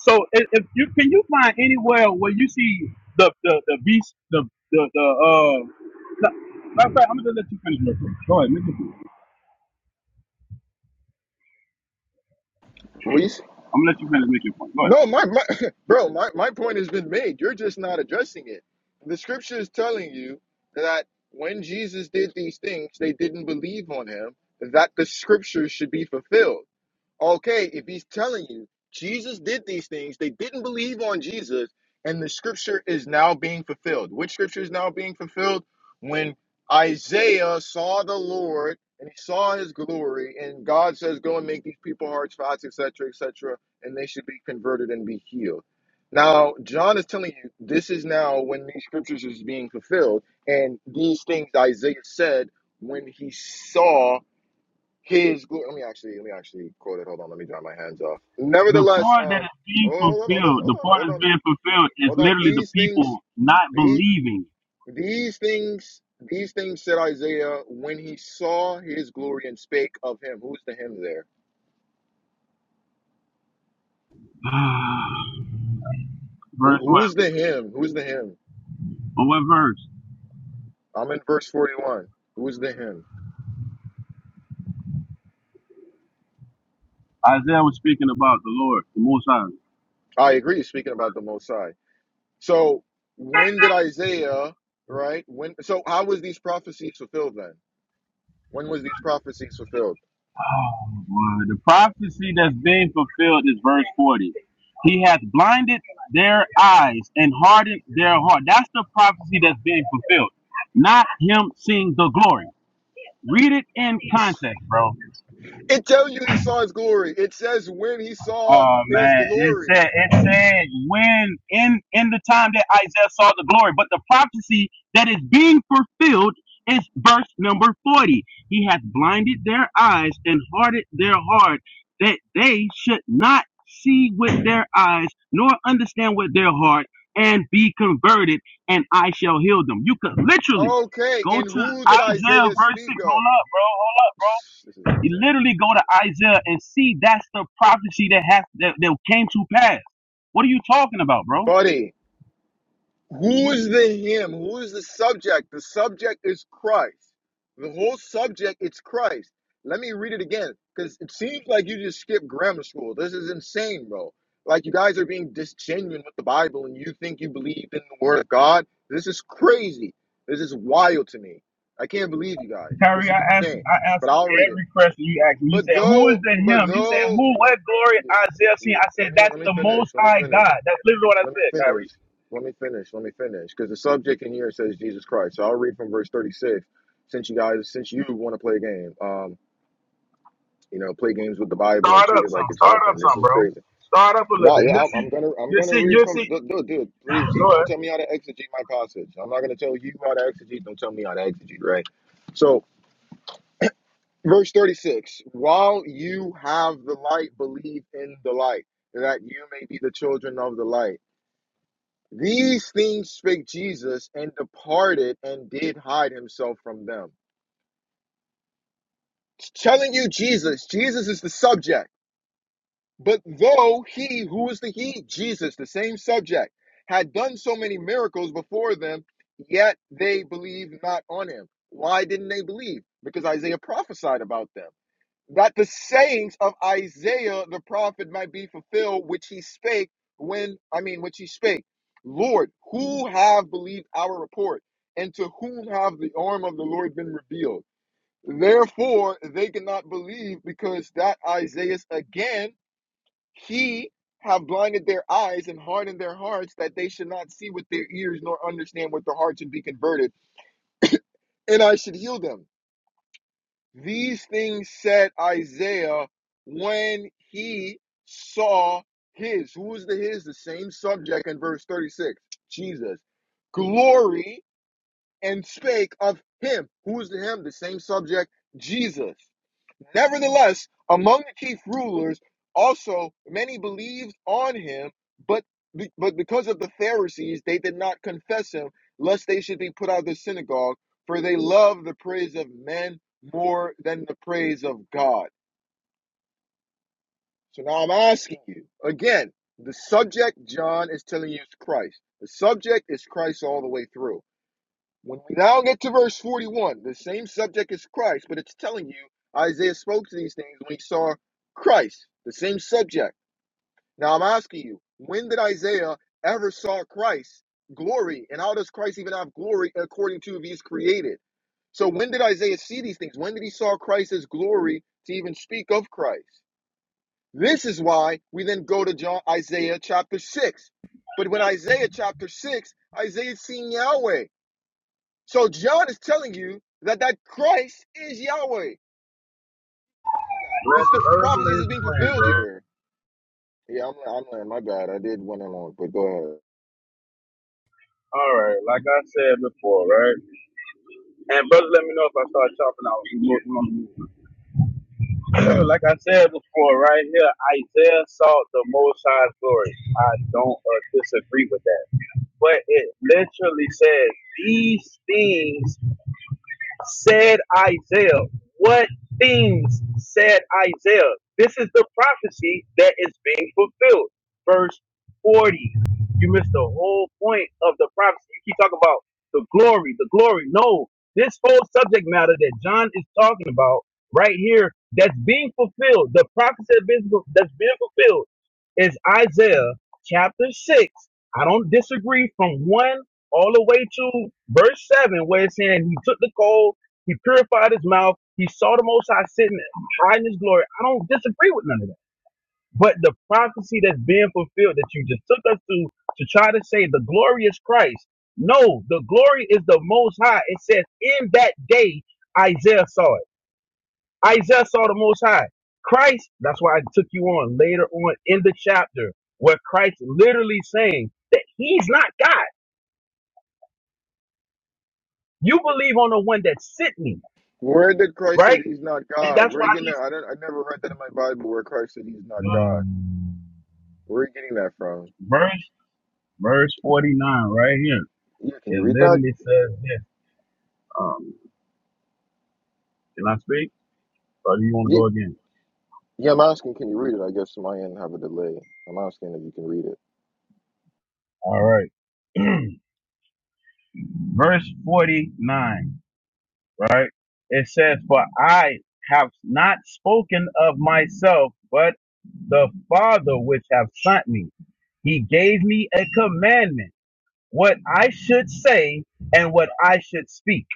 Speaker 6: So if, if you can you find anywhere where you see the the the beast the the the uh. no, Matter of fact, I'm gonna let you finish real quick. Go ahead, make your point.
Speaker 4: Reese?
Speaker 6: I'm gonna let you finish, make your point. Go ahead.
Speaker 4: No, my, my *laughs* bro, my, my point has been made. You're just not addressing it. The scripture is telling you that when Jesus did these things, they didn't believe on him, that the scriptures should be fulfilled. Okay, if he's telling you Jesus did these things, they didn't believe on Jesus, and the scripture is now being fulfilled. Which scripture is now being fulfilled? When Isaiah saw the Lord and he saw his glory, and God says, Go and make these people hearts fast, etc., etc., and they should be converted and be healed. Now, John is telling you this is now when these scriptures is being fulfilled, and these things Isaiah said when he saw his glory. Let me actually, let me actually quote it. Hold on, let me dry my hands off.
Speaker 6: The
Speaker 4: Nevertheless,
Speaker 6: part that
Speaker 4: um,
Speaker 6: is
Speaker 4: oh,
Speaker 6: being
Speaker 4: hold on, hold on,
Speaker 6: fulfilled, the
Speaker 4: hold on,
Speaker 6: part
Speaker 4: hold
Speaker 6: that's
Speaker 4: on,
Speaker 6: being fulfilled is
Speaker 4: hold on.
Speaker 6: literally the
Speaker 4: These things,
Speaker 6: people not
Speaker 4: these,
Speaker 6: believing.
Speaker 4: these things, these things said Isaiah when he saw his glory and spake of him. Who's the him there?
Speaker 6: *sighs*
Speaker 4: Who,
Speaker 6: verse what?
Speaker 4: who's the him? Who's the him?
Speaker 6: But what verse?
Speaker 4: I'm in verse 41. Who's the him?
Speaker 6: Isaiah was speaking about the Lord, the Most High.
Speaker 4: I agree. Speaking about the Most High. So when did Isaiah, right? When? So how was these prophecies fulfilled then? When was these prophecies fulfilled?
Speaker 6: Well, the prophecy that's being fulfilled is verse 40. He hath blinded their eyes and hardened their heart. That's the prophecy that's being fulfilled, not him seeing the glory. Read it in context, bro.
Speaker 4: It tells you he saw his glory. It says when he saw
Speaker 6: Oh
Speaker 4: his
Speaker 6: man, it
Speaker 4: glory.
Speaker 6: said it said when in in the time that Isaiah saw the glory, but the prophecy that is being fulfilled is verse number forty. He hath blinded their eyes and hardened their heart that they should not see with their eyes nor understand with their heart and be converted, and I shall heal them. You could literally
Speaker 4: Okay,
Speaker 6: go
Speaker 4: and
Speaker 6: to
Speaker 4: who did
Speaker 6: Isaiah
Speaker 4: Isaiah
Speaker 6: verse
Speaker 4: speak
Speaker 6: six.
Speaker 4: of?
Speaker 6: Hold up, bro. Hold up, bro.
Speaker 4: *sighs* This is
Speaker 6: You
Speaker 4: insane.
Speaker 6: literally go to Isaiah and see that's the prophecy that has that, that came to pass. What are you talking about, bro?
Speaker 4: Buddy, Who is the him? Who is the subject? The subject is Christ. The whole subject it's Christ. Let me read it again because it seems like you just skipped grammar school. This is insane, bro. Like you guys are being disgenuine with the Bible and you think you believe in the word of God. This is crazy. This is wild to me. I can't believe you guys. This
Speaker 6: Kyrie,
Speaker 4: is
Speaker 6: I asked
Speaker 4: insane.
Speaker 6: I asked
Speaker 4: But I'll read it.
Speaker 6: every question you asked me. You
Speaker 4: But
Speaker 6: said, Who is
Speaker 4: though,
Speaker 6: the
Speaker 4: but
Speaker 6: him? You said,
Speaker 4: though,
Speaker 6: Who what
Speaker 4: no,
Speaker 6: glory
Speaker 4: yeah,
Speaker 6: Isaiah seen?
Speaker 4: yeah.
Speaker 6: I
Speaker 4: Let
Speaker 6: said,
Speaker 4: me
Speaker 6: That's
Speaker 4: let me
Speaker 6: the
Speaker 4: finish.
Speaker 6: most
Speaker 4: Let me
Speaker 6: high
Speaker 4: finish.
Speaker 6: God. That's literally what I
Speaker 4: Let me
Speaker 6: said,
Speaker 4: finish.
Speaker 6: Kyrie.
Speaker 4: Let me finish. Let me finish. Because the subject in here says Jesus Christ. So I'll read from verse 36. Since you guys, since you want to play a game, um, you know, play games with the Bible and
Speaker 6: Start
Speaker 4: treat
Speaker 6: up
Speaker 4: it like
Speaker 6: some.
Speaker 4: it's
Speaker 6: Start up
Speaker 4: nothing. This
Speaker 6: some,
Speaker 4: is
Speaker 6: bro.
Speaker 4: crazy.
Speaker 6: Start
Speaker 4: No, yeah, I'm, I'm gonna, I'm
Speaker 6: you
Speaker 4: gonna read from.
Speaker 6: see.
Speaker 4: Dude, dude, dude, please don't tell me how to exegete my passage. I'm not gonna tell you how to exegete. Don't tell me how to exegete, right? So, verse 36. While you have the light, believe in the light, that you may be the children of the light. These things spake Jesus and departed and did hide himself from them. It's telling you, Jesus, Jesus is the subject. But though he, who is the he? Jesus, the same subject, had done so many miracles before them, yet they believed not on him. Why didn't they believe? Because Isaiah prophesied about them. that the sayings of Isaiah the prophet might be fulfilled, which he spake when, I mean, which he spake, Lord, who have believed our report, and to whom have the arm of the Lord been revealed? Therefore, they cannot believe because that Isaiah again, he have blinded their eyes and hardened their hearts that they should not see with their ears nor understand with their hearts and be converted, and I should heal them. These things said Isaiah when he saw his. Who is the his? The same subject in verse 36 Jesus. Glory and spake of him. Who is the him? The same subject, Jesus. Nevertheless, among the chief rulers also many believed on him, but be- but because of the Pharisees, they did not confess him, lest they should be put out of the synagogue, for they love the praise of men more than the praise of God. So now I'm asking you again: the subject John is telling you is Christ. The subject is Christ all the way through. When we now get to verse 41, the same subject as Christ, but it's telling you Isaiah spoke to these things when he saw Christ, the same subject. Now I'm asking you, when did Isaiah ever saw Christ glory? And how does Christ even have glory according to if he's created? So when did Isaiah see these things? When did he saw Christ's glory to even speak of Christ? This is why we then go to John Isaiah chapter 6. But when Isaiah chapter 6, Isaiah is seeing Yahweh. So John is telling you that that Christ is Yahweh. Telling you that because the prophecies is
Speaker 6: Revelation
Speaker 4: being
Speaker 6: plan,
Speaker 4: fulfilled
Speaker 6: bro.
Speaker 4: here. Yeah, I'm, I'm lying. My bad. I did went along, but go ahead.
Speaker 6: All right, like I said before, right? And brother, let me know if I start chopping out. We can go from there. *clears throat* like I said before, right here, Isaiah sought the Most High's glory. I don't uh, disagree with that. But it literally says these things said Isaiah. What things said Isaiah? This is the prophecy that is being fulfilled. Verse 40. You missed the whole point of the prophecy. You keep talking about the glory, the glory. No, this whole subject matter that John is talking about right here that's being fulfilled, the prophecy that's being ful- that's being fulfilled is Isaiah chapter 6. I don't disagree from 1 all the way to verse 7 where it's saying he took the coal he purified his mouth. He saw the Most High sitting high in his glory. I don't disagree with none of that. But the prophecy that's being fulfilled that you just took us to to try to say the glory is Christ. No, the glory is the Most High. It says in that day Isaiah saw it. Isaiah saw the Most High. Christ, that's why I took you on later on in the chapter where Christ literally saying that he's not God. You believe on the one that's sitting,
Speaker 4: Where did Christ said
Speaker 6: right?
Speaker 4: he's not
Speaker 6: And
Speaker 4: God?
Speaker 6: that's
Speaker 4: Where are
Speaker 6: why
Speaker 4: you
Speaker 6: I
Speaker 4: getting that? I don't. I never read that in my Bible where Christ said he's
Speaker 6: keep
Speaker 4: not God.
Speaker 6: Um,
Speaker 4: Where are you getting that from?
Speaker 6: verse Verse 49 right here.
Speaker 4: Yeah, can you
Speaker 6: It
Speaker 4: read that?
Speaker 6: literally says this. Um, can I speak? Or do you want to go
Speaker 4: Ye-
Speaker 6: again?
Speaker 4: Yeah, I'm asking. Can you read it? I guess my end have a delay. I'm asking if you can read it.
Speaker 6: All right. *clears throat* Verse 49, right? It says, For I have not spoken of myself, but the Father which have sent me. He gave me a commandment, what I should say and what I should speak.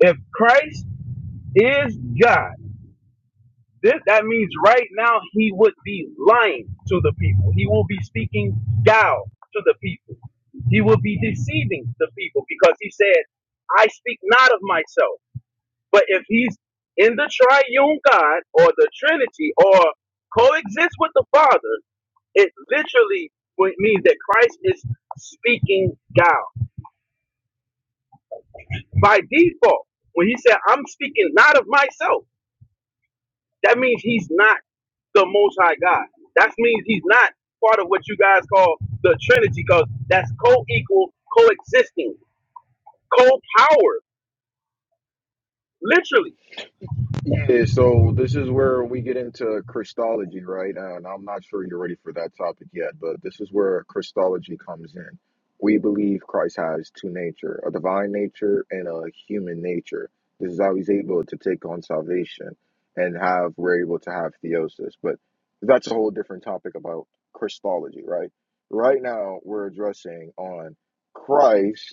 Speaker 6: If Christ is God, This, that means right now he would be lying to the people. He will be speaking gal to the people. He will be deceiving the people because he said, I speak not of myself. But if he's in the triune God or the Trinity or coexists with the Father, it literally would mean that Christ is speaking gal by default. When he said, I'm speaking not of myself. That means he's not the Most High God. That means he's not part of what you guys call the Trinity, because that's co-equal, coexisting, co-power, literally.
Speaker 4: Yeah, so this is where we get into Christology, right? And I'm not sure you're ready for that topic yet, but this is where Christology comes in. We believe Christ has two nature, a divine nature and a human nature. This is how he's able to take on salvation and have we're able to have theosis. But that's a whole different topic about Christology, right? Right now we're addressing on Christ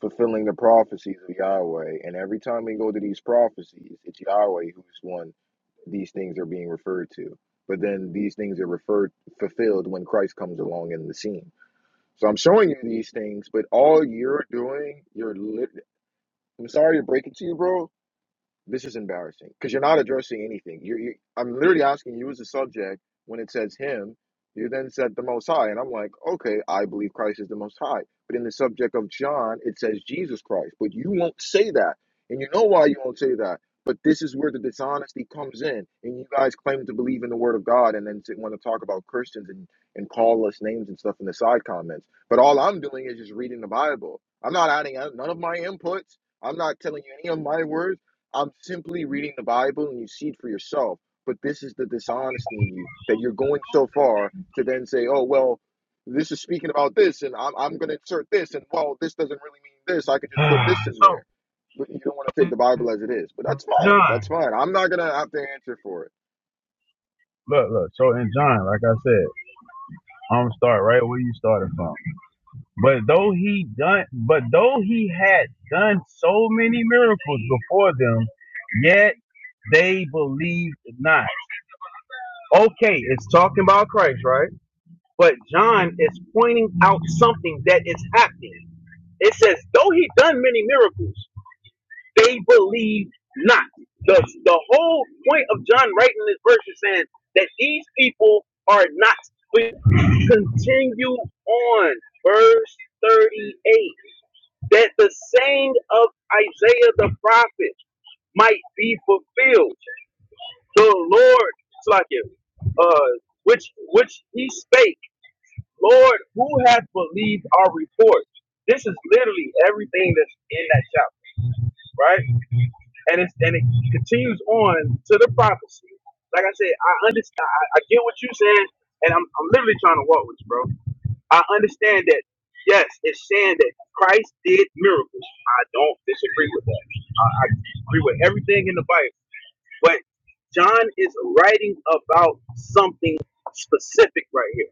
Speaker 4: fulfilling the prophecies of Yahweh. And every time we go to these prophecies, it's Yahweh who's one these things are being referred to. But then these things are referred fulfilled when Christ comes along in the scene. So I'm showing you these things, but all you're doing, you're lit- I'm sorry to break it to you, bro, this is embarrassing because you're not addressing anything. You're, you, I'm literally asking you as a subject when it says him. You then said the Most High, and I'm like, okay, I believe Christ is the Most High. But in the subject of John, it says Jesus Christ, but you won't say that, and you know why you won't say that. But this is where the dishonesty comes in, and you guys claim to believe in the Word of God, and then want to talk about Christians and and call us names and stuff in the side comments. But all I'm doing is just reading the Bible. I'm not adding none of my inputs. I'm not telling you any of my words. I'm simply reading the Bible and you see it for yourself. But this is the dishonesty in you that you're going so far to then say, oh, well, this is speaking about this and I'm, I'm going to insert this. And well, this doesn't really mean this. I could just put
Speaker 6: *sighs*
Speaker 4: this in
Speaker 6: so,
Speaker 4: there. But you don't want to take the Bible as it is. But that's fine.
Speaker 6: John,
Speaker 4: That's fine. I'm not going to have to answer for it.
Speaker 6: look, look. So, in John, like I said, I'm gonna start right where you started from. But though he done, but though he had done so many miracles before them, yet they believed not. Okay, it's talking about Christ, right? But John is pointing out something that is happening. It says, though he done many miracles, they believed not. The, the whole point of John writing this verse is saying that these people are not. But continue on, verse 38, that the saying of Isaiah the prophet might be fulfilled. The Lord, uh, which which he spake Lord, who has believed our report? This is literally everything that's in that chapter, right? And it's and it continues on to the prophecy. Like I said, I understand. I, I get what you're saying, and I'm I'm literally trying to walk with you, bro. I understand that. Yes, it's saying that Christ did miracles. I don't disagree with that. I, I agree with everything in the Bible, but John is writing about something specific right here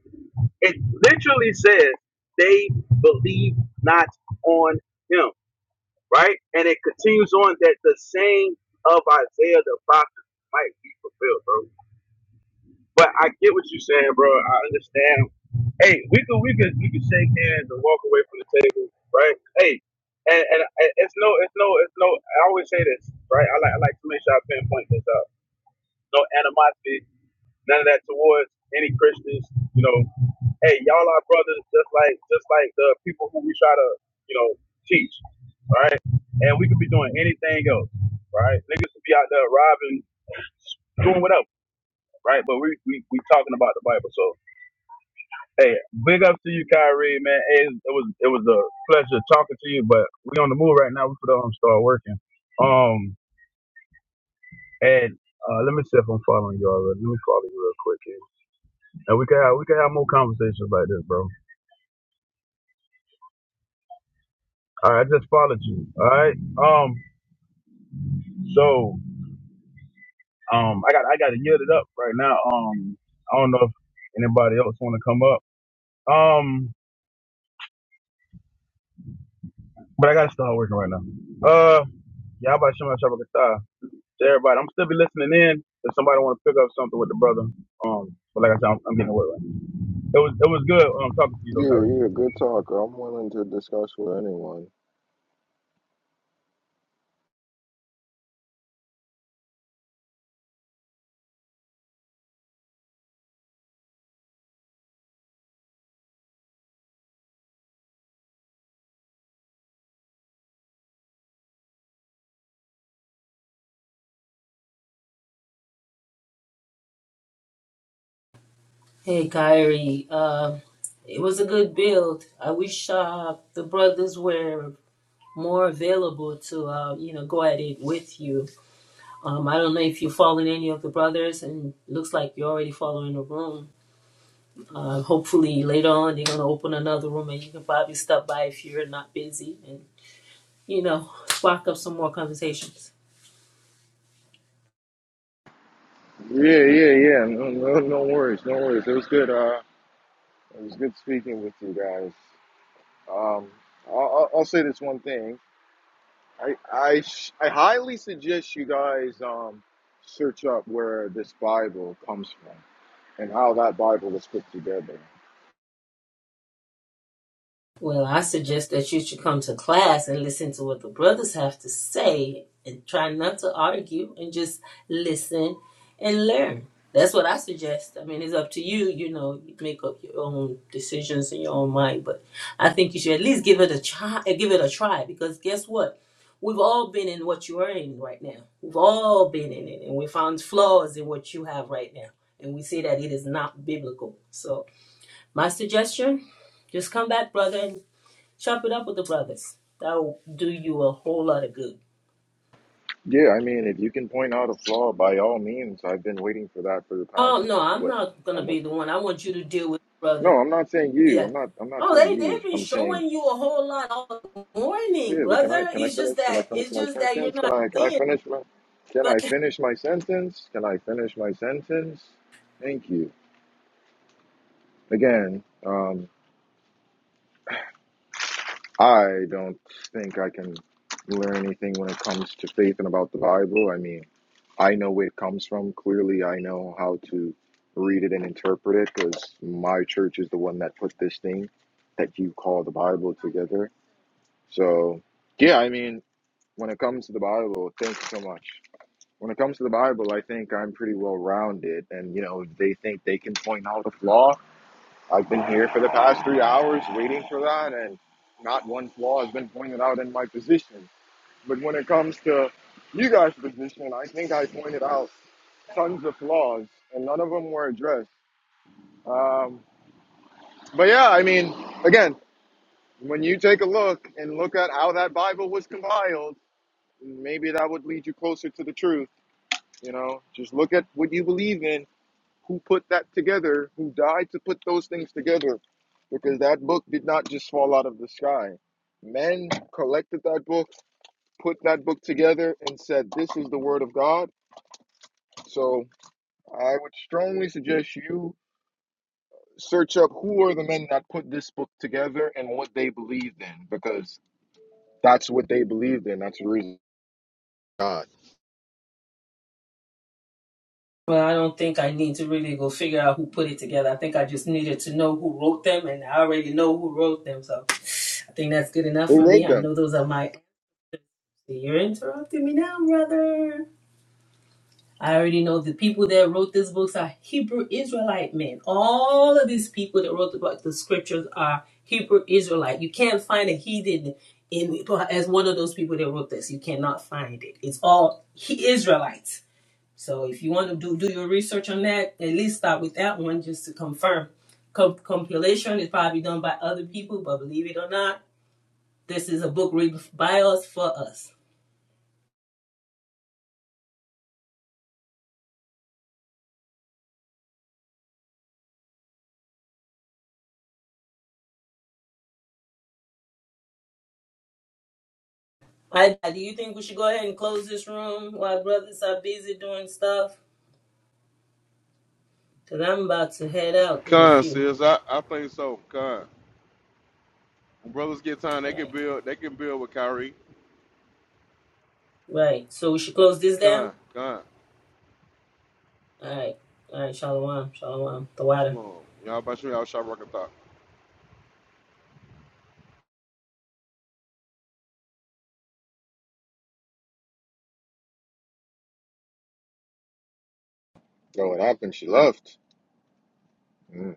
Speaker 6: it literally says they believe not on him, right? And it continues on that the saying of Isaiah the prophet might be fulfilled, bro. But I get what you're saying, bro. I understand. Hey, we could we could we could shake hands and walk away from the table, right? Hey, and, and and it's no it's no it's no. I always say this, right? I like I like to make sure I pinpoint this out. No animosity, none of that towards any Christians, you know hey, y'all are brothers, just like just like the people who we try to, you know, teach, right? And we could be doing anything else, right? Niggas could be out there robbing, doing whatever, right? But we we, we talking about the Bible, so hey, big up to you, Kyrie, man. Hey, it was it was a pleasure talking to you, but we on the move right now. We put on start working. Um, and uh, let me see if I'm following you already. Let me follow you real quick here, and we can have we can have more conversations like this, bro. All right, I just followed you. All right. Um, So um, I got I got to yield it up right now. Um, I don't know if anybody else want to come up. Um, but I got to start working right now. Uh, yeah, how about Shema Shabakata? To everybody, I'm still be listening in. If somebody want to pick up something with the brother, um, but like I said, I'm, I'm getting away right now. It was it was good. Um, talking to you though,
Speaker 4: Yeah,
Speaker 6: Kyrie.
Speaker 4: yeah, good talker. I'm willing to discuss with anyone.
Speaker 5: Hey, Kyrie. Uh, it was a good build. I wish uh, the brothers were more available to, uh, you know, go at it with you. Um, I don't know if you're following any of the brothers, and looks like you're already following the room. Uh, hopefully, later on, they're going to open another room, and you can probably stop by if you're not busy and, you know, spark up some more conversations.
Speaker 4: Yeah, yeah, yeah. No, no, no worries, no worries. It was good. Uh, it was good speaking with you guys. Um, I'll, I'll I'll say this one thing. I I sh- I highly suggest you guys um search up where this Bible comes from and how that Bible was put together.
Speaker 5: Well, I suggest that you should come to class and listen to what the brothers have to say and try not to argue and just listen and learn. That's what I suggest. I mean, it's up to you. You know, you make up your own decisions in your own mind, but I think you should at least give it a try. uh, Give it a try because guess what? We've all been in what you are in right now. We've all been in it, and we found flaws in what you have right now, and we see that it is not biblical. So, my suggestion: just come back, brother, and Chop it up with the brothers. That'll do you a whole lot of good.
Speaker 4: Yeah, I mean, if you can point out a flaw, by all means, I've been waiting for that for the past
Speaker 5: Oh no, I'm
Speaker 4: what
Speaker 5: not gonna be
Speaker 4: almost.
Speaker 5: the one. I want you to deal with the
Speaker 4: No,
Speaker 5: brothers.
Speaker 4: I'm not saying you.
Speaker 5: Yeah.
Speaker 4: I'm not. I'm not
Speaker 5: Oh,
Speaker 4: saying
Speaker 5: they they've
Speaker 4: you.
Speaker 5: been
Speaker 4: I'm saying
Speaker 5: showing you a whole lot all morning,
Speaker 4: yeah. But can I
Speaker 5: brother.
Speaker 4: can I
Speaker 5: It's just
Speaker 4: finish? Can
Speaker 5: that
Speaker 4: I finish
Speaker 5: it's
Speaker 4: my
Speaker 5: just that you're
Speaker 4: sentence? Can
Speaker 5: not
Speaker 4: I can I
Speaker 5: seeing.
Speaker 4: finish my can I
Speaker 5: But
Speaker 4: finish my sentence? Can I finish my sentence? Thank you again. Um, I don't think I can learn anything when it comes to faith and about the Bible. I mean, I know where it comes from. Clearly, I know how to read it and interpret it because my church is the one that put this thing that you call the Bible together. So, yeah, I mean, when it comes to the Bible, thank you so much. When it comes to the Bible, I think I'm pretty well rounded. And, you know, they think they can point out a flaw I've been here for the past three hours waiting for that, and not one flaw has been pointed out in my position. But when it comes to you guys' position, I think I pointed out tons of flaws, and none of them were addressed. Um, but yeah, I mean, again, when you take a look and look at how that Bible was compiled, maybe that would lead you closer to the truth. You know, just look at what you believe in who put that together, who died to put those things together, because that book did not just fall out of the sky. Men collected that book, put that book together, and said, This is the Word of God. So I would strongly suggest you search up who are the men that put this book together and what they believed in, because that's what they believed in. That's the reason God.
Speaker 5: *laughs* well, I don't think I need to really go figure out who put it together. I think I just needed to know who wrote them, and I already know who wrote them. So I think that's good enough
Speaker 4: Who
Speaker 5: for me.
Speaker 4: wrote
Speaker 5: I
Speaker 4: them?
Speaker 5: know those are my. You're interrupting me now, brother. I already know the people that wrote these books are Hebrew Israelite men. All of these people that wrote the book, the scriptures are Hebrew Israelite. You can't find a heathen in as one of those people that wrote this. You cannot find it. It's all Israelites. So if you want to do do your research on that, at least start with that one just to confirm. Com- compilation is probably done by other people, but believe it or not, this is a book written by us for us. I, do you think we should go ahead and close this room while brothers are busy doing stuff? Because I'm about to head out in a
Speaker 3: Con
Speaker 5: few.
Speaker 3: says I, I think so. Con. When brothers get time,
Speaker 5: All
Speaker 3: they can
Speaker 5: right.
Speaker 3: build. They can build with Kyrie.
Speaker 5: Right. So we should close this down?
Speaker 3: Con, con.
Speaker 5: All right. All right. Shalom. Shalom. The water.
Speaker 3: Shalom. Y'all about y'all shop rocket thought.
Speaker 4: So it happened. She left. Mm.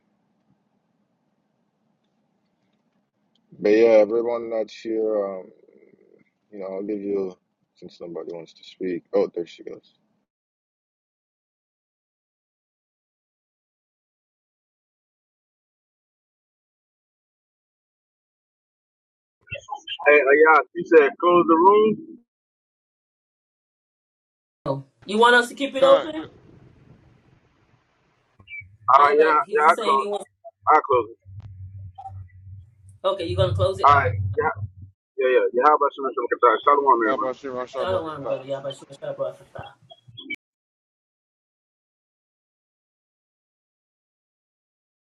Speaker 4: But yeah, everyone that's here. um, You know, I'll give you since nobody wants to speak. Oh, there she goes.
Speaker 6: Hey, uh, yeah, you said close the room.
Speaker 5: Oh. You want us to keep it
Speaker 3: Con,
Speaker 5: open?
Speaker 3: con.
Speaker 6: All
Speaker 5: I
Speaker 6: right,
Speaker 5: thought
Speaker 6: yeah, yeah, I
Speaker 5: he's saying he
Speaker 6: close,
Speaker 5: wants.
Speaker 6: I close. it.
Speaker 5: Okay. You're going to close it?
Speaker 6: All
Speaker 5: All
Speaker 6: right,
Speaker 5: right.
Speaker 6: yeah, yeah, yeah, yeah. How about Shema Shabakata? Shalom,
Speaker 3: y'all
Speaker 6: everybody.
Speaker 3: about y'all shop rocket
Speaker 5: Shalom,
Speaker 3: thought.
Speaker 5: brother. Yabashua Shabbat.